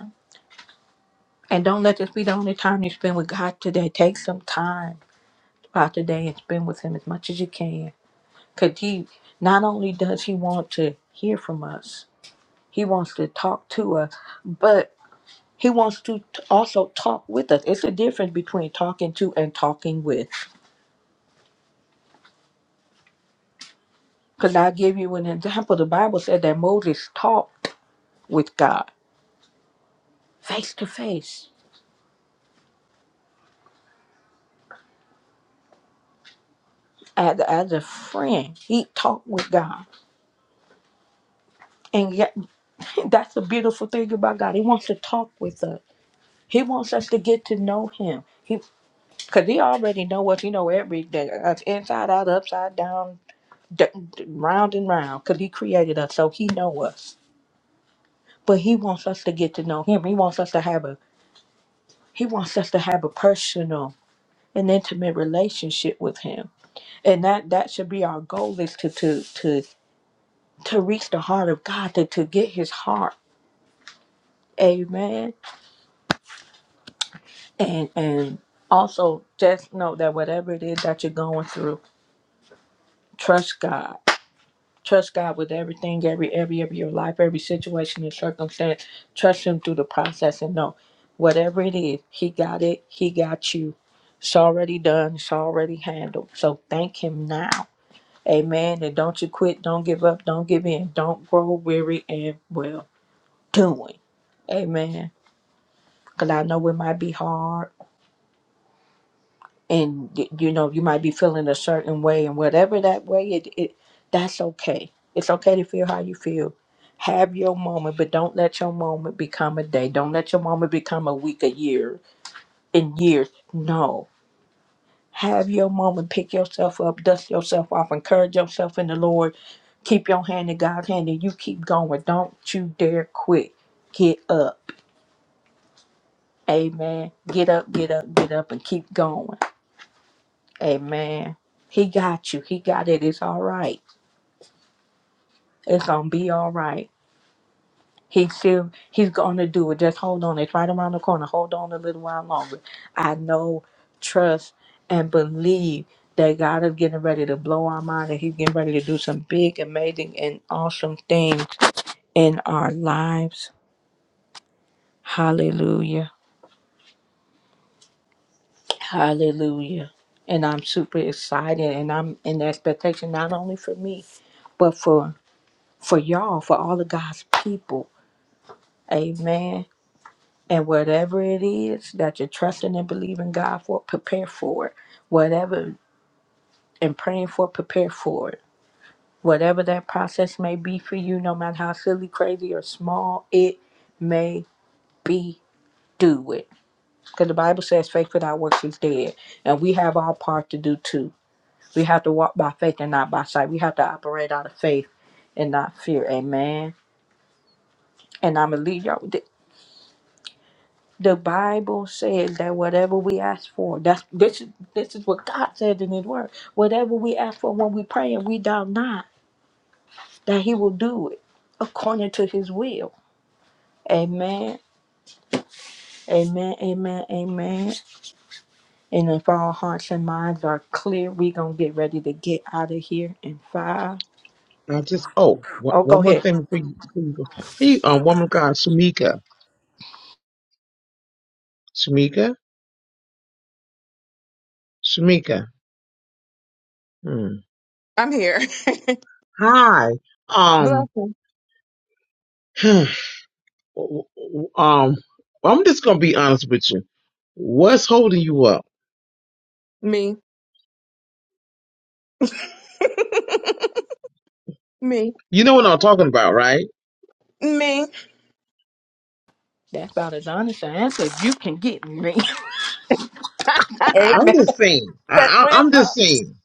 [SPEAKER 1] And don't let this be the only time you spend with God today. Take some time out today and spend with him as much as you can. Cause he not only does he want to hear from us, He wants to talk to us, but he wants to t- also talk with us. It's a difference between talking to and talking with. Because I'll give you an example. The Bible said that Moses talked with God face to face as, as a friend. He talked with God. And yet, <laughs> that's the beautiful thing about God. He wants to talk with us. He wants us to get to know him. He, because he already know us. He know everything, us inside out, upside down, d- d- round and round because he created us so he know us but he wants us to get to know him he wants us to have a he wants us to have a personal and intimate relationship with him and that that should be our goal is to to to to reach the heart of god to to get his heart amen and and also just know that whatever it is that you're going through trust god Trust God with everything, every area of your life, every situation and circumstance. Trust Him through the process and know whatever it is, He got it, He got you. It's already done, it's already handled. So thank Him now. Amen. And don't you quit, don't give up, don't give in, don't grow weary and well doing. Amen. Because I know it might be hard. and y- you know you might be feeling a certain way and whatever that way it, it that's okay it's okay to feel how you feel have your moment but don't let your moment become a day don't let your moment become a week a year in years no have your moment pick yourself up dust yourself off encourage yourself in the lord keep your hand in god's hand and you keep going don't you dare quit get up amen get up get up get up and keep going Amen. He got you. He got it. It's all right. It's gonna be all right. He still he's gonna do it. Just hold on. It's right around the corner. Hold on a little while longer. I know, trust, and believe that God is getting ready to blow our mind and He's getting ready to do some big, amazing, and awesome things in our lives. Hallelujah. Hallelujah. And I'm super excited and I'm in expectation not only for me, but for for y'all, for all of God's people. Amen. And whatever it is that you're trusting and believing God for, prepare for it. Whatever and praying for, prepare for it. Whatever that process may be for you, no matter how silly, crazy, or small it may be, do it. Because the Bible says faith without works is dead. And we have our part to do too. We have to walk by faith and not by sight. We have to operate out of faith and not fear. Amen. And I'm going to leave y'all. The Bible says that whatever we ask for, that's this is this is what God said in His Word. Whatever we ask for when we pray, and we doubt not that He will do it according to His will. Amen. Amen. Amen. Amen. And if our hearts and minds are clear, we gonna get ready to get out of here in five.
[SPEAKER 2] I just oh one,
[SPEAKER 1] Oh, go
[SPEAKER 2] one more
[SPEAKER 1] ahead.
[SPEAKER 2] thing before you, before you go. Hey, um, woman of God, Shamika, Shamika, Shamika. Hmm.
[SPEAKER 3] I'm here.
[SPEAKER 2] Hi.
[SPEAKER 3] <laughs> Bless
[SPEAKER 2] Um. <sighs> um. I'm just gonna be honest with you. What's holding you up?
[SPEAKER 3] me, me, me,
[SPEAKER 2] You know what I'm talking about, right?
[SPEAKER 3] me,
[SPEAKER 1] That's about as honest an answer as you can get me. <laughs>
[SPEAKER 2] I- I'm
[SPEAKER 1] Amen.
[SPEAKER 2] just saying. I,
[SPEAKER 1] That's
[SPEAKER 2] I,
[SPEAKER 1] real
[SPEAKER 2] I'm just
[SPEAKER 1] honest.
[SPEAKER 2] saying.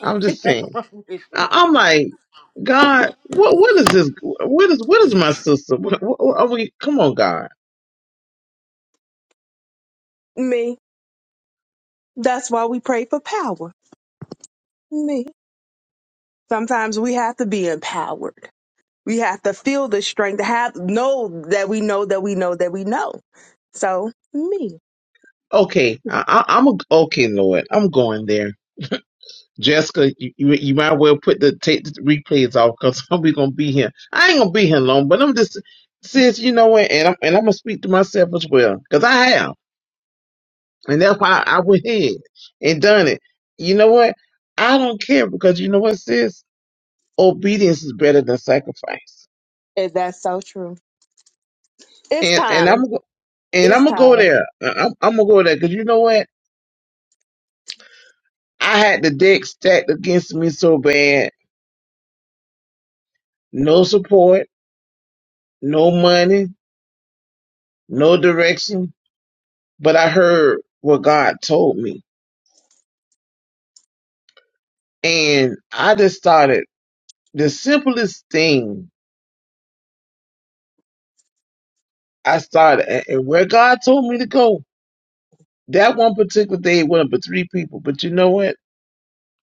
[SPEAKER 2] I'm just
[SPEAKER 1] <laughs> That's
[SPEAKER 2] saying.
[SPEAKER 1] wrong with you.
[SPEAKER 2] I, I'm like, God, what? What is this? What is? What is my sister? What, what, what are we? Come on, God.
[SPEAKER 3] me. That's why we pray for power. Me. Sometimes we have to be empowered. We have to feel the strength to have know that we know that we know that we know. So me.
[SPEAKER 2] Okay,
[SPEAKER 3] Mhm.
[SPEAKER 2] I, I, I'm a, okay, Lord. I'm going there. Jessica, you, you you might well put the take the replays off because <laughs> we gonna be here. I ain't gonna be here long, but I'm just sis, you know what, and I'm and I'm gonna speak to myself as well because I have, and that's why I went ahead and done it. You know what? I don't care because you know what, sis. obedience is better than sacrifice.
[SPEAKER 3] Is that so true? It's
[SPEAKER 2] And and
[SPEAKER 3] time.
[SPEAKER 2] I'm go- and
[SPEAKER 3] It's
[SPEAKER 2] I'm gonna go
[SPEAKER 3] time.
[SPEAKER 2] there. I'm, I'm gonna go there because you know what? I had the deck stacked against me so bad. No support, no money, no direction. But I heard what God told me, and I just started the simplest thing. I started and and where God told me to go. That one particular day, it went up to three people. But you know what?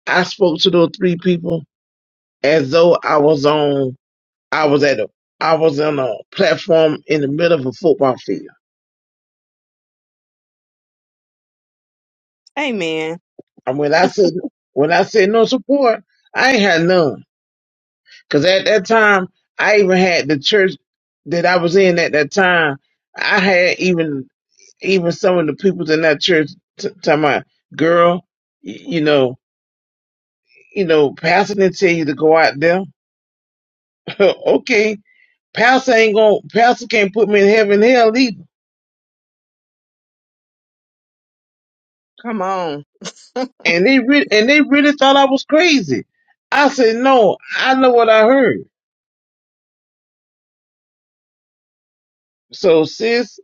[SPEAKER 2] I spoke to those three people as though I was on. I was at a I was on a platform in the middle of a football field.
[SPEAKER 3] Amen.
[SPEAKER 2] And when I said when I said no support, I ain't had none. Cause at that time I even had the church that I was in at that time. I had even even some of the people in that church t- talking about, girl, y- you know, you know, pastor didn't tell you to go out there. <laughs> okay, pastor ain't gonna pastor can't put me in heaven and hell either.
[SPEAKER 3] Come on.
[SPEAKER 2] And they really, and they really thought I was crazy. I said, no, I know what I heard. So sis,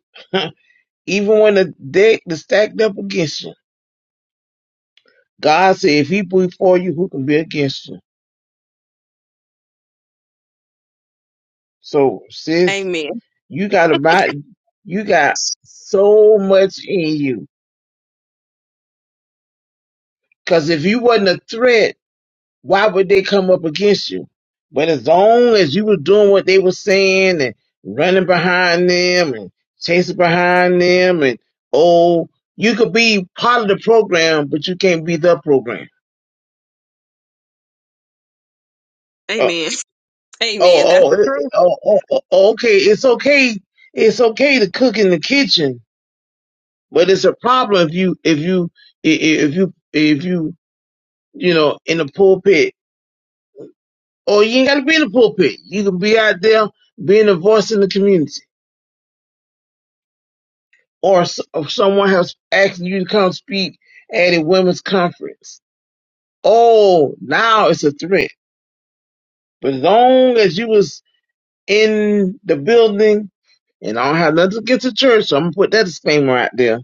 [SPEAKER 2] <laughs> even when the deck is stacked up against you, God said, if he be for you, who can be against you? So sis,
[SPEAKER 3] Amen.
[SPEAKER 2] you got about, you got so much in you. Cause if you wasn't a threat, why would they come up against you? But as long as you were doing what they were saying and running behind them and chasing behind them and oh, you could be part of the program, but you can't be the program. Uh,
[SPEAKER 3] Amen. <laughs> Amen. That's
[SPEAKER 2] oh,
[SPEAKER 3] the
[SPEAKER 2] oh,
[SPEAKER 3] truth.
[SPEAKER 2] oh, oh, oh, oh, okay. It's okay. It's okay to cook in the kitchen, but it's a problem if you, if you, i- i- if you, if you, you know, in the pulpit. Or you ain't got to be in the pulpit. You can be out there being a voice in the community. or s- or someone has asked you to come speak at a women's conference. Oh, now it's a threat. But as long as you was in the building, and I don't have nothing against the church, so I'm gonna put that disclaimer out there. As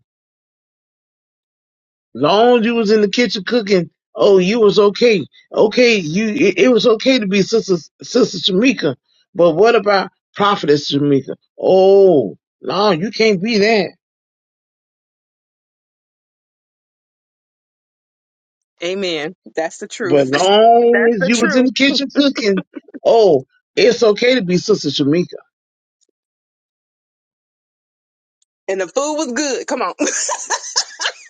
[SPEAKER 2] long as you was in the kitchen cooking, oh, you was okay. Okay, you it, it was okay to be sister sister Shamika. But what about prophetess Shamika? Oh, no, you can't be that.
[SPEAKER 3] Amen. That's the
[SPEAKER 2] But
[SPEAKER 3] truth. <laughs>
[SPEAKER 2] long
[SPEAKER 3] That's
[SPEAKER 2] as
[SPEAKER 3] the
[SPEAKER 2] you was in
[SPEAKER 3] truth.
[SPEAKER 2] the kitchen cooking, oh, it's okay to be Sister Shamika.
[SPEAKER 3] And the food was good. Come on.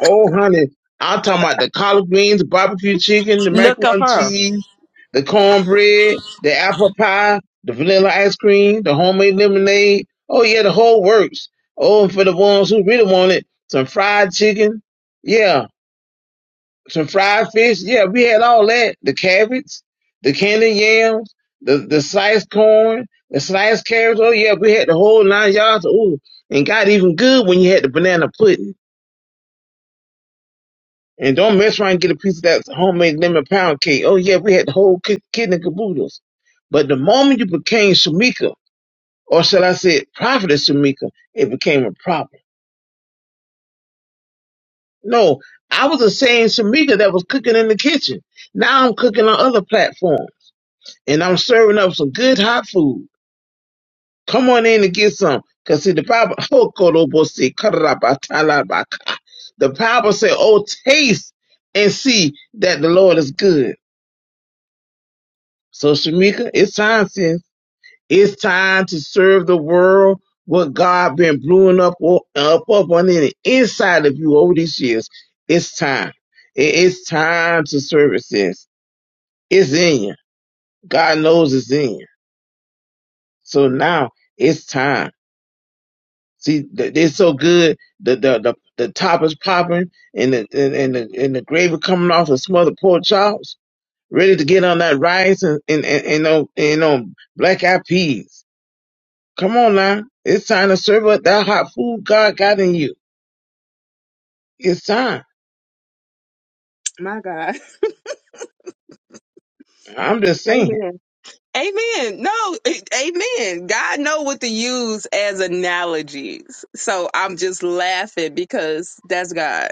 [SPEAKER 2] Oh, honey, I'm talking about the collard greens, the barbecue chicken, the
[SPEAKER 1] Look
[SPEAKER 2] macaroni
[SPEAKER 1] at
[SPEAKER 2] and
[SPEAKER 1] her.
[SPEAKER 2] cheese, the cornbread, the apple pie, the vanilla ice cream, the homemade lemonade. Oh, yeah, the whole works. Oh, and for the ones who really want it, some fried chicken. Yeah, some fried fish. Yeah, we had all that. The cabbage, the candy yams, the, the sliced corn, the sliced carrots. Oh yeah, we had the whole nine yards. Ooh, and got even good when you had the banana pudding. And don't mess around and get a piece of that homemade lemon pound cake. Oh yeah, we had the whole ki- kid and caboodles. But the moment you became Shamika, or shall I say prophetess Shamika, it became a problem. No, I was the same Shamika that was cooking in the kitchen. Now I'm cooking on other platforms. and I'm serving up some good hot food. Come on in and get some. Cause see the Bible <laughs> Hokorobose karabatalabaka. the Bible said, Oh, taste and see that the Lord is good. So Shamika, it's time since it's time to serve the world what God been brewing up o- up up on the inside of you over these years. It's time. It- It's time to serve it, sis. It's in you. God knows it's in you. So now it's time. See, th- they're so good. The the the, the top is popping, and the and, and the and the gravy coming off the smothered pork chops, ready to get on that rice and and and, and, on, and on black eyed peas. Come on now, it's time to serve up that hot food God got in you. It's time.
[SPEAKER 3] <laughs> My God.
[SPEAKER 2] I'm just saying.
[SPEAKER 3] Amen. Amen. No, it- amen. God know what to use as analogies. So I'm just laughing because that's God.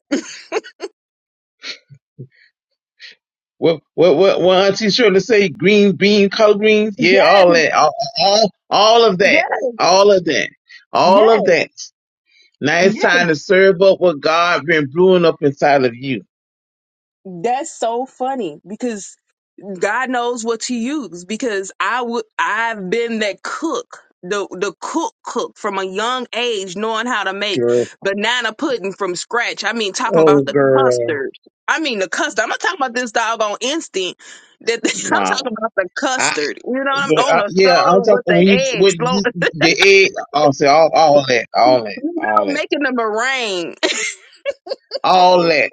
[SPEAKER 2] Well, what what what Auntie Shirley say? Green bean, collard greens, yeah,
[SPEAKER 3] Yes,
[SPEAKER 2] all that, all all, all of that,
[SPEAKER 3] yes,
[SPEAKER 2] all of that, all of
[SPEAKER 3] yes,
[SPEAKER 2] that. Now it's
[SPEAKER 3] yes.
[SPEAKER 2] time to serve up what God been brewing up inside of you.
[SPEAKER 3] That's so funny because God knows what to use because I would I've been that cook. The the cook cook from a young age knowing how to make
[SPEAKER 2] Girl.
[SPEAKER 3] banana pudding from scratch. I mean talking about
[SPEAKER 2] Oh
[SPEAKER 3] the
[SPEAKER 2] girl.
[SPEAKER 3] custard. I mean the custard. I'm not talking about this doggone instant. That <laughs> I'm
[SPEAKER 2] Nah.
[SPEAKER 3] talking about the
[SPEAKER 2] I,
[SPEAKER 3] custard. You know, I'm
[SPEAKER 2] girl,
[SPEAKER 3] on
[SPEAKER 2] I-
[SPEAKER 3] the
[SPEAKER 2] yeah, I'm
[SPEAKER 3] stove
[SPEAKER 2] talking
[SPEAKER 3] with the
[SPEAKER 2] when you
[SPEAKER 3] eggs
[SPEAKER 2] when you
[SPEAKER 3] floating,
[SPEAKER 2] the egg I'll say all all that, all
[SPEAKER 3] <laughs>
[SPEAKER 2] that,
[SPEAKER 3] you know,
[SPEAKER 2] all that.
[SPEAKER 3] making the meringue.
[SPEAKER 2] All that.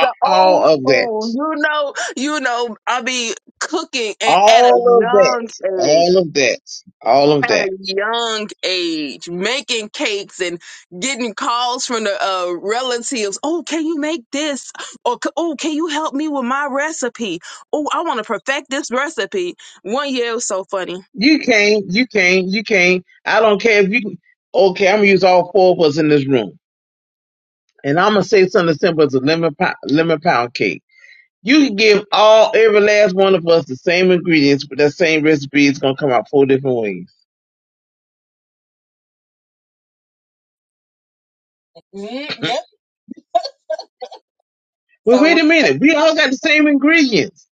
[SPEAKER 3] the old
[SPEAKER 2] All of that.
[SPEAKER 3] school. You know, you know, I be cooking and at a
[SPEAKER 2] All of that.
[SPEAKER 3] young age.
[SPEAKER 2] All of that. All of
[SPEAKER 3] At
[SPEAKER 2] that.
[SPEAKER 3] a young age, making cakes and getting calls from the uh, relatives. Oh, can you make this? Or c- oh, can you help me with my recipe? Oh, I want to perfect this recipe. One year it was so funny.
[SPEAKER 2] You can't, you can't, you can't. I don't care if you okay, I'm gonna use all four of us in this room. and I'm gonna say something as simple as a lemon pound, lemon pound cake. You can give all every last one of us the same ingredients, but that same recipe is gonna come out four different ways. <laughs> <clears throat> Well, wait a minute, we all got the same ingredients.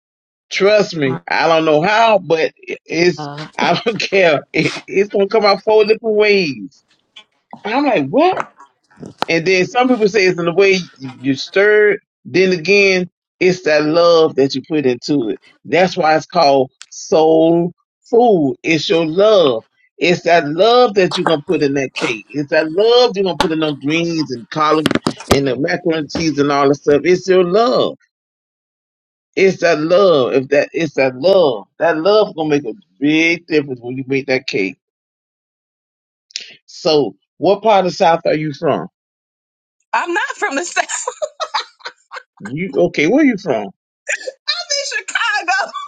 [SPEAKER 2] Trust me,
[SPEAKER 1] my
[SPEAKER 2] I don't know how, but it- it's I don't <laughs> care. It, it's gonna come out four different ways. I'm like, what? And then some people say it's in the way you stir it. Then again, it's that love that you put into it. That's why it's called soul food. It's your love. It's that love that you're gonna put in that cake. It's that love you're gonna put in those greens and collard and the macaroni and cheese and all that stuff. It's your love. It's that love. If that it's that love. That love gonna make a big difference when you make that cake. So what part of South are you from?
[SPEAKER 3] I'm not from the <laughs> South.
[SPEAKER 2] You okay, where you from?
[SPEAKER 3] I'm in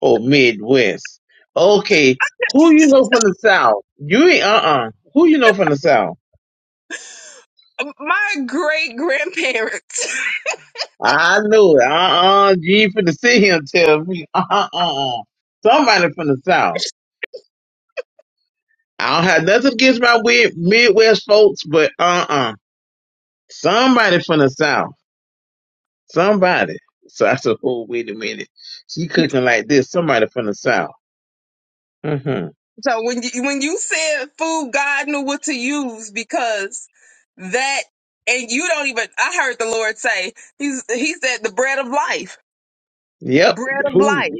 [SPEAKER 2] Oh, Midwest. Okay, who you know from the South? You ain't uh uh Who you know from the South?
[SPEAKER 3] Chicago. My great grandparents. <laughs>
[SPEAKER 2] I knew it. Uh uh You ain't finna sit here and tell me <laughs> uh uh uh. uh. Somebody from the South. I don't have nothing against my weird Midwest folks, but uh uh Somebody from the South. Somebody. <laughs> So I said, oh wait a minute. She cooking like this. Somebody from the South. Mm-hmm.
[SPEAKER 3] So when you when you said food, God knew what to use because that, and you don't even. I heard the Lord say, "He's He said the bread of life,
[SPEAKER 2] Yep.
[SPEAKER 3] bread of
[SPEAKER 2] Who?
[SPEAKER 3] life,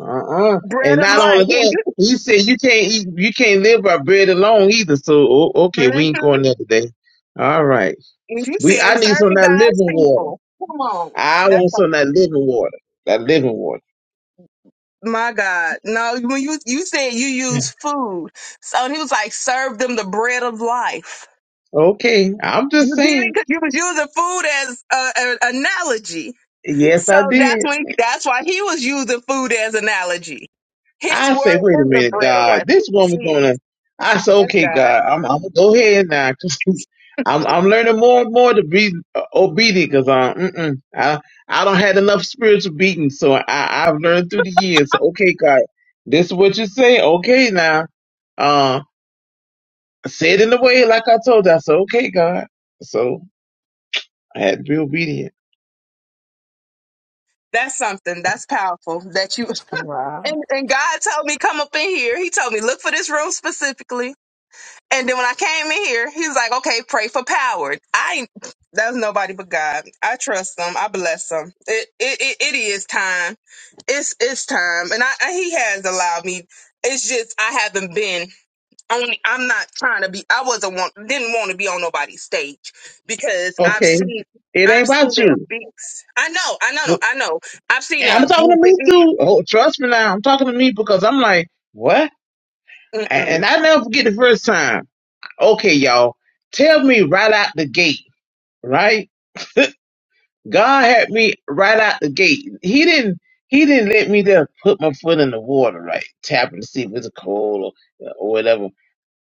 [SPEAKER 2] Uh uh
[SPEAKER 3] bread
[SPEAKER 2] And
[SPEAKER 3] of
[SPEAKER 2] not only
[SPEAKER 3] life."
[SPEAKER 2] that, he said you can't eat, you can't live by bread alone either. So o-
[SPEAKER 3] <laughs>
[SPEAKER 2] okay,
[SPEAKER 3] hmm
[SPEAKER 2] we ain't going there today. All right.
[SPEAKER 3] And you
[SPEAKER 2] We
[SPEAKER 3] said
[SPEAKER 2] I need some of
[SPEAKER 3] serving
[SPEAKER 2] that
[SPEAKER 3] God's
[SPEAKER 2] living water.
[SPEAKER 3] people. Come on,
[SPEAKER 2] I
[SPEAKER 3] that's
[SPEAKER 2] want some of that
[SPEAKER 3] something.
[SPEAKER 2] living water. That living water.
[SPEAKER 3] My God, no! When you you said you use food, so He was like, "Serve them the bread of life."
[SPEAKER 2] Okay. I'm
[SPEAKER 3] You
[SPEAKER 2] just
[SPEAKER 3] did it
[SPEAKER 2] saying.
[SPEAKER 3] because you was using food as a, an analogy.
[SPEAKER 2] Yes,
[SPEAKER 3] So
[SPEAKER 2] I
[SPEAKER 3] that's
[SPEAKER 2] did.
[SPEAKER 3] when that's why he was using food as analogy. His
[SPEAKER 2] I say,
[SPEAKER 3] word
[SPEAKER 2] wait a
[SPEAKER 3] is the
[SPEAKER 2] minute,
[SPEAKER 3] bread of
[SPEAKER 2] God,
[SPEAKER 3] life.
[SPEAKER 2] this
[SPEAKER 3] Ooh,
[SPEAKER 2] woman's
[SPEAKER 3] See,
[SPEAKER 2] gonna. I say,
[SPEAKER 3] that's
[SPEAKER 2] okay,
[SPEAKER 3] God.
[SPEAKER 2] God, I'm, I'm gonna go ahead now. <laughs> 'cause I'm I'm learning more and more to be uh, obedient because um mm-mm, I I don't had enough spiritual beating, so I I've learned through the years. So okay, God, this is what you say. Okay, now, uh, say it in the way like I told you. I said, okay, God. So I had to be obedient.
[SPEAKER 3] That's something. That's powerful. That you
[SPEAKER 1] God.
[SPEAKER 3] and, and God told me come up in here. He told me look for this room specifically. And then when I came in here, he was like, "Okay, pray for power." I ain't- that's nobody but God. I trust him. I bless him. It it it, it is time. It's it's time. And I, I he has allowed me. It's just I haven't been. only I'm not trying to be I wasn't want didn't want to be on nobody's stage because I've
[SPEAKER 2] Okay.
[SPEAKER 3] seen
[SPEAKER 2] It ain't
[SPEAKER 3] I've
[SPEAKER 2] about
[SPEAKER 3] seen the
[SPEAKER 2] you.
[SPEAKER 3] abuse. I know, I know, I know. I've seen the
[SPEAKER 2] I'm talking to
[SPEAKER 3] abuse. And,
[SPEAKER 2] me
[SPEAKER 3] it-
[SPEAKER 2] too. Oh, trust me now. I'm talking to me because I'm like, what? A-
[SPEAKER 3] mm-mm.
[SPEAKER 2] And I never forget the first time. okay, y'all, tell me right out the gate, right? God had me right out the gate. He didn't. He didn't let me just put my foot in the water, right? Tapping to see if it's cold or, or whatever.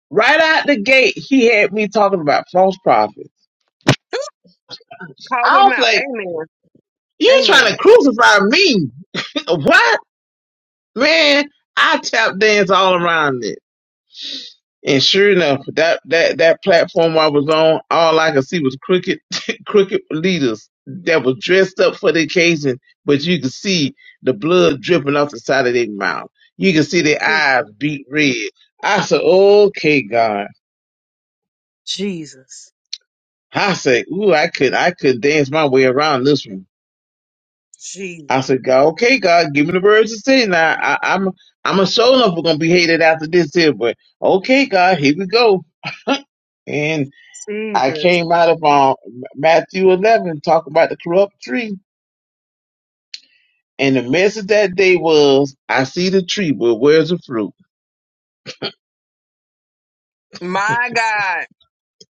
[SPEAKER 2] Right out the gate, he had me talking about false prophets.
[SPEAKER 3] Call
[SPEAKER 2] I
[SPEAKER 3] them
[SPEAKER 2] was
[SPEAKER 3] out.
[SPEAKER 2] like,
[SPEAKER 3] Amen.
[SPEAKER 2] you
[SPEAKER 3] Amen.
[SPEAKER 2] trying to crucify me? <laughs> what? Man, I tap dance all around this. And sure enough, that that that platform I was on, all I could see was crooked <laughs> crooked leaders that was dressed up for the occasion, but you could see the blood dripping off the side of their mouth. You could see their
[SPEAKER 3] Je-
[SPEAKER 2] eyes beat red. I said, "Okay, God."
[SPEAKER 3] Jesus.
[SPEAKER 2] I said, "Ooh, I could I could dance my way around this one."
[SPEAKER 3] Jesus.
[SPEAKER 2] I said, "God, okay, God, give me the words to sing. Now I, I'm I'm a show enough we're gonna be hated after this here, but okay, God, here we go." and. I
[SPEAKER 3] Jesus.
[SPEAKER 2] came out of um, Matthew 11 talking about the corrupt tree. And the message that day was, I see the tree, but where's the fruit? <laughs>
[SPEAKER 3] My God.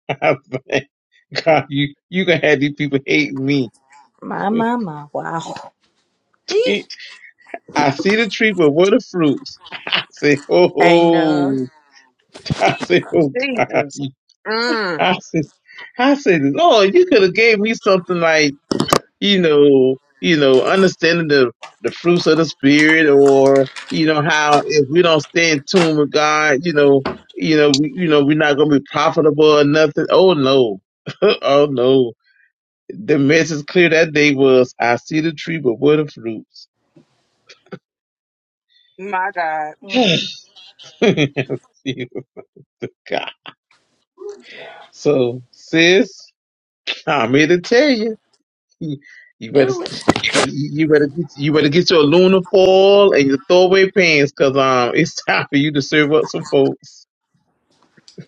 [SPEAKER 2] I was like, God, you, you gonna have these people hate me.
[SPEAKER 1] My,
[SPEAKER 2] <laughs>
[SPEAKER 1] my, my. Wow. See?
[SPEAKER 2] I see the tree, but where the fruits? <laughs> I said, oh, <laughs>
[SPEAKER 1] Ain't none.
[SPEAKER 2] oh. I said, oh God.
[SPEAKER 3] Jesus. Mm.
[SPEAKER 2] I said, I said, Lord, you could have gave me something like." you know, you know, understanding the the fruits of the spirit, or you know how if we don't stay in tune with God, you know, you know, we, you know, we're not gonna be profitable or nothing. Oh no, <laughs> oh no. The message clear that day was, I see the tree, but what are the fruits?
[SPEAKER 3] My God.
[SPEAKER 1] Mm.
[SPEAKER 2] <laughs> See what the God. So sis, I'm here to tell you. You better,
[SPEAKER 1] Do it.
[SPEAKER 2] you better, get- you better get your Luna foil and your throwaway pants, cause um, it's time for you to serve up some folks.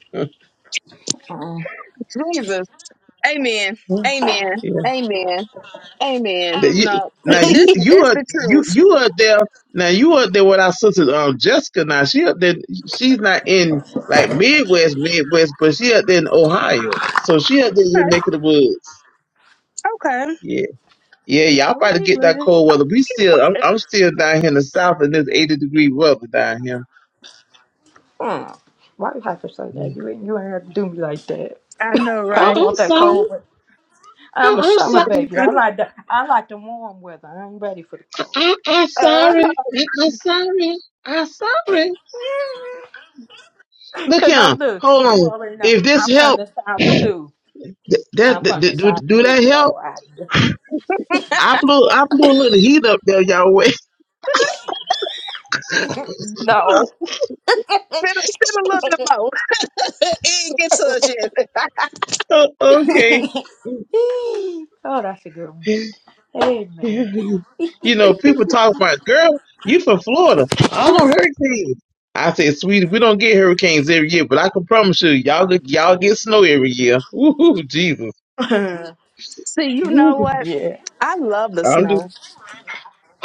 [SPEAKER 2] <laughs> yeah.
[SPEAKER 1] Mm.
[SPEAKER 3] Jesus. Amen. Amen. Amen. Amen.
[SPEAKER 2] That you-
[SPEAKER 3] No, it,
[SPEAKER 2] now you
[SPEAKER 3] this
[SPEAKER 1] <laughs>
[SPEAKER 2] you
[SPEAKER 3] is
[SPEAKER 2] are
[SPEAKER 3] the
[SPEAKER 2] you
[SPEAKER 3] truth.
[SPEAKER 2] you are there. Now you are there with our sister um Jessica. Now she up there. She's not in like Midwest, Midwest, but she up there in Ohio. So she up there in your neck of the woods.
[SPEAKER 3] Okay.
[SPEAKER 2] Yeah, yeah, y'all about to
[SPEAKER 1] Wait,
[SPEAKER 2] get that
[SPEAKER 1] wait.
[SPEAKER 2] cold weather. We still, I'm,
[SPEAKER 3] Okay
[SPEAKER 2] I'm still down here in the south in this 80 degree weather down here.
[SPEAKER 1] Mm. Why you have to say that? You ain't, you ain't have to do me like that.
[SPEAKER 3] I know,
[SPEAKER 1] I
[SPEAKER 3] right?
[SPEAKER 1] don't
[SPEAKER 2] Oh, I'm
[SPEAKER 1] want that
[SPEAKER 2] sorry.
[SPEAKER 1] cold. weather. I'm a
[SPEAKER 2] Oh, I'm
[SPEAKER 1] summer
[SPEAKER 2] sorry.
[SPEAKER 1] baby.
[SPEAKER 2] I,
[SPEAKER 1] I like the I like the warm weather. I ain't ready for the cold.
[SPEAKER 2] I, I'm
[SPEAKER 3] Uh,
[SPEAKER 2] sorry. I, I'm sorry. I'm sorry.
[SPEAKER 1] <laughs>
[SPEAKER 2] Look
[SPEAKER 1] Cause I'm
[SPEAKER 2] here.
[SPEAKER 1] look,
[SPEAKER 2] Hold
[SPEAKER 1] you
[SPEAKER 2] on.
[SPEAKER 1] already know.
[SPEAKER 2] If this
[SPEAKER 1] I'm from
[SPEAKER 2] help,
[SPEAKER 1] the south too.
[SPEAKER 2] th-
[SPEAKER 1] I'm
[SPEAKER 2] that, th-
[SPEAKER 1] from the
[SPEAKER 2] th- do,
[SPEAKER 1] south
[SPEAKER 2] do
[SPEAKER 1] too,
[SPEAKER 2] that
[SPEAKER 1] so
[SPEAKER 2] help?
[SPEAKER 1] I
[SPEAKER 2] I blew, I blew a little heat up there, y'all. Way. <laughs>
[SPEAKER 1] no.
[SPEAKER 3] spend, spend a little bit more. <laughs> it ain't get to us yet. <laughs>
[SPEAKER 2] Oh,
[SPEAKER 1] <laughs>
[SPEAKER 2] okay.
[SPEAKER 1] oh, that's a good one.
[SPEAKER 2] you
[SPEAKER 1] Amen.
[SPEAKER 2] know, people talk about, girl, you from Florida. I don't hurricanes. I said, sweetie, we don't get hurricanes every year, but I can promise you, y'all, get- y'all get snow every year. <laughs> Woohoo, Jesus.
[SPEAKER 3] See, you
[SPEAKER 2] Woo.
[SPEAKER 3] know
[SPEAKER 1] <laughs>
[SPEAKER 3] what?
[SPEAKER 1] yeah.
[SPEAKER 3] I love the
[SPEAKER 2] I'm just,
[SPEAKER 3] snow.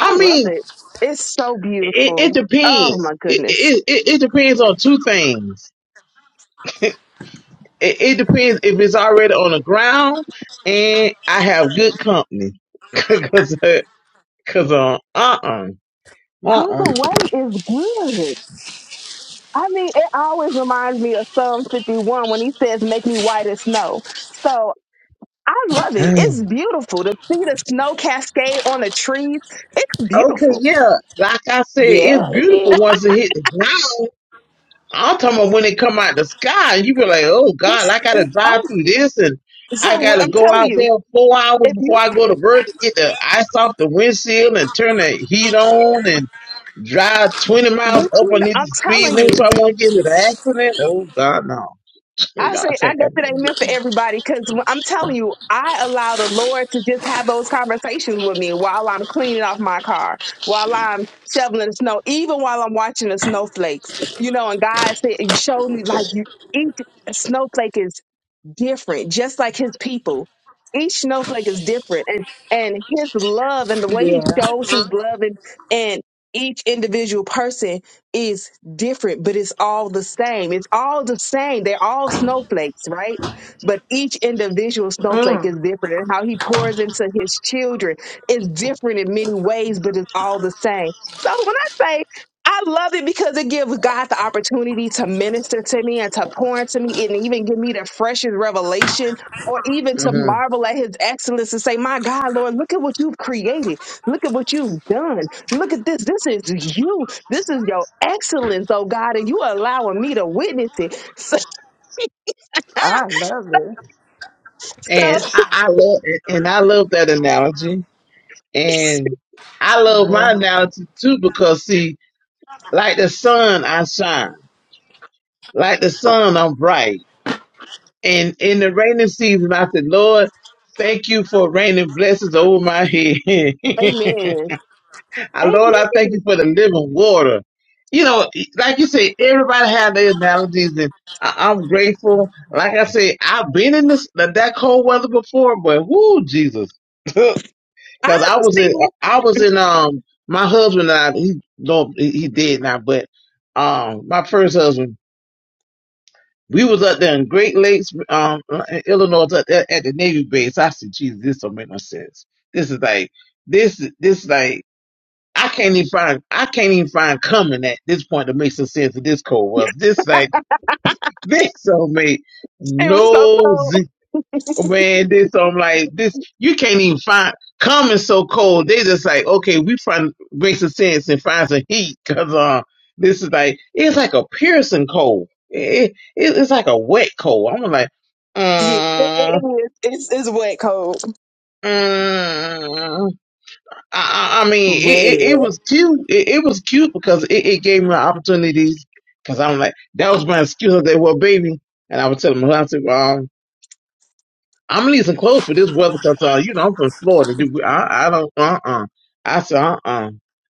[SPEAKER 3] I love
[SPEAKER 2] mean,
[SPEAKER 3] it. It's so
[SPEAKER 2] It, it
[SPEAKER 3] beautiful. Oh
[SPEAKER 2] depends.
[SPEAKER 3] my
[SPEAKER 2] It,
[SPEAKER 3] goodness.
[SPEAKER 2] it, it, it depends on two things. <laughs> it, it depends if it's already on the ground and I have good company. <laughs> Cause, uh, cause, uh, uh-uh,
[SPEAKER 3] Either
[SPEAKER 2] uh-uh.
[SPEAKER 3] way is good. I mean, it always reminds me of Psalm 51 when he says, Make me white as snow. So I love it. It's beautiful to see the snow cascade on the trees. It's
[SPEAKER 2] Okay,
[SPEAKER 3] beautiful.
[SPEAKER 2] yeah. Like I said, it's
[SPEAKER 1] Yeah, yeah,
[SPEAKER 2] beautiful once it hit the ground. I'm talking about when it come out the sky, you be like, oh God,
[SPEAKER 3] It's,
[SPEAKER 2] like, I gotta drive
[SPEAKER 3] oh,
[SPEAKER 2] through this and
[SPEAKER 3] so
[SPEAKER 2] I
[SPEAKER 3] what
[SPEAKER 2] gotta
[SPEAKER 3] I'm
[SPEAKER 2] go
[SPEAKER 3] telling
[SPEAKER 2] out
[SPEAKER 3] you,
[SPEAKER 2] there four hours
[SPEAKER 3] if you
[SPEAKER 2] before I go to work to get the ice off the windshield and turn the heat on and drive 20 miles
[SPEAKER 3] But
[SPEAKER 2] up
[SPEAKER 3] you,
[SPEAKER 2] on
[SPEAKER 3] know, I'm
[SPEAKER 2] these speed
[SPEAKER 3] telling
[SPEAKER 2] limit so
[SPEAKER 3] you,
[SPEAKER 2] I won't get into an accident. Oh God, no.
[SPEAKER 3] I say
[SPEAKER 2] God
[SPEAKER 3] I
[SPEAKER 2] can't
[SPEAKER 3] guess
[SPEAKER 2] have
[SPEAKER 3] it ain't meant for everybody because I'm telling you, I allow the Lord to just have those conversations with me while I'm cleaning off my car, while I'm shoveling the snow, even while I'm watching the snowflakes. You know, and God said, showed me like you each snowflake is. different, just like his people. Each snowflake is different. And and his love and the way he
[SPEAKER 1] yeah.
[SPEAKER 3] shows his love and and each individual person is different, but it's all the same. It's all the same. They're all snowflakes, right? But each individual snowflake
[SPEAKER 1] Mm,
[SPEAKER 3] is different. And how he pours into his children is different in many ways, but it's all the same. So when I I love it because it gives God the opportunity to minister to me and to pour into me and even give me the freshest revelation or even
[SPEAKER 2] that.
[SPEAKER 3] to
[SPEAKER 2] hmm
[SPEAKER 3] marvel at his excellence and say, My God, Lord, look at what you've created. Look at what you've done. Look at this. This is you. This is your excellence, oh God, and you are allowing me to witness it. <laughs>
[SPEAKER 1] I love it.
[SPEAKER 3] So,
[SPEAKER 1] Yeah,
[SPEAKER 2] And
[SPEAKER 3] so
[SPEAKER 2] I, I love and I love that analogy. And I love my analogy too because see, like the sun I shine. Like the sun I'm bright. And in the raining season I said, Lord, thank you for raining blessings over my head. <laughs>
[SPEAKER 3] amen.
[SPEAKER 2] I, Lord, I thank
[SPEAKER 3] Amen.
[SPEAKER 2] you for the living water. You know, like you say, everybody have their analogies, and I, I'm grateful. Like I say, I've been in this that cold weather before, but whoo, Jesus, <laughs> because
[SPEAKER 3] I
[SPEAKER 2] I was in,
[SPEAKER 3] understand.
[SPEAKER 2] I was in, um, my husband and I, he don't, he he did now, but um, my first husband, we was up there in Great Lakes, um, in Illinois, up there at the Navy base. I said, Jesus, this don't make no sense. This is like, this, this like. I can't even find I can't even find coming at this point to make some sense of this cold weather. This like <laughs> this so made
[SPEAKER 3] It was so
[SPEAKER 2] no
[SPEAKER 3] cold.
[SPEAKER 2] z-
[SPEAKER 3] <laughs>
[SPEAKER 2] man. This I'm like this. You can't even find coming so cold. They just like okay, we find make some sense and find some heat because uh this is like it's like a piercing cold. It, it it's like a wet cold. I'm like.
[SPEAKER 3] yeah,
[SPEAKER 2] Uh,
[SPEAKER 3] it is. It's, it's wet cold.
[SPEAKER 2] uh, I, I I mean, it, it, it
[SPEAKER 1] yeah.
[SPEAKER 2] was cute. It, it was cute because it, it gave me opportunities. Because I'm like, that was my excuse. I said, well, baby. And I would tell him, I'm leasing clothes for this weather because uh, you know, I'm from Florida. Dude, we- I, I don't, uh, uh I said, uh, uh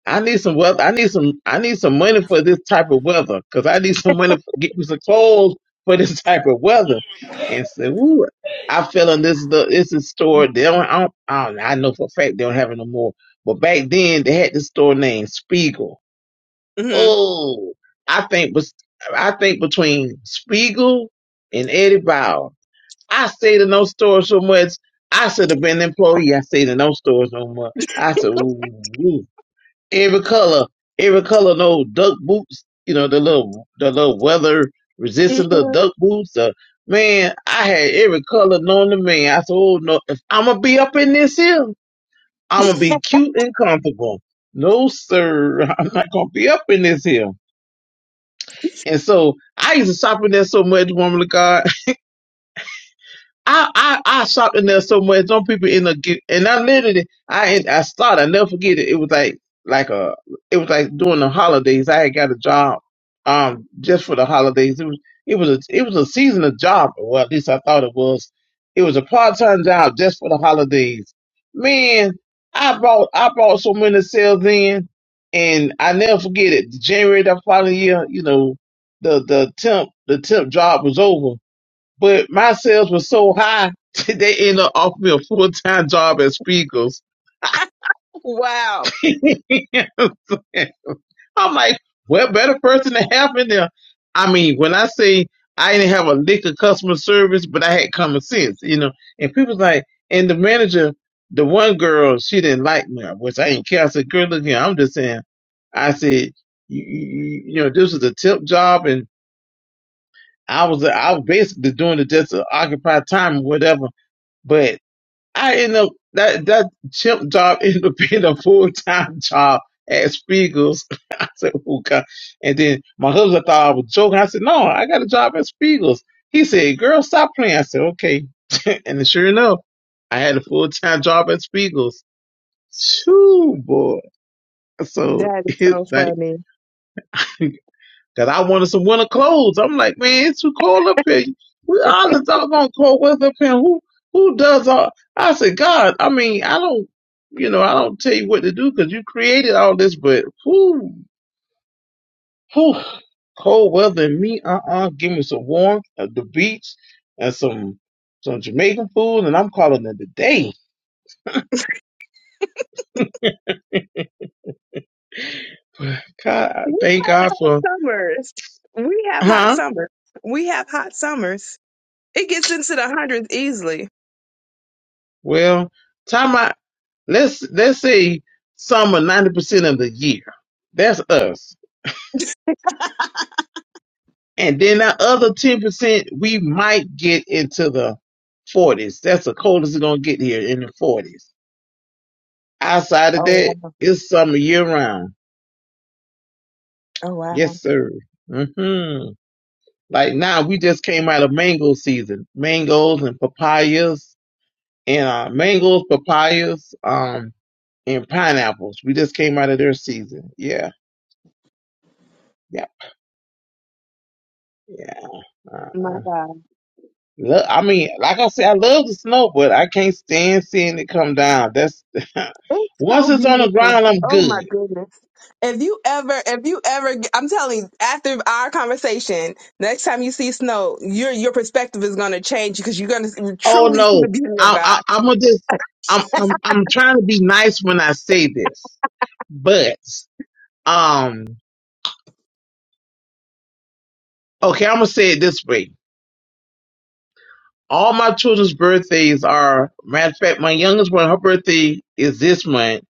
[SPEAKER 2] I need some weather. I need some, I need some money for this type of weather because I need some money for get me some clothes for this <laughs> type of weather. And so, ooh, I feel in this, the, this is store. They don't, I don't, I don't, I know for a fact they don't have it no more. But back then they had this store named Spiegel.
[SPEAKER 3] hmm
[SPEAKER 2] Oh, I think was, I think between Spiegel and Eddie Bauer. I stayed in those stores so much. I should have been an employee. I stayed in those stores no more. I said, ooh, ooh. every color, every color, no duck boots. You know the little, the little weather resistant little
[SPEAKER 3] hmm
[SPEAKER 2] duck boots. Uh, man, I had every color known to man. I said, oh no, if I'm gonna be up in this here, I'm gonna be cute and comfortable. No sir, <laughs> I'm not gonna be up in this here. And so I used to shop in there so much, woman of God. I I I shopped in there so much. Some people end up get and I literally I I started. I never forget it. It was like like a it was like during the holidays. I had got a job um just for the holidays. It was it was a it was a seasonal job. Well, at least I thought it was. It was a part time job just for the holidays. Man, I bought I bought so many sales in, and I never forget it. January that following year, you know, the the temp the temp job was over but my sales were so high, <laughs> they ended up offering me a full time job at Spiegels. <laughs>
[SPEAKER 3] Wow.
[SPEAKER 2] You know what I'm saying? I'm like, what better person to have in there? I mean, when I say I didn't have a lick of customer service, but I had common sense, you know. And people's like, and the manager, the one girl, she didn't like me, which I didn't care. I said, girl, look here, I'm just saying. I said, you, you, you know, this was a tip job, and I was I was basically doing it just to occupy time or whatever. but. I end up that that chimp job <laughs> ended up being a full time job at Spiegel's. <laughs> I said, "Oh God!" And then my husband thought I was joking. I said, "No, I got a job at Spiegel's." He said, "Girl, stop playing." I said, "Okay." <laughs> and sure enough, I had a full time job at Spiegel's. Shoo, boy! So
[SPEAKER 3] That
[SPEAKER 2] <laughs>
[SPEAKER 3] is
[SPEAKER 2] it's
[SPEAKER 3] so
[SPEAKER 2] like.
[SPEAKER 3] funny.
[SPEAKER 2] Cause I wanted some winter clothes. I'm like, man, it's too cold up here. We all the doggone cold weather up here. Who who does all? I said, God, I mean, I don't, you know, I don't tell you what to do because you created all this, but who who cold weather and me? Uh uh give me some warmth at the beach and some some Jamaican food, and I'm calling it a day. God, I
[SPEAKER 3] We
[SPEAKER 2] thank
[SPEAKER 3] have
[SPEAKER 2] God
[SPEAKER 3] hot
[SPEAKER 2] for
[SPEAKER 3] summers. We have hot
[SPEAKER 2] huh?
[SPEAKER 3] summers. We have hot summers. It gets into the hundreds easily.
[SPEAKER 2] Well, time I. Let's let's say summer ninety percent of the year. That's us. And then that other ten percent, we might get into the forties. That's the coldest it's gonna get here in the forties. Outside of
[SPEAKER 3] Oh
[SPEAKER 2] that,
[SPEAKER 3] wow.
[SPEAKER 2] it's summer year round.
[SPEAKER 3] Oh wow.
[SPEAKER 2] Yes, sir. hmm Like now, we just came out of mango season. Mangoes and papayas and uh, mangoes, papayas, um, and pineapples. We just came out of their season. Yeah, yeah, yeah. Uh-uh.
[SPEAKER 3] My God.
[SPEAKER 2] Look, I mean, like I said, I love the snow, but I can't stand seeing it come down. That's <laughs>
[SPEAKER 3] It's
[SPEAKER 2] once
[SPEAKER 3] so
[SPEAKER 2] it's on the
[SPEAKER 3] beautiful.
[SPEAKER 2] ground, I'm
[SPEAKER 3] Oh
[SPEAKER 2] good.
[SPEAKER 3] my goodness. If you ever, if you ever, I'm telling you, after our conversation, next time you see snow, your your perspective is going to change because you're going to
[SPEAKER 2] Oh
[SPEAKER 3] truly see the
[SPEAKER 2] no,
[SPEAKER 3] beauty of
[SPEAKER 2] I, I,
[SPEAKER 3] God.
[SPEAKER 2] I'm gonna just, I'm, I'm, I'm trying to be nice when I say this, but um, okay, I'm gonna say it this way. All my children's birthdays are, matter of fact, my youngest one, her birthday is this month.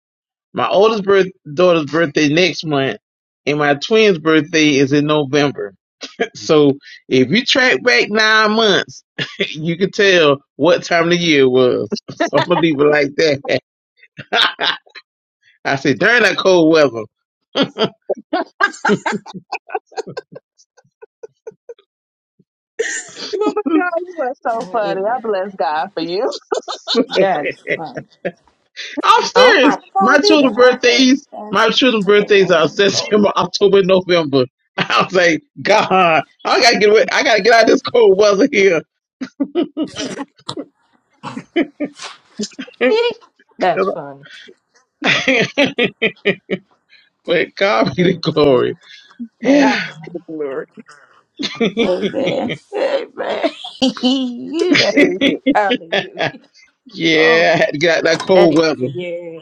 [SPEAKER 2] My oldest birth, daughter's birthday next month, and my twin's birthday is in November. So if you track back nine months, <laughs> you can tell what time of the year it was. <laughs> So I'm gonna leave it like that. <laughs> I said during that cold weather.
[SPEAKER 3] Oh my God, you are so funny. I bless God for you.
[SPEAKER 1] That's
[SPEAKER 2] <laughs>
[SPEAKER 1] fun.
[SPEAKER 2] I'm
[SPEAKER 1] Oh
[SPEAKER 2] serious.
[SPEAKER 1] my
[SPEAKER 2] My
[SPEAKER 1] phone did I?
[SPEAKER 2] children's
[SPEAKER 1] I can't.
[SPEAKER 2] birthdays, my children's
[SPEAKER 1] I can't go
[SPEAKER 2] birthdays are
[SPEAKER 1] on the cold.
[SPEAKER 2] September, October, November. <laughs> I was like, God, I gotta get away. I gotta get out of this cold weather here. <laughs>
[SPEAKER 1] <laughs> That's
[SPEAKER 2] 'Cause
[SPEAKER 1] funny.
[SPEAKER 2] I- <laughs> but God be the glory.
[SPEAKER 1] Amen.
[SPEAKER 2] <sighs> Yeah.
[SPEAKER 1] That's funny.
[SPEAKER 3] <laughs> Glory.
[SPEAKER 1] Amen. Amen. <laughs> you know,
[SPEAKER 2] <laughs>
[SPEAKER 1] hallelujah.
[SPEAKER 2] yeah,
[SPEAKER 1] Oh,
[SPEAKER 2] I had to get out that
[SPEAKER 1] that
[SPEAKER 2] cold
[SPEAKER 1] is
[SPEAKER 2] weather.
[SPEAKER 1] yeah.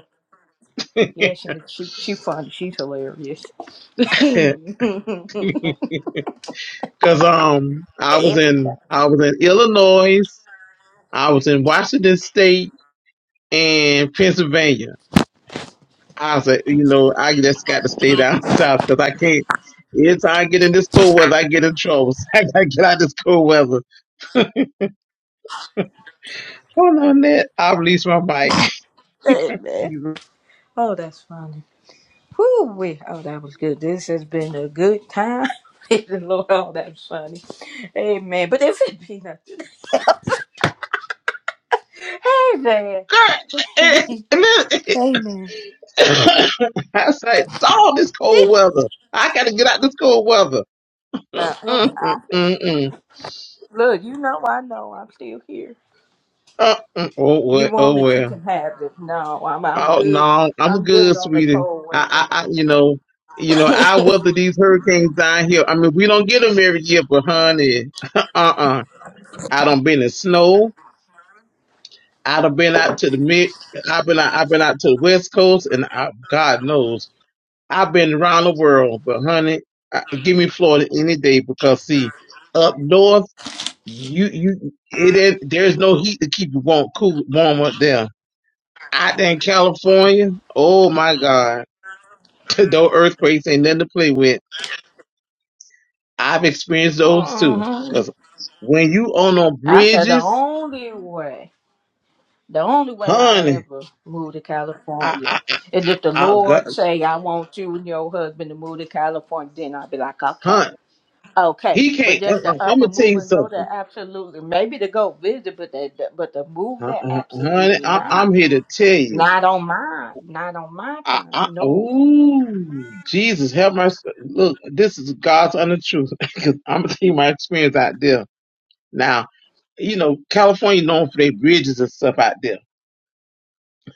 [SPEAKER 1] Yeah,
[SPEAKER 2] <laughs>
[SPEAKER 1] she she she funny. She's hilarious. <laughs> Every
[SPEAKER 2] Cause um I was in
[SPEAKER 1] time.
[SPEAKER 2] I was in Illinois, I was in Washington State and Pennsylvania. I said, you know, I just got to stay down <laughs> south because I can't. Every I get in this cold weather, I get in trouble. <laughs> So I gotta get out of this cold weather. Hold on, that I release my bike.
[SPEAKER 1] Amen.
[SPEAKER 2] <laughs> Girl,
[SPEAKER 1] Oh, that's funny. Whoo, wee. Oh, that was good. This has been a good time. <laughs> Praise the Lord. Oh, that's funny. Amen. But if it be not, hey man, <laughs>
[SPEAKER 2] eh,
[SPEAKER 1] please.
[SPEAKER 2] and then, eh,
[SPEAKER 1] Amen.
[SPEAKER 2] <laughs> <coughs> I said, like, dog, this cold
[SPEAKER 1] Get
[SPEAKER 2] weather. I gotta get out this cold weather.
[SPEAKER 1] up.
[SPEAKER 2] Mm-mm-mm-mm.
[SPEAKER 1] Look, you know I know I'm still here.
[SPEAKER 2] Uh, mm, oh
[SPEAKER 1] You
[SPEAKER 2] well, oh
[SPEAKER 1] want it, you
[SPEAKER 2] well.
[SPEAKER 1] can have it. No, I'm I'm
[SPEAKER 2] Oh
[SPEAKER 1] good.
[SPEAKER 2] no, I'm
[SPEAKER 1] I'm good
[SPEAKER 2] good,
[SPEAKER 1] on the
[SPEAKER 2] sweetie.
[SPEAKER 1] cold
[SPEAKER 2] I,
[SPEAKER 1] weather.
[SPEAKER 2] I, I, you know, you know, I
[SPEAKER 1] <laughs>
[SPEAKER 2] weather these hurricanes down here. I mean, we don't get them every year, but honey, <laughs> uh, uh I done been in snow. I done been out to the mid. I've been out. I've been out to the west coast, and I, God knows, I've been around the world. But honey, I, give me Florida any day because see, up north, you you it ain't, there's no heat to keep you warm, cool, warm up there out there in California, oh my God, <laughs> those earthquakes ain't nothing to play with. I've experienced those too.
[SPEAKER 1] Mhm.
[SPEAKER 2] Cause when you on on
[SPEAKER 1] I said the
[SPEAKER 2] bridges,
[SPEAKER 1] only way. The only way I
[SPEAKER 2] honey,
[SPEAKER 1] ever move to
[SPEAKER 2] I,
[SPEAKER 1] California
[SPEAKER 2] I,
[SPEAKER 1] is if the
[SPEAKER 2] I, I got,
[SPEAKER 1] Lord say I want you and your husband to move to California, then I'll be like, okay,
[SPEAKER 2] honey,
[SPEAKER 1] okay.
[SPEAKER 2] he
[SPEAKER 1] But
[SPEAKER 2] can't.
[SPEAKER 1] just
[SPEAKER 2] Uh-uh,
[SPEAKER 1] to
[SPEAKER 2] I'm
[SPEAKER 1] up
[SPEAKER 2] gonna
[SPEAKER 1] and
[SPEAKER 2] tell
[SPEAKER 1] move
[SPEAKER 2] you
[SPEAKER 1] and go there,
[SPEAKER 2] something,
[SPEAKER 1] absolutely. Maybe to go visit, but they, but to move
[SPEAKER 2] uh,
[SPEAKER 1] there,
[SPEAKER 2] uh, honey.
[SPEAKER 1] absolutely
[SPEAKER 2] I,
[SPEAKER 1] not.
[SPEAKER 2] I'm here to tell you.
[SPEAKER 1] Not on my, not on my
[SPEAKER 2] I,
[SPEAKER 1] time.
[SPEAKER 2] I,
[SPEAKER 1] No.
[SPEAKER 2] ooh, Jesus, help my s- look. This is God's honest truth. <laughs> Cause I'm gonna tell you my experience out there. Now, you know, California known for their bridges and stuff out there.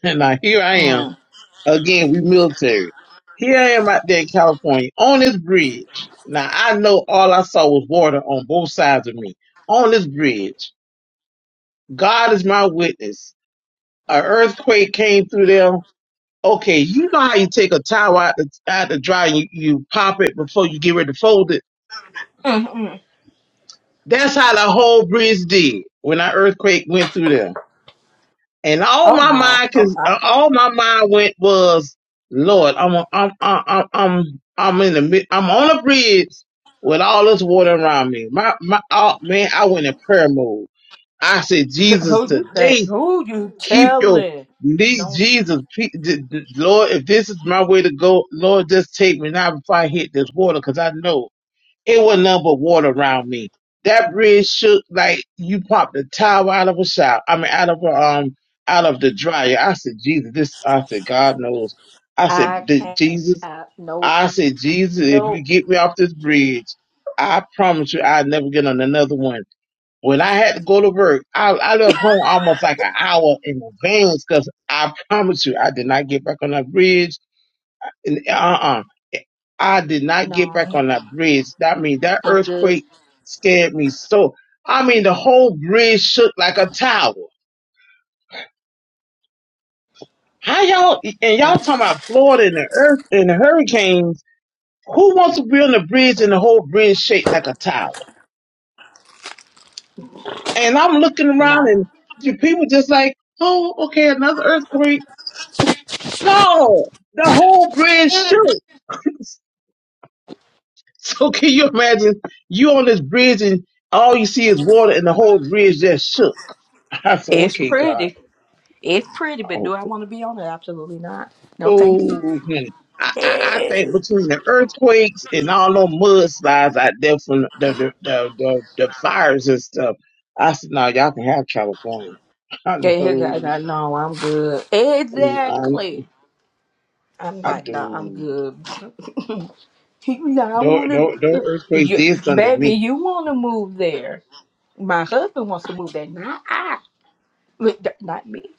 [SPEAKER 2] <laughs> now here I am.
[SPEAKER 1] Mm.
[SPEAKER 2] Again, we military. Here I am out there in California on this bridge. Now I know all I saw was water on both sides of me. On this bridge. God is my witness. An earthquake came through there. Okay, you know how you take a towel out the, out the dry and you, you pop it before you get ready to fold it?
[SPEAKER 1] Mm-mm.
[SPEAKER 2] That's how the whole bridge did when that earthquake went through there. and all
[SPEAKER 1] Oh
[SPEAKER 2] my
[SPEAKER 1] no.
[SPEAKER 2] mind,
[SPEAKER 1] Oh,
[SPEAKER 2] cause uh,
[SPEAKER 1] I,
[SPEAKER 2] all my mind went was, Lord, I'm a, I'm I'm I'm I'm in the mid- I'm on a bridge with all this water around me. My my oh, man, I went in prayer mode. I said,
[SPEAKER 1] <laughs>
[SPEAKER 2] Jesus,
[SPEAKER 1] who you think?
[SPEAKER 2] today
[SPEAKER 1] Who you
[SPEAKER 2] keep your
[SPEAKER 1] telling?
[SPEAKER 2] knees,
[SPEAKER 1] No,
[SPEAKER 2] Jesus, pe- d- d- Lord, if this is my way to go, Lord, just take me now before I hit this water, cause I know. It wasn't nothing but water around me. That bridge shook like you popped a towel out of a shower. I mean, out of a, um, out of the dryer. I said, Jesus, this. I said, God knows. I said,
[SPEAKER 1] I
[SPEAKER 2] "Th-
[SPEAKER 1] can't.
[SPEAKER 2] Jesus.
[SPEAKER 1] I, no,
[SPEAKER 2] I said, Jesus, if
[SPEAKER 1] no,
[SPEAKER 2] you get me off this bridge, I promise you, I'll never get on another one. When I had to go to work, I, I left home almost like an hour in advance because I promise you, I did not get back on that bridge and, uh-uh. I did not get back
[SPEAKER 1] no.
[SPEAKER 2] on that bridge. That means that
[SPEAKER 1] I'm good.
[SPEAKER 2] earthquake scared me so. I mean, the whole bridge shook like a tower. How y'all and
[SPEAKER 1] Kind
[SPEAKER 2] y'all talking about
[SPEAKER 1] of.
[SPEAKER 2] Florida and the earth and the hurricanes? Who wants to be on the bridge and the whole bridge shake like a tower? And I'm looking around
[SPEAKER 1] Nah.
[SPEAKER 2] and the people just like, oh, okay, another earthquake. No, the whole bridge shook. <laughs> So can you imagine you on this bridge and all you see is water and the whole bridge just shook? <laughs> I said,
[SPEAKER 1] It's
[SPEAKER 2] okay, God.
[SPEAKER 1] pretty. It's pretty, but
[SPEAKER 2] Oh,
[SPEAKER 1] do I want to be on it? Absolutely not. No, thank you.
[SPEAKER 2] oh honey. I, I, I think
[SPEAKER 1] Yes.
[SPEAKER 2] between the earthquakes and all them mudslides out there from the the, the, the, the fires and stuff, I said, no, y'all can have California. <laughs> I
[SPEAKER 1] Yeah, here,
[SPEAKER 2] know.
[SPEAKER 1] guys. I know I'm good.
[SPEAKER 2] Mm, I,
[SPEAKER 1] Exactly. I'm
[SPEAKER 2] I
[SPEAKER 1] like, nah, I'm
[SPEAKER 2] do.
[SPEAKER 1] good. <laughs> He was like, I
[SPEAKER 2] Those,
[SPEAKER 1] want
[SPEAKER 2] those
[SPEAKER 1] to,
[SPEAKER 2] earthquakes
[SPEAKER 1] you,
[SPEAKER 2] did something to
[SPEAKER 1] baby,
[SPEAKER 2] me.
[SPEAKER 1] you want to move there. My husband wants to move there, not I, But th- not me.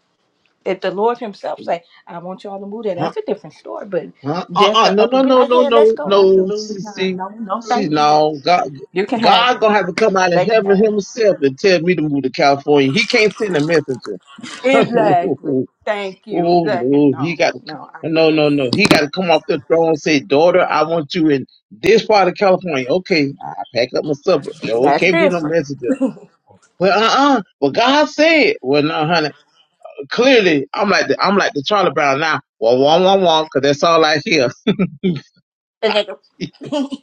[SPEAKER 1] If the Lord Himself say, I want y'all to move there,
[SPEAKER 2] Huh?
[SPEAKER 1] that's a different story. But
[SPEAKER 2] Uh,
[SPEAKER 1] just
[SPEAKER 2] uh,
[SPEAKER 1] to
[SPEAKER 2] no,
[SPEAKER 1] up and
[SPEAKER 2] no,
[SPEAKER 1] be
[SPEAKER 2] no,
[SPEAKER 1] like,
[SPEAKER 2] no,
[SPEAKER 1] yeah, let's
[SPEAKER 2] no,
[SPEAKER 1] go.
[SPEAKER 2] no.
[SPEAKER 1] Absolutely
[SPEAKER 2] See,
[SPEAKER 1] not.
[SPEAKER 2] see,
[SPEAKER 1] No, no,
[SPEAKER 2] see,
[SPEAKER 1] thank you.
[SPEAKER 2] no. God,
[SPEAKER 1] You can have
[SPEAKER 2] God
[SPEAKER 1] it.
[SPEAKER 2] gonna have to come out of
[SPEAKER 1] They can
[SPEAKER 2] heaven
[SPEAKER 1] have it.
[SPEAKER 2] himself and tell me to move to California. He can't send a messenger. <laughs>
[SPEAKER 1] Exactly. Thank you.
[SPEAKER 2] oh
[SPEAKER 1] Exactly.
[SPEAKER 2] no, he
[SPEAKER 1] No,
[SPEAKER 2] got.
[SPEAKER 1] no, I'm
[SPEAKER 2] No,
[SPEAKER 1] good.
[SPEAKER 2] no, no. He got to come off the throne and say, "Daughter, I want you in this part of California." Okay, I pack up my stuff. No, it
[SPEAKER 1] That's
[SPEAKER 2] can't be no
[SPEAKER 1] different. <laughs>
[SPEAKER 2] messenger. Well, uh, uh But God said, "Well, no, honey. Clearly, I'm like the, I'm like the Charlie Brown now. Well, wah, wah, wah, 'cause that's all I hear."
[SPEAKER 1] The nigga.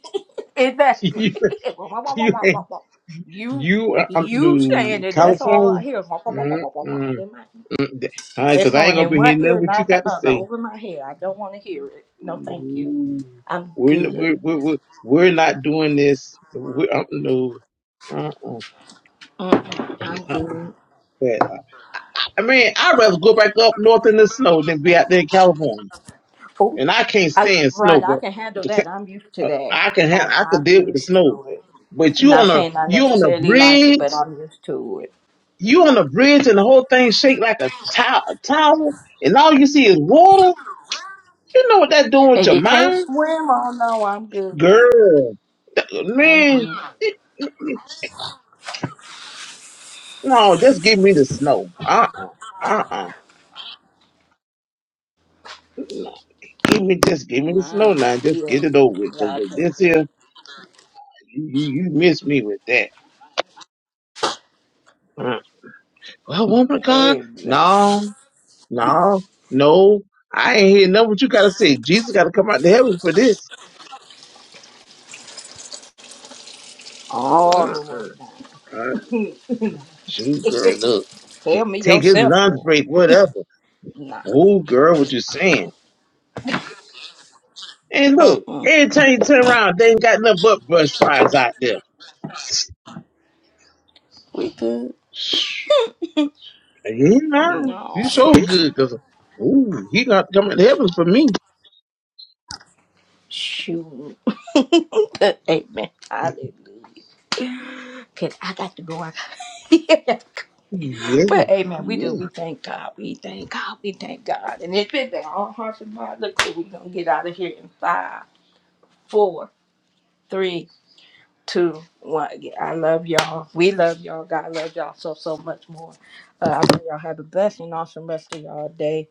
[SPEAKER 1] Exactly.
[SPEAKER 2] <laughs>
[SPEAKER 1] <laughs> Wah, wah, wah,
[SPEAKER 2] <laughs>
[SPEAKER 1] wah,
[SPEAKER 2] you
[SPEAKER 1] wah, wah,
[SPEAKER 2] ain't,
[SPEAKER 1] wah. you
[SPEAKER 2] you are up
[SPEAKER 1] you saying
[SPEAKER 2] to
[SPEAKER 1] it, that's all
[SPEAKER 2] California?
[SPEAKER 1] I hear. Wah, wah, wah, wah, wah, wah, wah,
[SPEAKER 2] Mm-mm.
[SPEAKER 1] in my-
[SPEAKER 2] All right,
[SPEAKER 1] It's
[SPEAKER 2] because I ain't
[SPEAKER 1] going
[SPEAKER 2] going to
[SPEAKER 1] in
[SPEAKER 2] be
[SPEAKER 1] one
[SPEAKER 2] hearing nothing
[SPEAKER 1] ear,
[SPEAKER 2] what you
[SPEAKER 1] not the
[SPEAKER 2] got to
[SPEAKER 1] other,
[SPEAKER 2] say.
[SPEAKER 1] over my head. I don't want to hear it. No, thank you.
[SPEAKER 2] No.
[SPEAKER 1] I'm
[SPEAKER 2] We're,
[SPEAKER 1] good.
[SPEAKER 2] we're, we're, we're we're not doing this. We're, uh, no. Uh-uh.
[SPEAKER 1] Mm-mm, I'm
[SPEAKER 2] No.
[SPEAKER 1] good.
[SPEAKER 2] But, I mean, I'd rather go back up north in the snow than be out there in California.
[SPEAKER 1] Oh,
[SPEAKER 2] And I can't
[SPEAKER 1] I,
[SPEAKER 2] stand snow,
[SPEAKER 1] right, I
[SPEAKER 2] but
[SPEAKER 1] can handle that. I'm used to
[SPEAKER 2] <laughs>
[SPEAKER 1] that.
[SPEAKER 2] I can
[SPEAKER 1] I,
[SPEAKER 2] have, I can
[SPEAKER 1] I'm
[SPEAKER 2] deal with the
[SPEAKER 1] used
[SPEAKER 2] snow.
[SPEAKER 1] to it.
[SPEAKER 2] But you
[SPEAKER 1] Not
[SPEAKER 2] on a
[SPEAKER 1] saying I
[SPEAKER 2] you on a
[SPEAKER 1] necessarily like it,
[SPEAKER 2] bridge.
[SPEAKER 1] but I'm used to it.
[SPEAKER 2] you on the bridge and the whole thing shake like a to- towel, and all you see is water. You know what that doing with
[SPEAKER 1] And
[SPEAKER 2] your
[SPEAKER 1] you can't
[SPEAKER 2] mind,
[SPEAKER 1] swim? Oh no, I'm good.
[SPEAKER 2] girl?
[SPEAKER 1] I'm
[SPEAKER 2] Man,
[SPEAKER 1] good.
[SPEAKER 2] no, just give me the snow. Uh uh-uh, uh, Give me just give me the snow
[SPEAKER 1] My,
[SPEAKER 2] now. Just
[SPEAKER 1] yeah,
[SPEAKER 2] get it over with. 'cause
[SPEAKER 1] yeah, I think
[SPEAKER 2] this
[SPEAKER 1] that.
[SPEAKER 2] here, you, you you miss me with that. Mm. Well, woman of God,
[SPEAKER 1] Eh,
[SPEAKER 2] no, no, no. I ain't hear nothing what you gotta say. Jesus gotta come out to heaven for this.
[SPEAKER 1] all the way
[SPEAKER 2] Mm-mm.
[SPEAKER 1] down.
[SPEAKER 2] Shoot, girl,
[SPEAKER 1] <laughs>
[SPEAKER 2] look. Hey,
[SPEAKER 1] Tell me
[SPEAKER 2] Take his
[SPEAKER 1] yourself,
[SPEAKER 2] lunch
[SPEAKER 1] Lord.
[SPEAKER 2] break, whatever.
[SPEAKER 1] Nah.
[SPEAKER 2] Oh, girl, what you saying? And look,
[SPEAKER 1] Mm-mm.
[SPEAKER 2] every time you turn around, they ain't got nothing but brush fries out there.
[SPEAKER 1] We good?
[SPEAKER 2] Shh, You know,
[SPEAKER 1] No.
[SPEAKER 2] you so good, cause ooh, he got to come in heaven for me.
[SPEAKER 1] Shoot. <laughs> Amen. Hallelujah. Cause I got to go. I got
[SPEAKER 2] Yeah,
[SPEAKER 1] <laughs> but amen. We do. We
[SPEAKER 2] yeah.
[SPEAKER 1] thank God. We thank God. We thank God. And it's been all hearts and minds. Look, we're gonna get out of here in five, four, three, two, one. Again, I love y'all. We love y'all. God loves y'all so so much more. Uh, I pray y'all have a blessed and awesome rest of y'all day.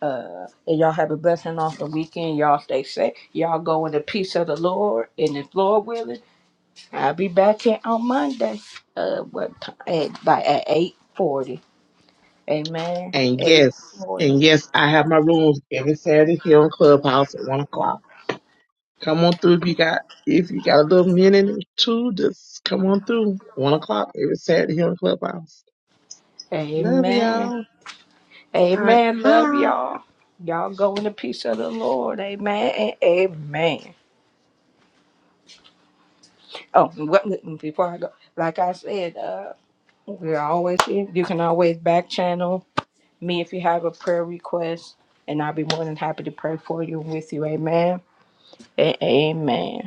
[SPEAKER 1] Uh, and y'all have a blessed and awesome weekend. Y'all stay safe. Y'all go in the peace of the Lord. And if Lord willing. I'll be back here on Monday. Uh, what time? At, by at eight forty. Amen.
[SPEAKER 2] And
[SPEAKER 1] Eight
[SPEAKER 2] yes,
[SPEAKER 1] forty.
[SPEAKER 2] and yes, I have my rooms every Saturday here on Clubhouse at one o'clock. Come on through if you got if you got a little minute or two, just come on through. One o'clock every Saturday here on Clubhouse. Love
[SPEAKER 1] Amen.
[SPEAKER 2] y'all. All right.
[SPEAKER 1] Amen. Love
[SPEAKER 2] Bye.
[SPEAKER 1] y'all. Y'all go in the peace of the Lord. Amen. and Amen. Oh, what, before I go, like I said, uh, we're always here. You can always back channel me if you have a prayer request, and I'll be more than happy to pray for you and with you. Amen. and Amen.